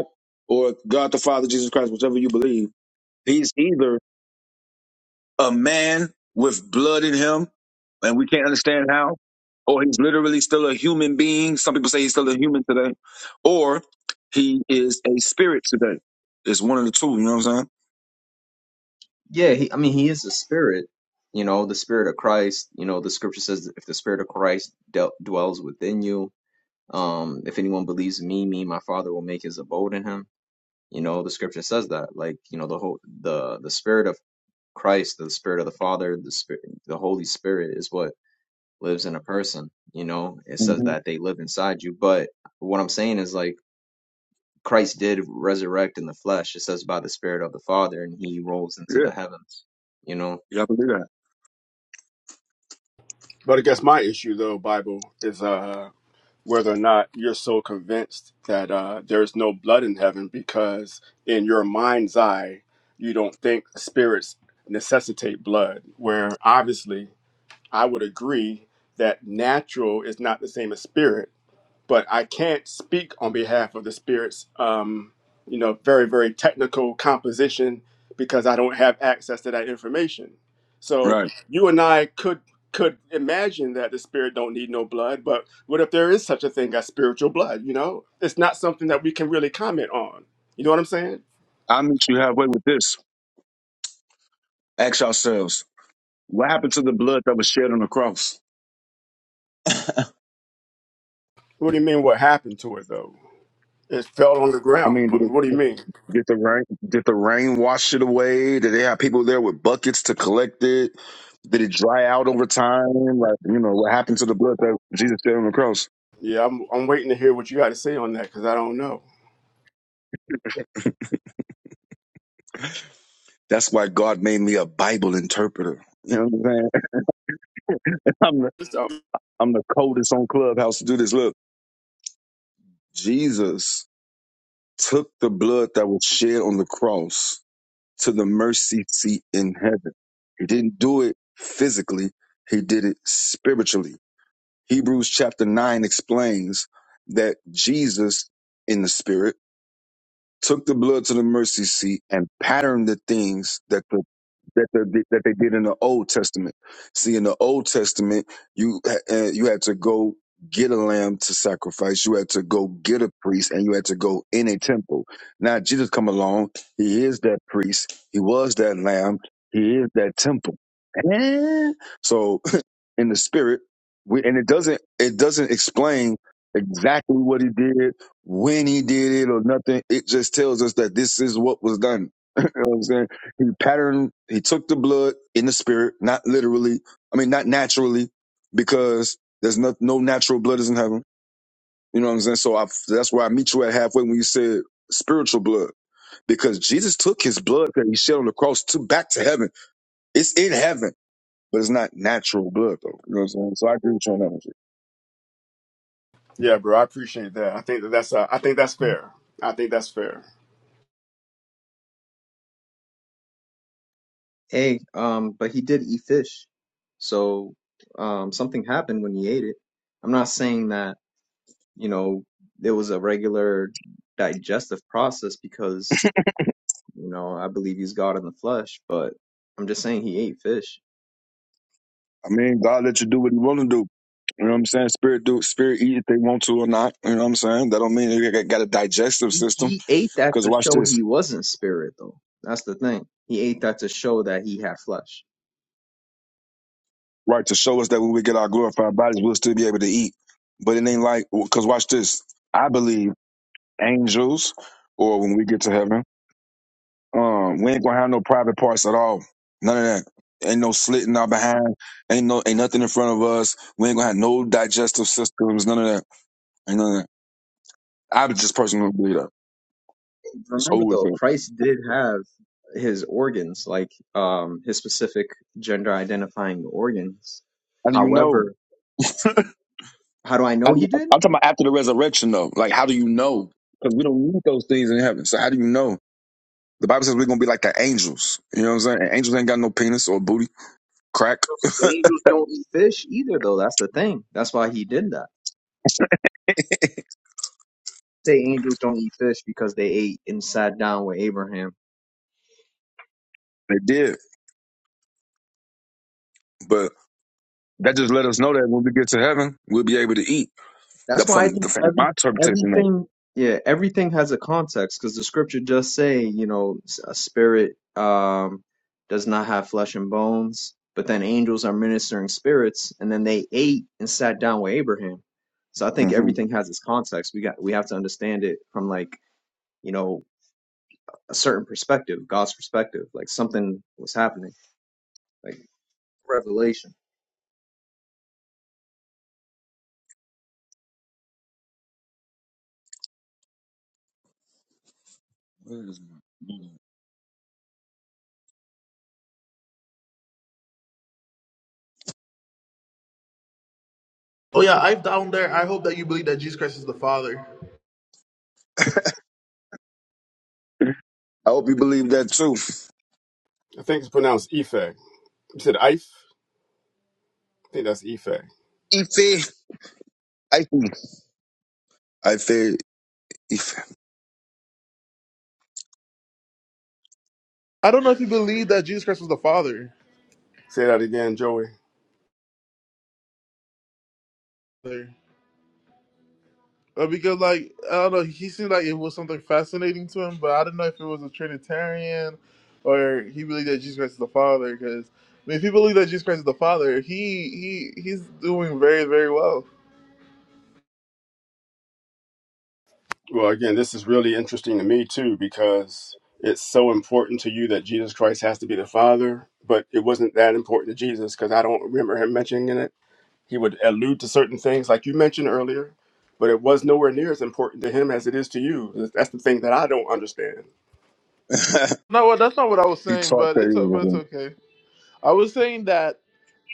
G: or God the Father, Jesus Christ, whichever you believe. He's either a man with blood in him, and we can't understand how, or he's literally still a human being. Some people say he's still a human today, or he is a spirit today. It's one of the two. You know what I'm
F: Yeah, he, I mean, he is the spirit. You know, the spirit of Christ. You know, the scripture says, if the spirit of Christ del dwells within you, um, if anyone believes in me, me, and my Father will make his abode in him. You know, the scripture says that. Like, you know, the whole the the spirit of Christ, the Spirit of the Father, the Spirit, the Holy Spirit is what lives in a person. You know, it
G: saying?
F: says
G: hmm
F: that they live inside you. But what I'm saying is like Christ did resurrect in the flesh. It says by the Spirit of the Father, and he rolls
G: Yeah,
F: into the heavens. You know,
G: you gotta believe that,
A: But I guess my issue though, Bible, is uh whether or not you're so convinced that uh, there's no blood in heaven because in your mind's eye you don't think spirits necessitate blood where obviously i would agree that natural is not the same as spirit but I can't speak on behalf of the spirits. Um, you know, very very technical composition because I don't have access to that information. So
G: right?
A: you and I could could imagine that the spirit don't need no blood, but what if there is such a thing as spiritual blood? You know, it's not something that we can really comment on. You know what I'm saying?
G: I meet you halfway with this. Ask yourselves, what happened to the blood that was shed on the cross?
A: What do you mean? What happened to it though? It fell on the
G: I
A: ground. I
G: mean,
A: mean, what do you mean?
G: Did the rain? Did the rain wash it away? Did they have people there with buckets to collect it? Did it dry out over time? Like you know what happened to the blood that Jesus shed on the cross?
A: Yeah, I'm I'm waiting to hear what you got to say on that because I don't know.
G: That's why God made me a Bible interpreter. You know what I'm saying? <laughs> I'm the, I'm the coldest on Clubhouse to do this. Look, Jesus took the blood that was shed on the cross to the mercy seat in heaven. He didn't do it physically. He did it spiritually. Hebrews chapter 9 explains that Jesus in the spirit took the blood to the mercy seat and patterned the things that the that, the, that they did in the Old Testament. See, in the Old Testament, you uh, you had to go get a lamb to sacrifice. You had to go get a priest, and you had to go in a temple. Now Jesus come along. He is that priest. He was that lamb. He is that temple. Eh? So in the spirit. We, and it doesn't it doesn't explain exactly what he did, when he did it, or nothing. It just tells us that this is what was done. You know what I'm saying? He patterned. He took the blood in the spirit, not literally. I mean, not naturally, because there's no no natural blood is in heaven. You know what I'm saying? So I, that's where I meet you at halfway when you said spiritual blood, because Jesus took his blood that he shed on the cross to back to heaven. It's in heaven, but it's not natural blood though. You know what I'm saying? So I agree with you on that one.
A: Yeah, bro, I appreciate that. I think that that's uh, I think that's fair. I think that's fair.
F: hey, um, but he did eat fish, so um, something happened when he ate it. I'm not saying that you know it was a regular digestive process because You know, I believe he's God in the flesh, but I'm just saying he ate fish.
G: I mean, God let you do what He want to do. You know what I'm saying? Spirit do spirit eat if they want to or not. You know what I'm saying? That don't mean they got a digestive
F: He
G: system.
F: he ate that
G: Because
F: to
G: watch
F: show
G: this,
F: he wasn't spirit though. That's the thing. He ate that to show that he had flesh.
G: right? To show us that when we get our glorified bodies, we'll still be able to eat. But it ain't like because watch this. I believe angels, or when we get to heaven, um, we ain't gonna have no private parts at all. None of that. Ain't no slit in our behind. Ain't no ain't nothing in front of us. We ain't gonna have no digestive systems. None of that. Ain't none of that. I just personally believe that. It's
F: Remember
G: over.
F: though, Christ did have his organs, like um his specific gender identifying organs.
G: How do you know?
F: However, how do I
G: How
F: know
G: do
F: he
G: you,
F: did?
G: I'm talking about after the resurrection, though. Like, how do you know? Because we don't need those things in heaven. So how do you know? The Bible says we're gonna be like the angels. You know what I'm saying? And angels ain't got no penis or booty crack.
F: Because the angels don't eat fish either though. That's the thing. That's why he did that. Say angels don't eat fish because they ate and sat down with Abraham
G: They did, but that just let us know that when we get to heaven, we'll be able to eat. The,
F: That's why I
G: from the
F: think
G: from my
F: every,
G: interpretation, though.
F: everything, yeah, everything has a context because the scripture does say, you know, s- a spirit um, does not have flesh and bones, but then angels are ministering spirits, and then they ate and sat down with Abraham. So I think
G: Mhm.
F: everything has its context. We got we have to understand it from like you know a certain perspective, God's perspective, like something was happening, like revelation.
G: Where is my
B: Oh yeah, I've down there. I hope that you believe that Jesus Christ is the Father.
G: I hope you believe that too.
A: I think it's pronounced Ife. You said Ife. I think that's Ife.
G: Ife, I, I fear Ife.
B: I don't know if you believe that Jesus Christ was the Father,
A: Say that again, Joey.
B: Father. Uh, because like I don't know, he seemed like it was something fascinating to him, but I don't know if it was a Trinitarian or he believed that Jesus Christ is the Father. Because I mean, if he believed that Jesus Christ is the Father, he he he's doing very very well.
A: Well, again, this is really interesting to me too because it's so important to you that Jesus Christ has to be the Father, but it wasn't that important to Jesus because I don't remember him mentioning it. He would allude to certain things like you mentioned earlier, but it was nowhere near as important to him as it is to you. That's the thing that I don't understand
G: <laughs>
B: No, well, that's not what I was
G: he
B: saying,
G: taught
B: but it's o- but it's
G: that.
B: okay. I was saying that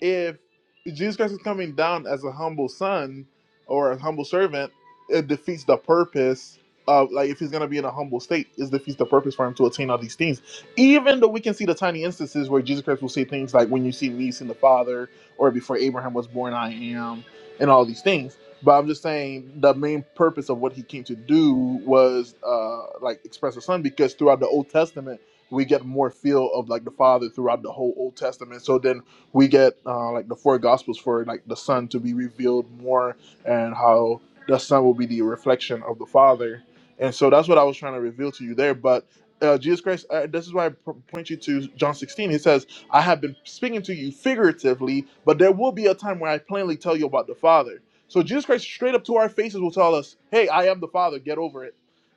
B: if Jesus Christ is coming down as a humble son or a humble servant, it defeats the purpose of like if he's gonna be in a humble state, it defeats the purpose for him to attain all these things. Even though we can see the tiny instances where Jesus Christ will say things like, "When you see me, you see the Father," or "Before Abraham was born, I am," and all these things. But I'm just saying the main purpose of what he came to do was uh, like express the son because throughout the Old Testament we get more feel of like the father throughout the whole old testament so then we get uh, like the four gospels for like the son to be revealed more and how the son will be the reflection of the father and so that's what i was trying to reveal to you there but uh, jesus christ uh, this is why i p- point you to john 16 he says i have been speaking to you figuratively but there will be a time where i plainly tell you about the father so jesus christ straight up to our faces will tell us hey i am the father get over it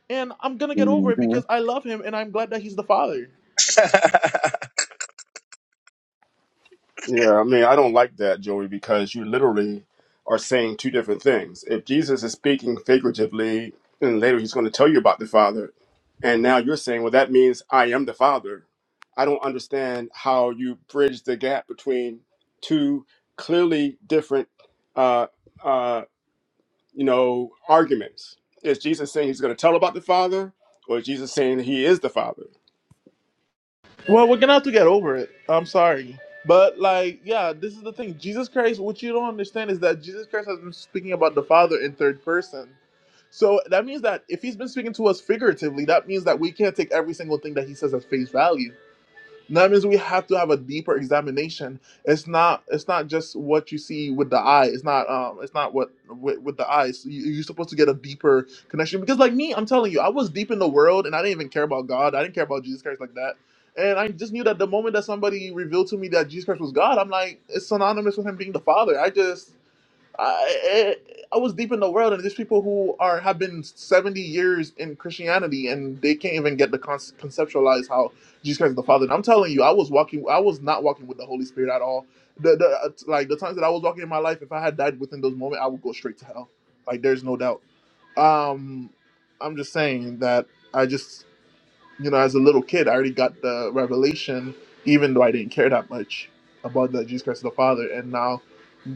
B: and i'm gonna get over it because i love him and i'm glad that he's the father
A: Yeah, I mean, I don't like that, Joey, because you literally are saying two different things. If Jesus is speaking figuratively, and later he's going to tell you about the Father, and now you're saying, well, that means I am the Father. I don't understand how you bridge the gap between two clearly different, uh, uh, you know, arguments. Is Jesus saying he's going to tell about the Father, or is Jesus saying he is the Father?
B: Well, we're gonna have to get over it. I'm sorry. But like, yeah, this is the thing. Jesus Christ, what you don't understand is that Jesus Christ has been speaking about the Father in third person. So that means that if he's been speaking to us figuratively, that means that we can't take every single thing that he says at face value. And that means we have to have a deeper examination. It's not it's not just what you see with the eye. It's not um it's not what with, with the eyes. You, you're supposed to get a deeper connection because like me, I'm telling you, I was deep in the world and I didn't even care about God. I didn't care about Jesus Christ like that. And I just knew that the moment that somebody revealed to me that Jesus Christ was God, I'm like, it's synonymous with him being the Father. I just I, eh, I was deep in the world, and there's people who are have been 70 years in Christianity, and they can't even get the con- conceptualize how Jesus Christ is the Father. And I'm telling you, I was walking, I was not walking with the Holy Spirit at all. The, the uh, like the times that I was walking in my life, if I had died within those moments, I would go straight to hell. Like there's no doubt. Um, I'm just saying that I just, you know, as a little kid, I already got the revelation, even though I didn't care that much about that Jesus Christ is the Father, and now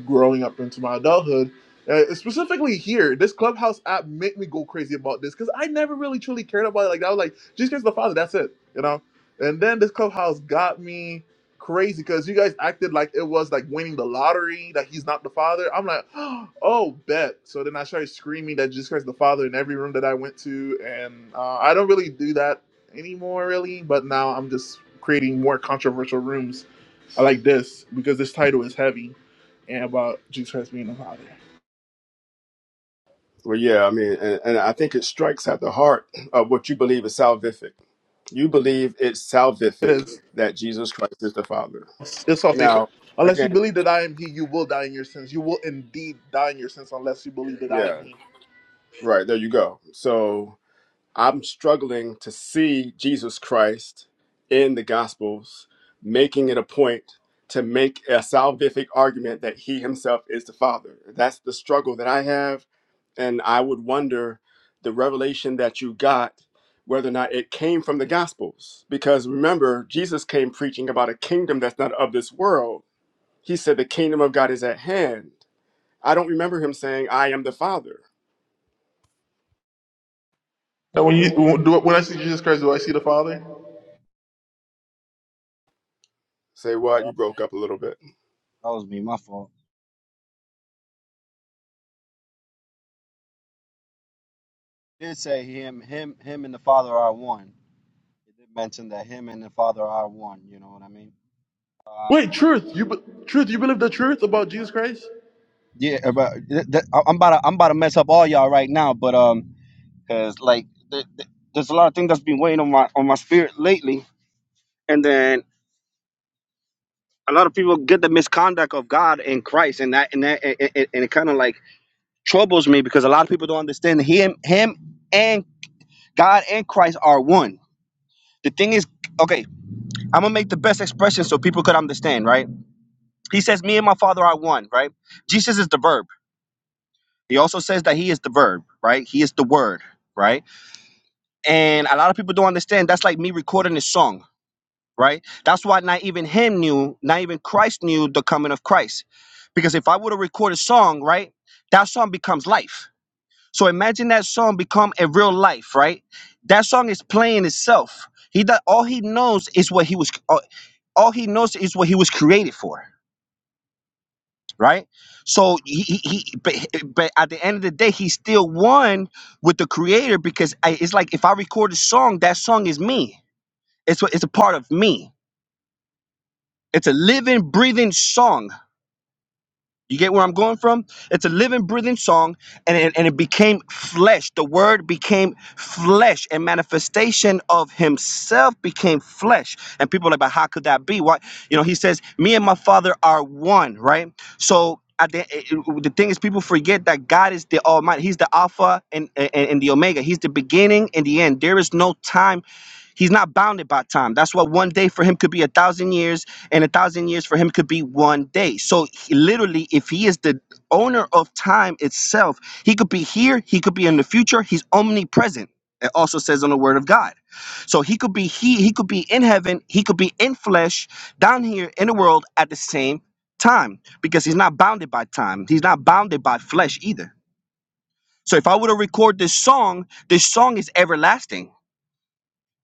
B: growing up into my adulthood. Uh, specifically here, this Clubhouse app made me go crazy about this because I never really truly cared about it. Like I was like, "Jesus kiss the father, that's it, you know. And then this Clubhouse got me crazy because you guys acted like it was like winning the lottery that he's not the father. I'm like, <gasps> oh bet. So then I started screaming that Jesus Christ is the Father in every room that I went to, and uh, I don't really do that anymore, really. But now I'm just creating more controversial rooms I like this because this title is heavy and about Jesus Christ being the Father.
A: Well, yeah, I mean, and, and I think it strikes at the heart of what you believe is salvific You believe it's
B: It
A: salvific
B: is.
A: that Jesus Christ is the Father.
B: It's all faith.
A: Now,
B: Unless you
A: again,
B: believe that I am He, you will die in your sins. You will indeed die in your sins unless you believe that I am
A: yeah,
B: He.
A: right, there you go. So I'm struggling to see Jesus Christ in the Gospels making it a point to make a salvific argument that he himself is the Father. That's the struggle that I have. And I would wonder the revelation that you got, whether or not it came from the Gospels. Because remember, Jesus came preaching about a kingdom that's not of this world He said, The kingdom of God is at hand. I don't remember him saying, I am the Father.
B: And when you do, when I see Jesus Christ, do I see the Father?
I: My
A: Say what? You
I: fault.
A: broke up a little bit.
I: That was me. My fault. Did say him, him, him, and the Father are one. It did mention that him and the Father are one. You know what I mean?
B: Wait, truth. You be, truth. You believe the truth about Jesus Christ?
I: Yeah, but th- th- I- I'm about to, I'm about to mess up all y'all right now. But um, cause like th- th- there's a lot of things that's been weighing on my on my spirit lately, and then a lot of people get the misconduct of God and Christ, and that and that and, and, and it kind of like troubles me because a lot of people don't understand him, him, and God and Christ are one. The thing is, okay. I'm gonna make the best expression so people could understand, right? He says, Me and my father are one, right? Jesus is the verb. He also says that he is the verb, right? He is the word, right? And a lot of people don't understand that's like me recording this song, right? That's why not even him knew, not even Christ knew the coming of Christ. Because if I were to record a song, right, that song becomes life. So imagine that song become a real life, right? That song is playing itself. He that all he knows is what he was all all he knows is what he was created for right? So he, he, he but, but at the end of the day, he still won with the creator because I, it's like if I record a song, that song is me. It's what it's a part of me. It's a living, breathing song. You get where I'm going from? It's a living, breathing song, and it, and it became flesh. The word became flesh, and manifestation of himself became flesh. And people are like, but how could that be? Why? You know, he says, Me and my father are one, right? So at the, it- it- the thing is, people forget that God is the Almighty. He's the Alpha and, eh, and, and the Omega. He's the beginning and the end. There is no time He's not bounded by time. That's why one day for him could be a thousand years, and a thousand years for him could be one day. So, he, literally, if he is the owner of time itself, he could be here, he could be in the future. He's omnipresent. It also says on the Word of God. So he could be he he could be in heaven, he could be in flesh, down here in the world at the same time because he's not bounded by time. He's not bounded by flesh either. So if I were to record this song, this song is everlasting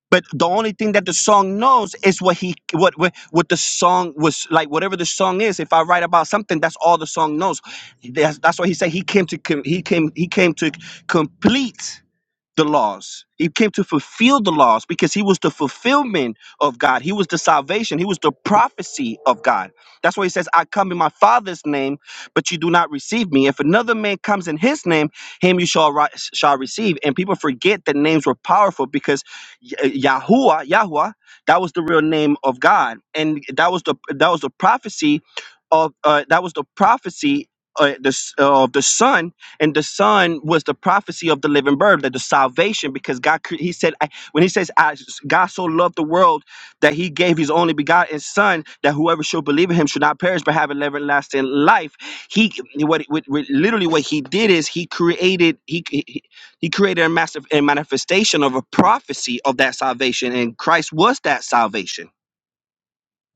I: but the only thing that the song knows is what he what what, what the song was like. Whatever the song is, if I write about something, that's all the song knows. That's, that's why he said he came to com- he came he came to complete the laws. He came to fulfill the laws because he was the fulfillment of God. He was the salvation. He was the prophecy of God. That's why he says, I come in my Father's name, but you do not receive me. If another man comes in his name, him you shall, ri- shall receive. And people forget that names were powerful because Y- uh, Yahuwah, Yahuwah, that was the real name of God. And that was the that was the prophecy of uh, that was the prophecy uh, the, s- of the Son and the son was the prophecy of the living bird that the salvation because god cre- he said I, when he says I, god so loved the world that he gave his only begotten son that whoever should believe in him should not perish but have an everlasting life he what, what, what- literally what he did is he created he, he he created a massive a manifestation of a prophecy of that salvation and christ was that salvation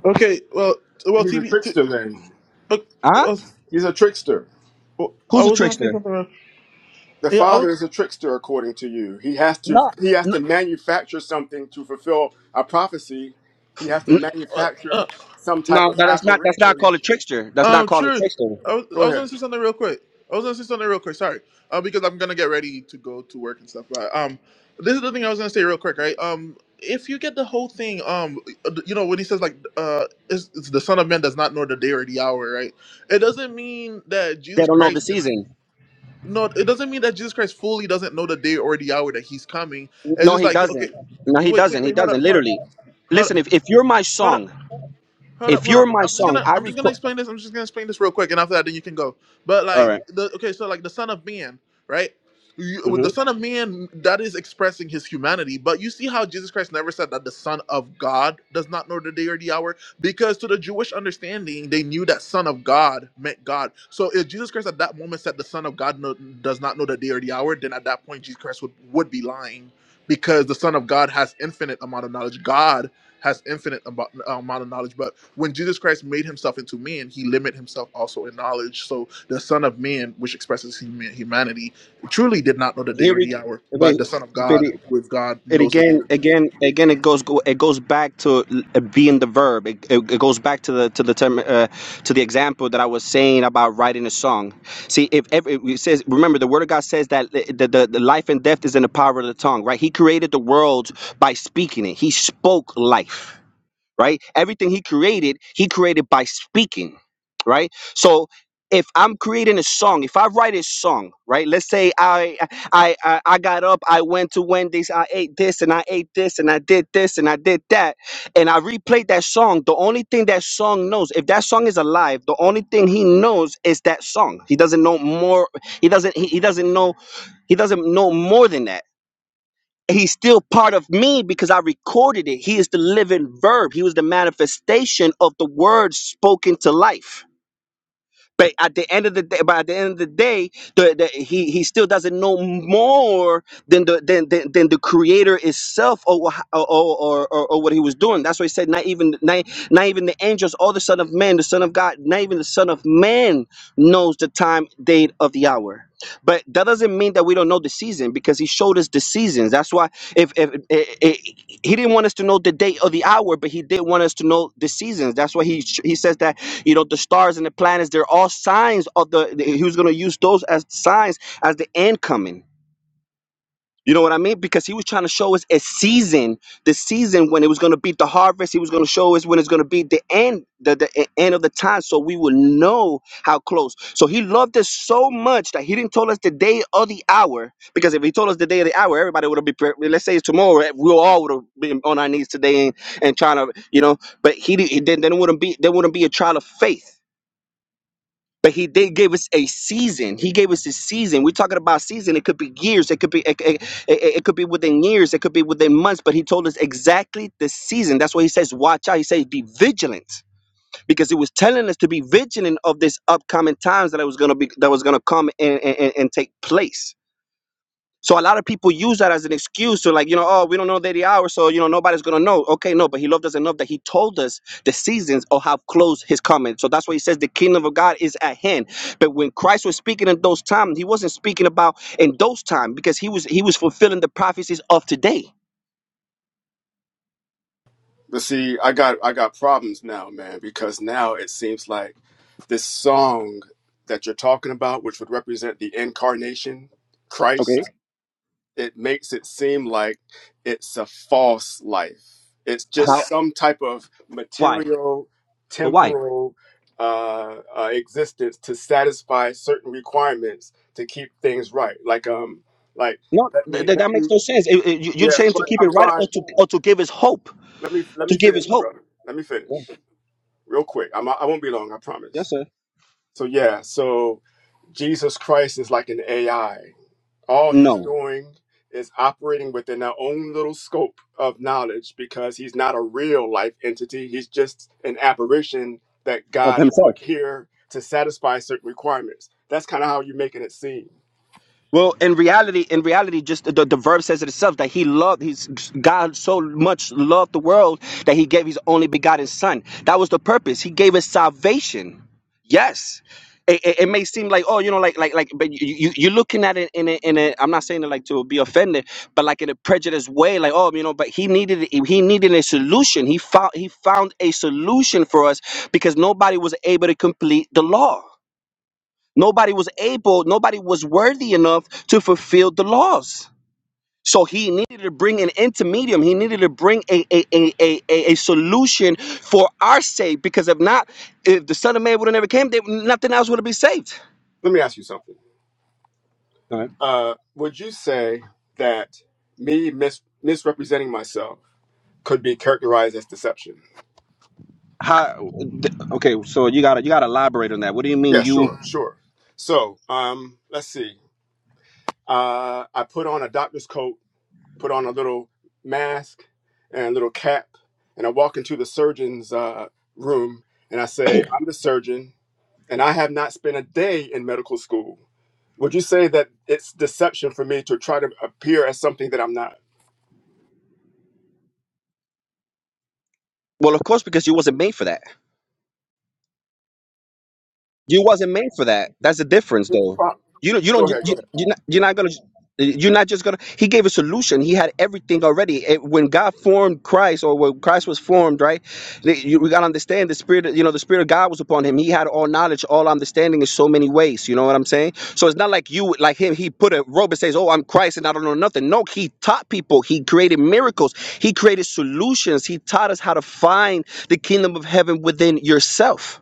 B: Okay. Well, well,
A: He's a
B: TV. T-
A: trickster then.
B: uh,
I: huh
B: uh,
A: He's a trickster.
B: I
I: who's a
B: was gonna say
I: trickster
B: something. Else.
A: The
B: Yeah, I was.
A: Father is a trickster according to you. He has to
I: no
A: he has
I: no,
A: to manufacture something to fulfill a prophecy. He has to
I: no,
B: Uh, uh,
A: manufacture some type
I: no,
A: of
I: that's not. That's not
A: apparition.
I: called a trickster. That's not
B: Um,
I: called a
B: truth.
I: trickster.
B: I was, I
A: Go
B: was
A: ahead.
B: gonna say something real quick. I was gonna say something real quick. Sorry, uh, because I'm gonna get ready to go to work and stuff. But um, this is the thing I was gonna say real quick, right? Um, if you get the whole thing, um, uh, you know when he says like, uh, it's, it's the Son of Man does not know the day or the hour, right? It doesn't mean that
I: They
B: Jesus
I: don't know the
B: Christ.
I: season.
B: No, it doesn't mean that Jesus Christ fully doesn't know the day or the hour that He's coming. It's
I: No,
B: just
I: he
B: like, okay,
I: doesn't. No, he
B: wait, wait,
I: doesn't. He
B: wait, hold up,
I: doesn't.
B: hold up,
I: Literally.
B: hold up.
I: Listen, if, if you're my
B: Hold up.
I: song,
B: Hold up,
I: if
B: hold up.
I: you're my
B: I'm just
I: song,
B: gonna
I: I
B: I'm just gonna
I: record.
B: explain this. I'm just gonna explain this real quick, and after that, then you can go. But
I: All
B: like
I: right.
B: the okay, so like the son of man, right? You, with
I: Mm-hmm.
B: the son of man, that is expressing his humanity. But you see how Jesus Christ never said that the Son of God does not know the day or the hour, because to the Jewish understanding, they knew that Son of God meant God. So if Jesus Christ at that moment said the Son of God no, does not know the day or the hour, then at that point Jesus Christ would would be lying, because the Son of God has infinite amount of knowledge. God has infinite amount of knowledge. But when Jesus Christ made himself into man, he limited himself also in knowledge. So the Son of Man, which expresses hum- humanity, truly did not know the day
I: Here
B: or
I: we.
B: the hour. But
I: Wait,
B: the Son of
I: but
B: God,
I: it,
B: with God,
I: it
B: knows the day
I: again,
B: or the
I: again, again. It goes. Go, it goes back to uh, being the verb. It, it, it goes back to the to the term uh, to the example that I was saying about writing a song. See, if every, it says, remember, the Word of God says that the, the the life and death is in the power of the tongue. Right? He created the world by speaking it. He spoke life right? Everything he created, he created by speaking, right? So if I'm creating a song, if I write a song, right? Let's say I I I, I got up, I went to Wendy's, I ate this and I ate this and I did this and I did that, and I replayed that song. The only thing that song knows, if that song is alive, the only thing he knows is that song. He doesn't know more. He doesn't. He, he doesn't know. He doesn't know more than that he's still part of me because I recorded it. He is the living verb. He was the manifestation of the word spoken to life. But at the end of the day, but at the end of the day, the, the, he he still doesn't know more than the than, than, than the creator itself or, wha- or, or, or or what he was doing. That's why he said not even not, not even the angels or the son of man, the son of God, not even the son of man knows the time, date of the hour. But that doesn't mean that we don't know the season because he showed us the seasons. That's why if, if, i- i- he didn't want us to know the date or the hour, but he did want us to know the seasons. That's why he sh- he says that you know, the stars and the planets, they're all signs of the, the- he was going to use those as signs as the end coming. You know what I mean? Because he was trying to show us a season, the season when it was going to be the harvest. He was going to show us when it's going to be the end, the, the e- end of the time, so we will know how close. So he loved us so much that he didn't tell us the day or the hour. Because if he told us the day or the hour, everybody would have been. pre- Let's say it's tomorrow, eh, we all would have been on our knees today and, and trying to, you know. But he, didn't- he then then it wouldn't be there wouldn't be a trial of faith but he did give us a season. He gave us a season. We're talking about season. It could be years. It could be it, it, it- it could be within years. It could be within months. But he told us exactly the season. That's why he says, "Watch out." He says, "Be vigilant," because he was telling us to be vigilant of this upcoming times that it was gonna be that was gonna come and, and and take place. So a lot of people use that as an excuse to like, you know, oh, we don't know the hour, so you know nobody's gonna know. Okay, no, but he loved us enough that he told us the seasons of how close his coming. So that's why he says the kingdom of God is at hand. But when Christ was speaking in those times, he wasn't speaking about in those times because he was he was fulfilling the prophecies of today.
A: But see, I got I got problems now, man, because now it seems like this song that you're talking about, which would represent the incarnation, Christ,
I: Okay.
A: it makes it seem like it's a false life. It's just
I: How?
A: some type of
I: Why?
A: material,
I: But why?
A: temporal uh, uh, existence to satisfy certain requirements to keep things right. Like um, like
I: No,
A: let
I: th-
A: me
I: th- that
A: let
I: makes
A: me
I: no sense. It- it- you- you're
A: yeah,
I: saying to
A: but
I: keep it
A: I'm
I: right or
A: trying.
I: to or to give us hope,
A: Let me let
I: to
A: me
I: give
A: finish,
I: us
A: my
I: hope.
A: brother. Let me
I: Yes,
A: finish
I: sir.
A: real quick. I'm I won't be long. I
I: yes
A: promise.
I: sir.
A: So yeah, so Jesus Christ is like an AI All he's
I: No,
A: doing is operating within our own little scope of knowledge because he's not a real life entity. He's just an apparition that
I: Of
A: God
I: himself.
A: put here to satisfy certain requirements. That's kind of how you're making it seem.
I: Well, in reality, in reality, just the, the verb says it itself that he loved, he's God so much loved the world that he gave his only begotten son. That was the purpose. He gave us salvation. Yes. It, it, it may seem like oh you know like like like but you, you you're looking at it in a in a I'm not saying it like to be offended but like in a prejudiced way like oh you know but he needed he needed a solution he found he found a solution for us because nobody was able to complete the law Nobody was able, nobody was worthy enough to fulfill the laws. So he needed to bring an intermedium. He needed to bring a, a, a, a, a, a solution for our sake, because if not, if the Son of Man would have never came, they, nothing else would have been saved.
A: Let me ask you something.
I: All right.
A: Uh, would you say that me mis- misrepresenting myself could be characterized as deception?
I: How? th- Okay, so you gotta you gotta elaborate on that. What do you mean
A: Yeah,
I: you?
A: sure, sure. So um, let's see. Uh, I put on a doctor's coat put on a little mask and a little cap, and I walk into the surgeon's uh, room and I say, I'm the surgeon, and I have not spent a day in medical school. Would you say that it's deception for me to try to appear as something that I'm not?
I: Well, of course, because you wasn't made for that. You wasn't made for that. That's the difference, though.
A: Pro-
I: You don't. You don't.
A: Go
I: You,
A: ahead, go
I: you,
A: ahead.
I: you're not. You're not gonna. You're not just gonna. He gave a solution. He had everything already. It- when God formed Christ, or when Christ was formed, right? the- you- we gotta understand the spirit. You know, the spirit of God was upon him. He had all knowledge, all understanding in so many ways. You know what I'm saying? So it's not like you, like him. He put a robe and says, "Oh, I'm Christ, and I don't know nothing." No, he taught people. He created miracles. He created solutions. He taught us how to find the kingdom of heaven within yourself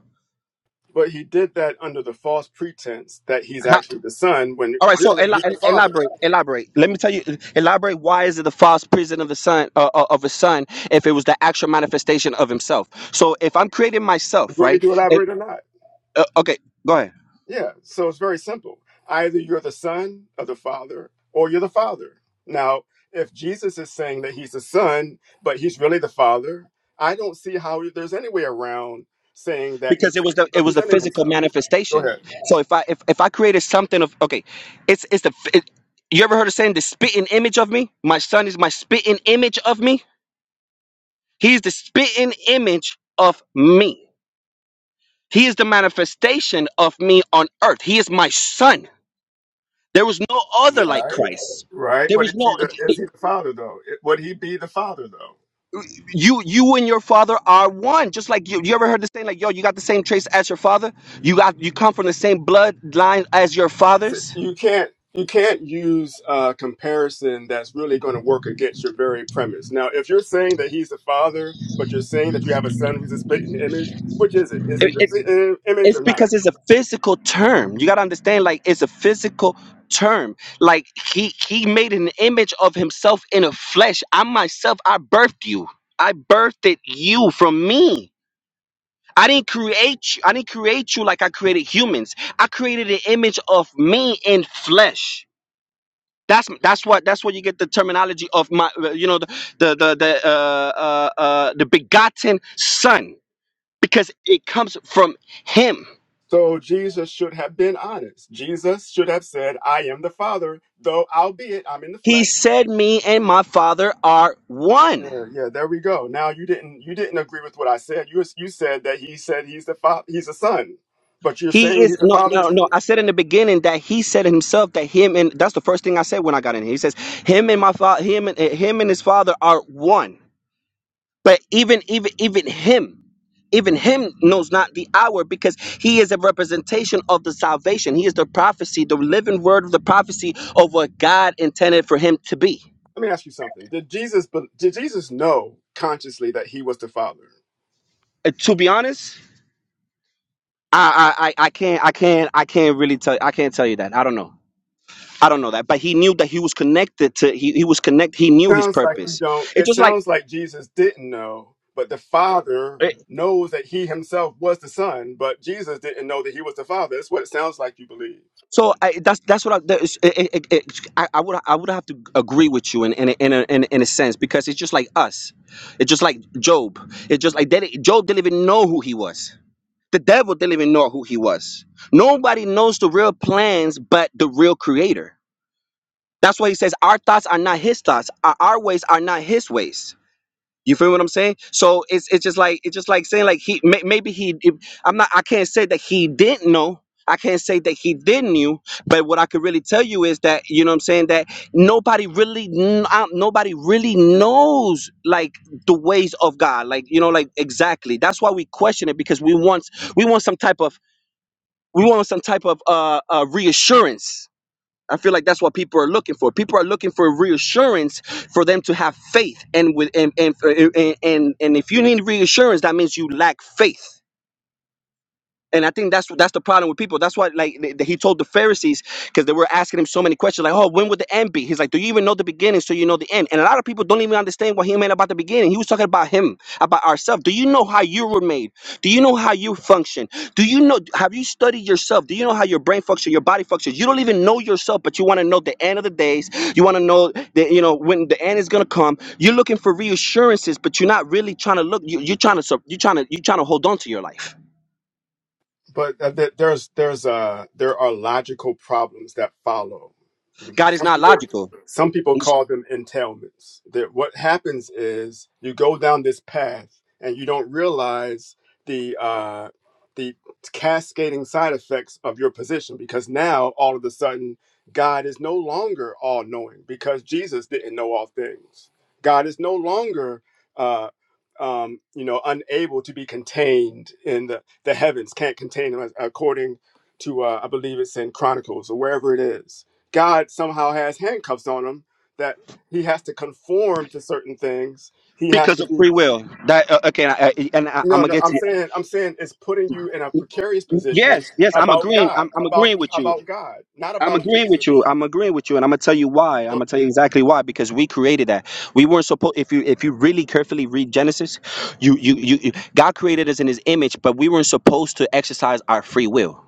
A: But he did that under the false pretense that he's actually the son when
I: All right, so
A: really
I: ela-
A: he's the
I: el-
A: father.
I: elaborate, elaborate. Let me tell you, elaborate. Why is it the false prison of the son uh, uh, of a son if it was the actual manifestation of himself? So if I'm creating
A: You
I: myself,
A: want me
I: right?
A: to
I: If,
A: elaborate or not?
I: uh, okay, go ahead.
A: Yeah, so it's very simple. Either you're the son of the father or you're the father. Now, if Jesus is saying that he's the son, but he's really the father, I don't see how there's any way around saying that
I: Because
A: he's
I: it was the it was the
A: misrepresenting
I: physical
A: himself. Go
I: manifestation.
A: ahead.
I: So if I if, if I created something of okay, it's it's the it, you ever heard of saying the spitting image of me? My son is my spitting image of me. He's the spitting image of me. He is the manifestation of me on earth. He is my son. There was no other like
A: Right.
I: Christ.
A: Right.
I: There
A: But
I: was
A: is he
I: no
A: the is he the father though? It- Would he be the father though?
I: you you and your father are one. Just like you you ever heard the saying like yo, you got the same trace as your father? You got you come from the same bloodline as your
A: So
I: fathers?
A: you can't you can't use a comparison that's really going to work against your very premise. Now, if you're saying that he's the father, but you're saying that you have a son who's a spitting image, which is it? Is he
I: It-
A: the
I: it-
A: spitting image or
I: it's
A: not?
I: because it's a physical term. You got to understand like it's a physical term. Like he he made an image of himself in a flesh. I myself I birthed you. I birthed you from me. I didn't create you. I didn't create you like I created humans. I created an image of me in flesh. That's that's what that's where you get the terminology of my uh, you know the the the the, uh, uh, uh, the begotten son because it comes from him.
A: So Jesus should have been honest. Jesus should have said, "I am the Father, though albeit I'm in the
I: He
A: flesh."
I: said, "Me and my Father are
A: Yeah,
I: one."
A: yeah, there we go. Now you didn't you didn't agree with what I said. You you said that he said he's the father, he's a son, but you're
I: He
A: saying
I: is
A: he's a
I: no
A: father
I: no
A: too.
I: no. I said in the beginning that he said himself that him and that's the first thing I said when I got in here. He says, "Him and my father, him and him and his father are one." But even even even him, even him knows not the hour because he is a representation of the salvation. He is the prophecy, the living word of the prophecy of what God intended for him to be.
A: Let me ask you something. Did Jesus did Jesus know consciously that he was the Father?
I: Uh, to be honest, I, I I I can't I can't I can't really tell I can't tell you that. I don't know. I don't know that. But he knew that he was connected to he, he was connect he knew his
A: Sounds like you
I: purpose.
A: don't.
I: It's
A: It
I: just like
A: sounds like Jesus didn't know, but the Father
I: eh,
A: knows that he himself was the Son, but Jesus didn't know that he was the Father. That's what it sounds like you believe.
I: So I, that's that's what I, that is- it, it, it, I I would I would have to agree with you in in a, in, a, in, a, in a sense because it's just like us, it's just like Job. It's just like they, didn't- Job didn't even know who he was. The devil didn't even know who he was. Nobody knows the real plans but the real Creator. That's why he says our thoughts are not his thoughts. Our, our ways are not his ways. You feel what I'm saying? So it's it's just like it's just like saying like he may, maybe he if- I'm not I can't say that he didn't know. I can't say that he didn't knew, but what I could really tell you is that you know what I'm saying that nobody really kn- uh, nobody really knows like the ways of God, like you know like exactly. That's why we question it because we want we want some type of we want some type of uh, uh reassurance I feel like that's what people are looking for. People are looking for reassurance for them to have faith, and with and and and and, and if you need reassurance, that means you lack faith and I think that's that's the problem with people. That's why, like, th- th- he told the Pharisees because they were asking him so many questions, like, "Oh, when would the end be?" He's like, "Do you even know the beginning? So you know the end." And a lot of people don't even understand what he meant about the beginning. He was talking about him, about ourselves. Do you know how you were made? Do you know how you function? Do you know? Have you studied yourself? Do you know how your brain functions, your body functions? You don't even know yourself, but you want to know the end of the days. You want to know that you know when the end is gonna come. You're looking for reassurances, but you're not really trying to look. You, you're trying to. sur- You're trying to. You're trying to hold on to your life
A: But uh, th- there's there's uh there are logical problems that follow
I: God is
A: some
I: not
A: people
I: logical.
A: some people
I: It's
A: call them entailments that what happens is you go down this path and you don't realize the uh the cascading side effects of your position because now all of a sudden god is no longer all knowing because jesus didn't know all things god is no longer uh um, you know, unable to be contained in the, the heavens, can't contain him, as- according to, uh, I believe it's in Chronicles or wherever it is God somehow has handcuffs on him that he has to conform to certain things. He has
I: because
A: to
I: of
A: be
I: free will. That uh, okay, and, I, I- and I, I'm
A: no,
I: gonna
A: no,
I: get to
A: I'm
I: you.
A: saying I'm saying it's putting you in a precarious
I: Yes,
A: position
I: yes, I'm
A: about
I: agreeing.
A: God,
I: I'm, I'm
A: about
I: agreeing with you.
A: about God, not
I: I'm
A: about
I: agreeing with you.
A: Jesus.
I: I'm agreeing with you, and I'm gonna tell you why. I'm gonna tell you exactly why because we created that. We weren't supposed. If you if you really carefully read Genesis, you you you you- God created us in His image, but we weren't supposed to exercise our free will.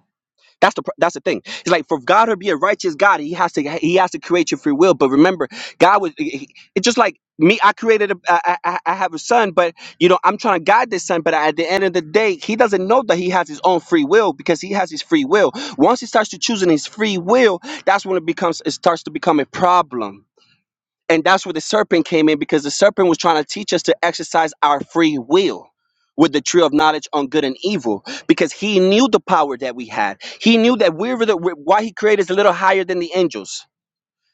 I: That's the that's the thing. It's like for God to be a righteous God, He has to He has to create your free will. But remember, God was he- it's just like me. I created a I, I, I have a son, but you know I'm trying to guide this son. But at the end of the day, he doesn't know that he has his own free will because he has his free will. Once he starts to choosing his free will, that's when it becomes it starts to become a problem and that's where the serpent came in because the serpent was trying to teach us to exercise our free will with the tree of knowledge on good and evil because he knew the power that we had. He knew that we were the why he created us a little higher than the angels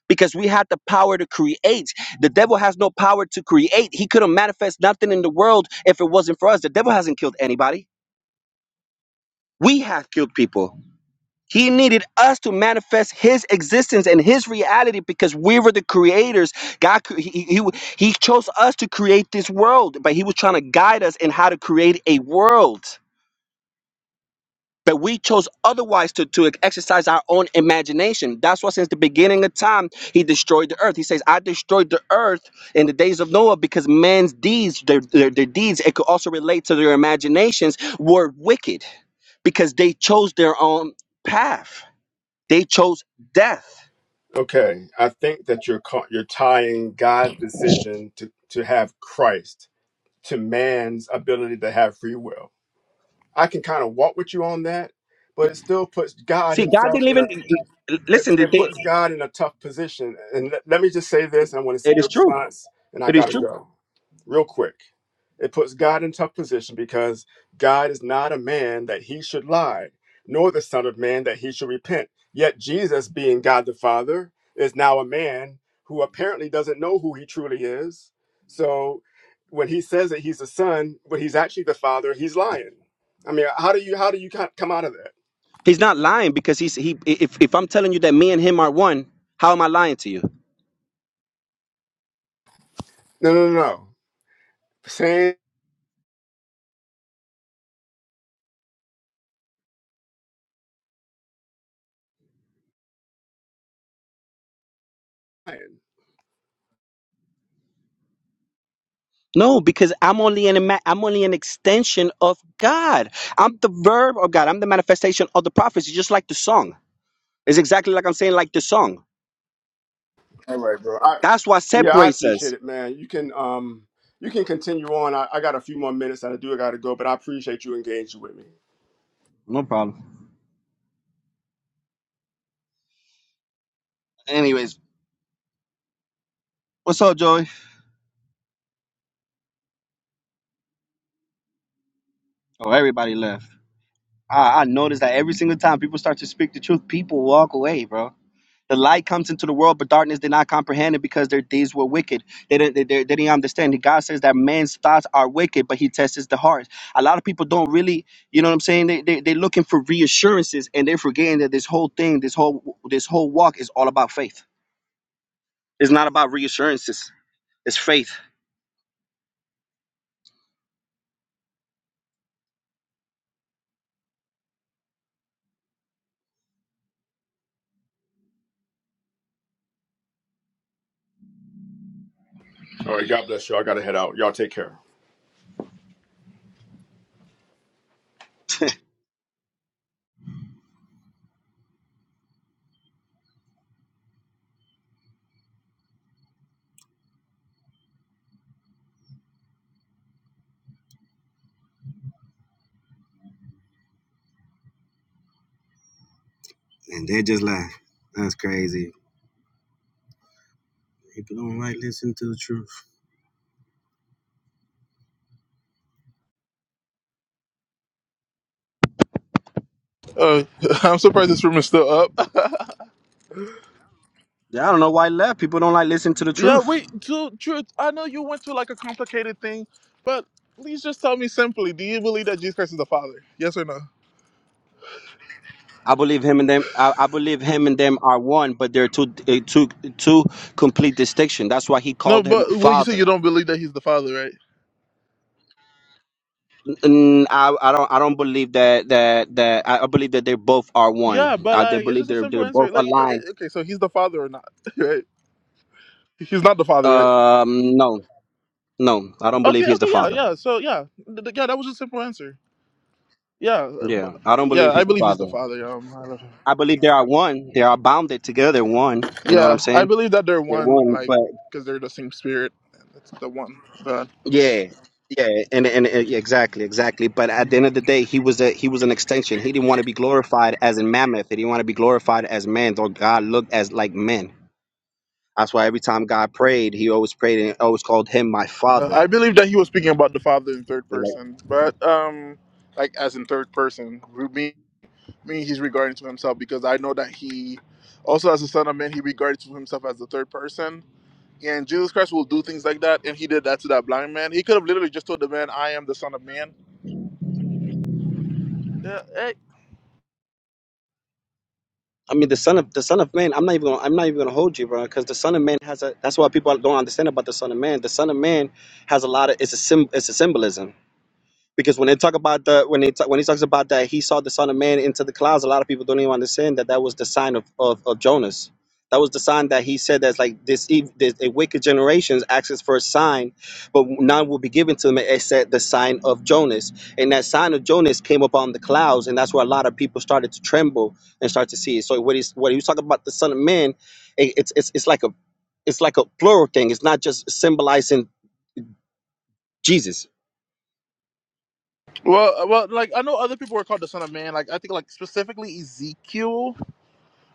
I: because we had the power to create. The devil has no power to create. He couldn't manifest nothing in the world if it wasn't for us. The devil hasn't killed anybody. We have killed people he needed us to manifest His existence and His reality because we were the creators. God, cre- he, he, he chose us to create this world, but He was trying to guide us in how to create a world. But we chose otherwise to, to exercise our own imagination. That's why, since the beginning of time, He destroyed the earth. He says, I destroyed the earth in the days of Noah because man's deeds, their, their, their deeds, it could also relate to their imaginations, were wicked because they chose their own path they chose death.
A: Okay, I think that you're ca- you're tying God's decision to to have Christ to man's ability to have free will. I can kind of walk with you on that, but it still puts God
I: See, God
A: himself
I: didn't even listen.
A: it,
I: they-
A: it
I: they-
A: puts God in a tough position. And let, let me just say this, and I want to see
I: It is
A: your
I: true.
A: response, and I
I: It is
A: gotta
I: true.
A: go real quick. It puts God in tough position because God is not a man that he should lie, nor the Son of Man that he should repent. Yet Jesus, being God the Father, is now a man who apparently doesn't know who he truly is. So when he says that he's the son, but he's actually the father, he's lying. I mean, how do you how do you co- come out of that?
I: He's not lying because he's he. If if I'm telling you that me and him are one, how am I lying to you?
A: No, no, no. no. Saying
I: No, because I'm only an ima- I'm only an extension of God. I'm the verb of God. I'm the manifestation of the prophets. It's just like the song. It's exactly like I'm saying, like the song.
A: All right, bro. I
I: That's what
A: yeah, I
I: separates
A: appreciate
I: us.
A: it, man. You can um you can continue on. I, I got a few more minutes and I do gotta go, but I appreciate you engaging with me.
I: No problem. Anyways, what's up, Joey? Oh, everybody left. I, I noticed that every single time people start to speak the truth, people walk away, bro. The light comes into the world, but darkness did not comprehend it because their deeds were wicked. They didn't, they, they, they didn't understand. God says that man's thoughts are wicked, but he tests the hearts. A lot of people don't really, you know what I'm saying? They, they, they're looking for reassurances and they're forgetting that this whole thing, this whole this whole walk is all about faith. It's not about reassurances, it's faith.
A: All right, God bless you. I gotta head out. Y'all take care.
I: And they just like, that's crazy. People don't like listening to the truth.
B: hour. Uh, <laughs> I'm surprised this room is still up.
I: Yeah, I don't know why I left. People don't like listening to the
B: <laughs> yeah,
I: truth.
B: wait, dude, truth. I know you went to like a complicated thing, but please just tell me simply: Do you believe that Jesus Christ is the Father? Yes or no?
I: I believe him and them. I, I believe him and them are one, but they're two, uh, two, two complete distinction. That's why he
B: No,
I: called him
B: but well, you say you
I: Father.
B: don't believe that He's the Father, right?
I: Mm, I, I don't, I don't believe that that that. I I believe that they both are
B: Yeah,
I: one.
B: but
I: I they
B: like it's
I: believe
B: just a
I: they're
B: simple
I: they're
B: answer.
I: both
B: Like, i
I: aligned.
B: i- okay, so he's the father or not, <laughs> right? He's not the father, right?
I: Um, no, no, I don't believe
B: Okay,
I: he's
B: okay,
I: the
B: yeah,
I: Father.
B: yeah. So yeah, th- th- yeah, that was a simple answer. Yeah, uh, b-
I: Yeah, I don't
B: yeah,
I: believe
B: I
I: he's the
B: believe he's
I: Father.
B: the father. Um, I don't-
I: I believe they are one. They are bounded together, one. You know what I'm
B: yeah, I
I: saying?
B: believe that they're
I: They're
B: one,
I: one,
B: like,
I: but
B: because they're the same spirit. That's the one God.
I: Yeah, yeah, and, and and yeah, exactly, exactly. But at the end of the day, he was a he was an extension. He didn't want to be glorified as a mammoth. He didn't want to be glorified as man. Though God looked as like men. That's why every time God prayed, He always prayed and always called Him my
B: Uh, I
I: Father.
B: believe that he was speaking about the father in third
I: They're Like,
B: person, but um, like as in third person, me, me, he's regarding to himself because I know that he also as a son of man, he regards to himself as the third person and Jesus Christ will do things like that, and he did that to that blind man. He could have literally just told the man, "I am the Son of Man." Yeah, eh.
I: I mean, the son of the son of man. I'm not even gonna, I'm not even gonna hold you, bro, because the son of man has a. That's why people don't understand about the son of man. The son of man has a lot of. It's a sim. It's a symbolism because when they talk about the when they ta- when he talks about that he saw the son of man into the clouds a lot of people don't even understand that that was the sign of of, of jonas that was the sign that he said that's like this, ev- this a wicked generations asks for a sign but none will be given to them except the sign of jonas and that sign of jonas came upon the clouds and that's where a lot of people started to tremble and start to see it so what he's what he was talking about the son of man it, it's, it's it's like a it's like a plural thing it's not just symbolizing jesus
B: Well, well, like I know other people were called the Son of Man. Like I think, like specifically Ezekiel.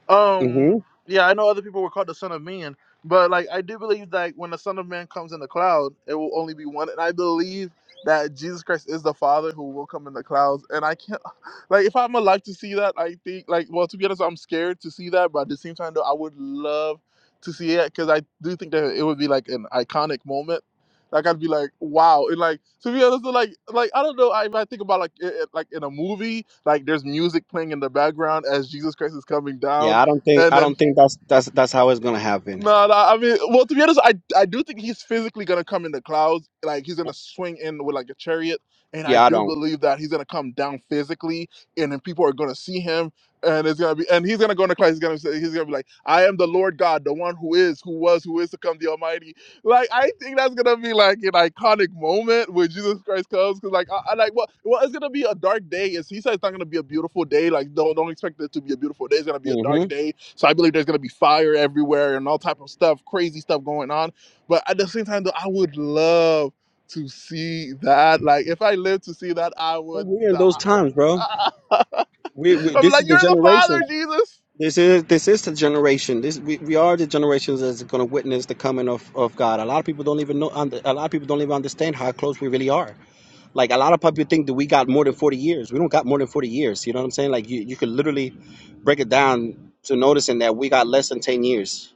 B: Um, yeah, I know other people were called the Son of Man, but like I do believe that when the Son of Man comes in the cloud, it will only be one. And I believe that Jesus Christ is the Father who will come in the clouds. And I can't <sighs> <laughs> like if I'm alive to see that, I think like well to be honest, I'm scared to see that, but at the same time though, I would love to see it because I do think that it would be like an iconic moment. Like I'd be like, wow, and like to be honest, like like I don't know, I, I think about like it, it- like in a movie, like there's music playing in the background as Jesus Christ is coming down,
I: Yeah, I don't think
B: and
I: I
B: then
I: don't think that's that's that's how it's gonna happen.
B: no, no, I mean, well, to be honest, I I do think he's physically gonna come in the clouds, like he's gonna swing in with like a chariot, and I
I: Yeah, I
B: do
I: don't.
B: believe that he's gonna come down physically, and then people are gonna see him, and it's gonna be, and he's gonna go in the clouds, he's gonna say, he's gonna be like, I am the Lord God, the one who is, who was, who is to come, the Almighty. Like I think that's gonna be like an iconic moment when Jesus Christ comes, because like I, I like well, well, it's gonna be a dark day. It's, he said it's not gonna be a beautiful day. Like don't don't expect it to be a beautiful day. It's gonna be a
I: hmm
B: dark day so I believe there's going to be fire everywhere and all type of stuff, crazy stuff going on. But at the same time, though, I would love to see that. Like, if I lived to see that, I would
I: We're in those times, bro.
B: die. <laughs>
I: We, we
B: I'm
I: this is
B: like,
I: the
B: you're the
I: generation.
B: Father, Jesus.
I: This is this is the generation. This we, we are the generations that's gonna witness the coming of, of God. A lot of people don't even know. under- A lot of people don't even understand how close we really are. Like a lot of people think that we got more than forty years. We don't got more than forty years. You know what I'm saying? Like you you could literally break it down to noticing that we got less than ten years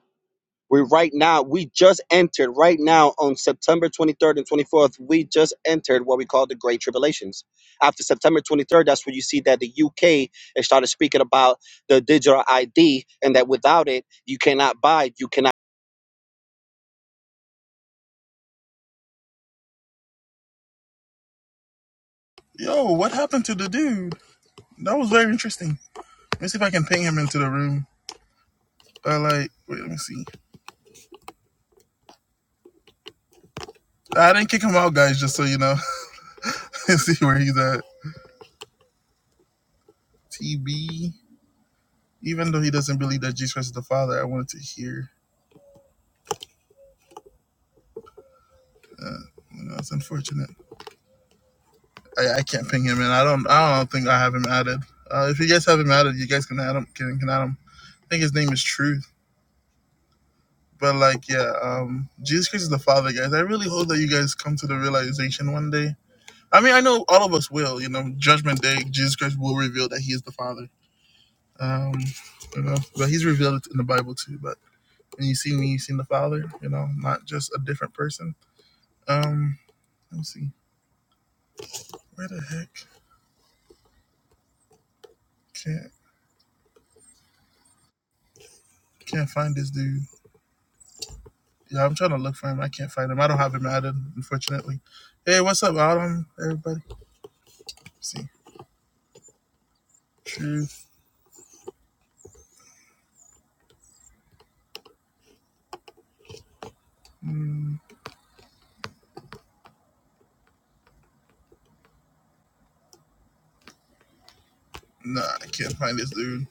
I: We right now, we just entered right now on September 23rd and 24th, we just entered what we call the Great Tribulations. After September 23rd, that's when you see that the UK has started speaking about the digital ID and that without it, you cannot buy, you cannot.
B: Yo, what happened to the dude? That was very interesting. Let me see if I can ping him into the room. Uh, like, wait, let me see. I didn't kick him out, guys, just so you know. <laughs> Let's see where he's at. TB. Even though he doesn't believe that Jesus Christ is the Father, I wanted to hear. Uh, you know, that's unfortunate. I, I can't ping him in. I don't. I don't think I have him added. Uh, if you guys have him added, you guys can add him. Can, can add him. I think his name is Truth. But like, yeah, um, Jesus Christ is the Father, guys. I really hope that you guys come to the realization one day. I mean, I know all of us will. You know, Judgment Day, Jesus Christ will reveal that He is the Father. Um, you know, but He's revealed it in the Bible too. But when you see me, you seen the Father. You know, not just a different person. Um, let me see. Where the heck? Can't can't find this dude. Yeah, I'm trying to look for him. I can't find him. I don't have him added, unfortunately. Hey, what's up, Autumn? Everybody, Let's see truth. Mm, nah, I can't find this dude.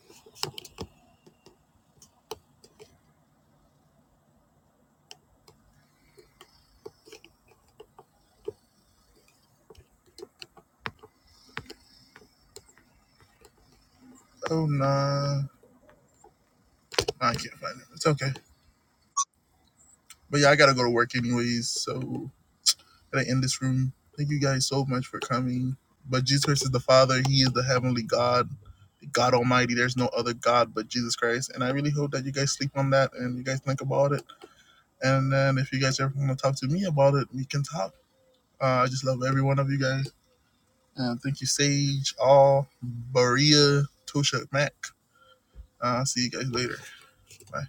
B: Oh nah, nah, I can't find him. It's okay. But yeah, I gotta go to work anyways, so gotta end this room. Thank you guys so much for coming. But Jesus Christ is the Father. He is the heavenly God, God Almighty. There's no other God but Jesus Christ. And I really hope that you guys sleep on that and you guys think about it. And then if you guys ever want to talk to me about it, we can talk Uh, I just love every one of you guys. Uh, thank you, Sage, All, Berea, Tosha, Mac. Uh, I'll see you guys later. Bye.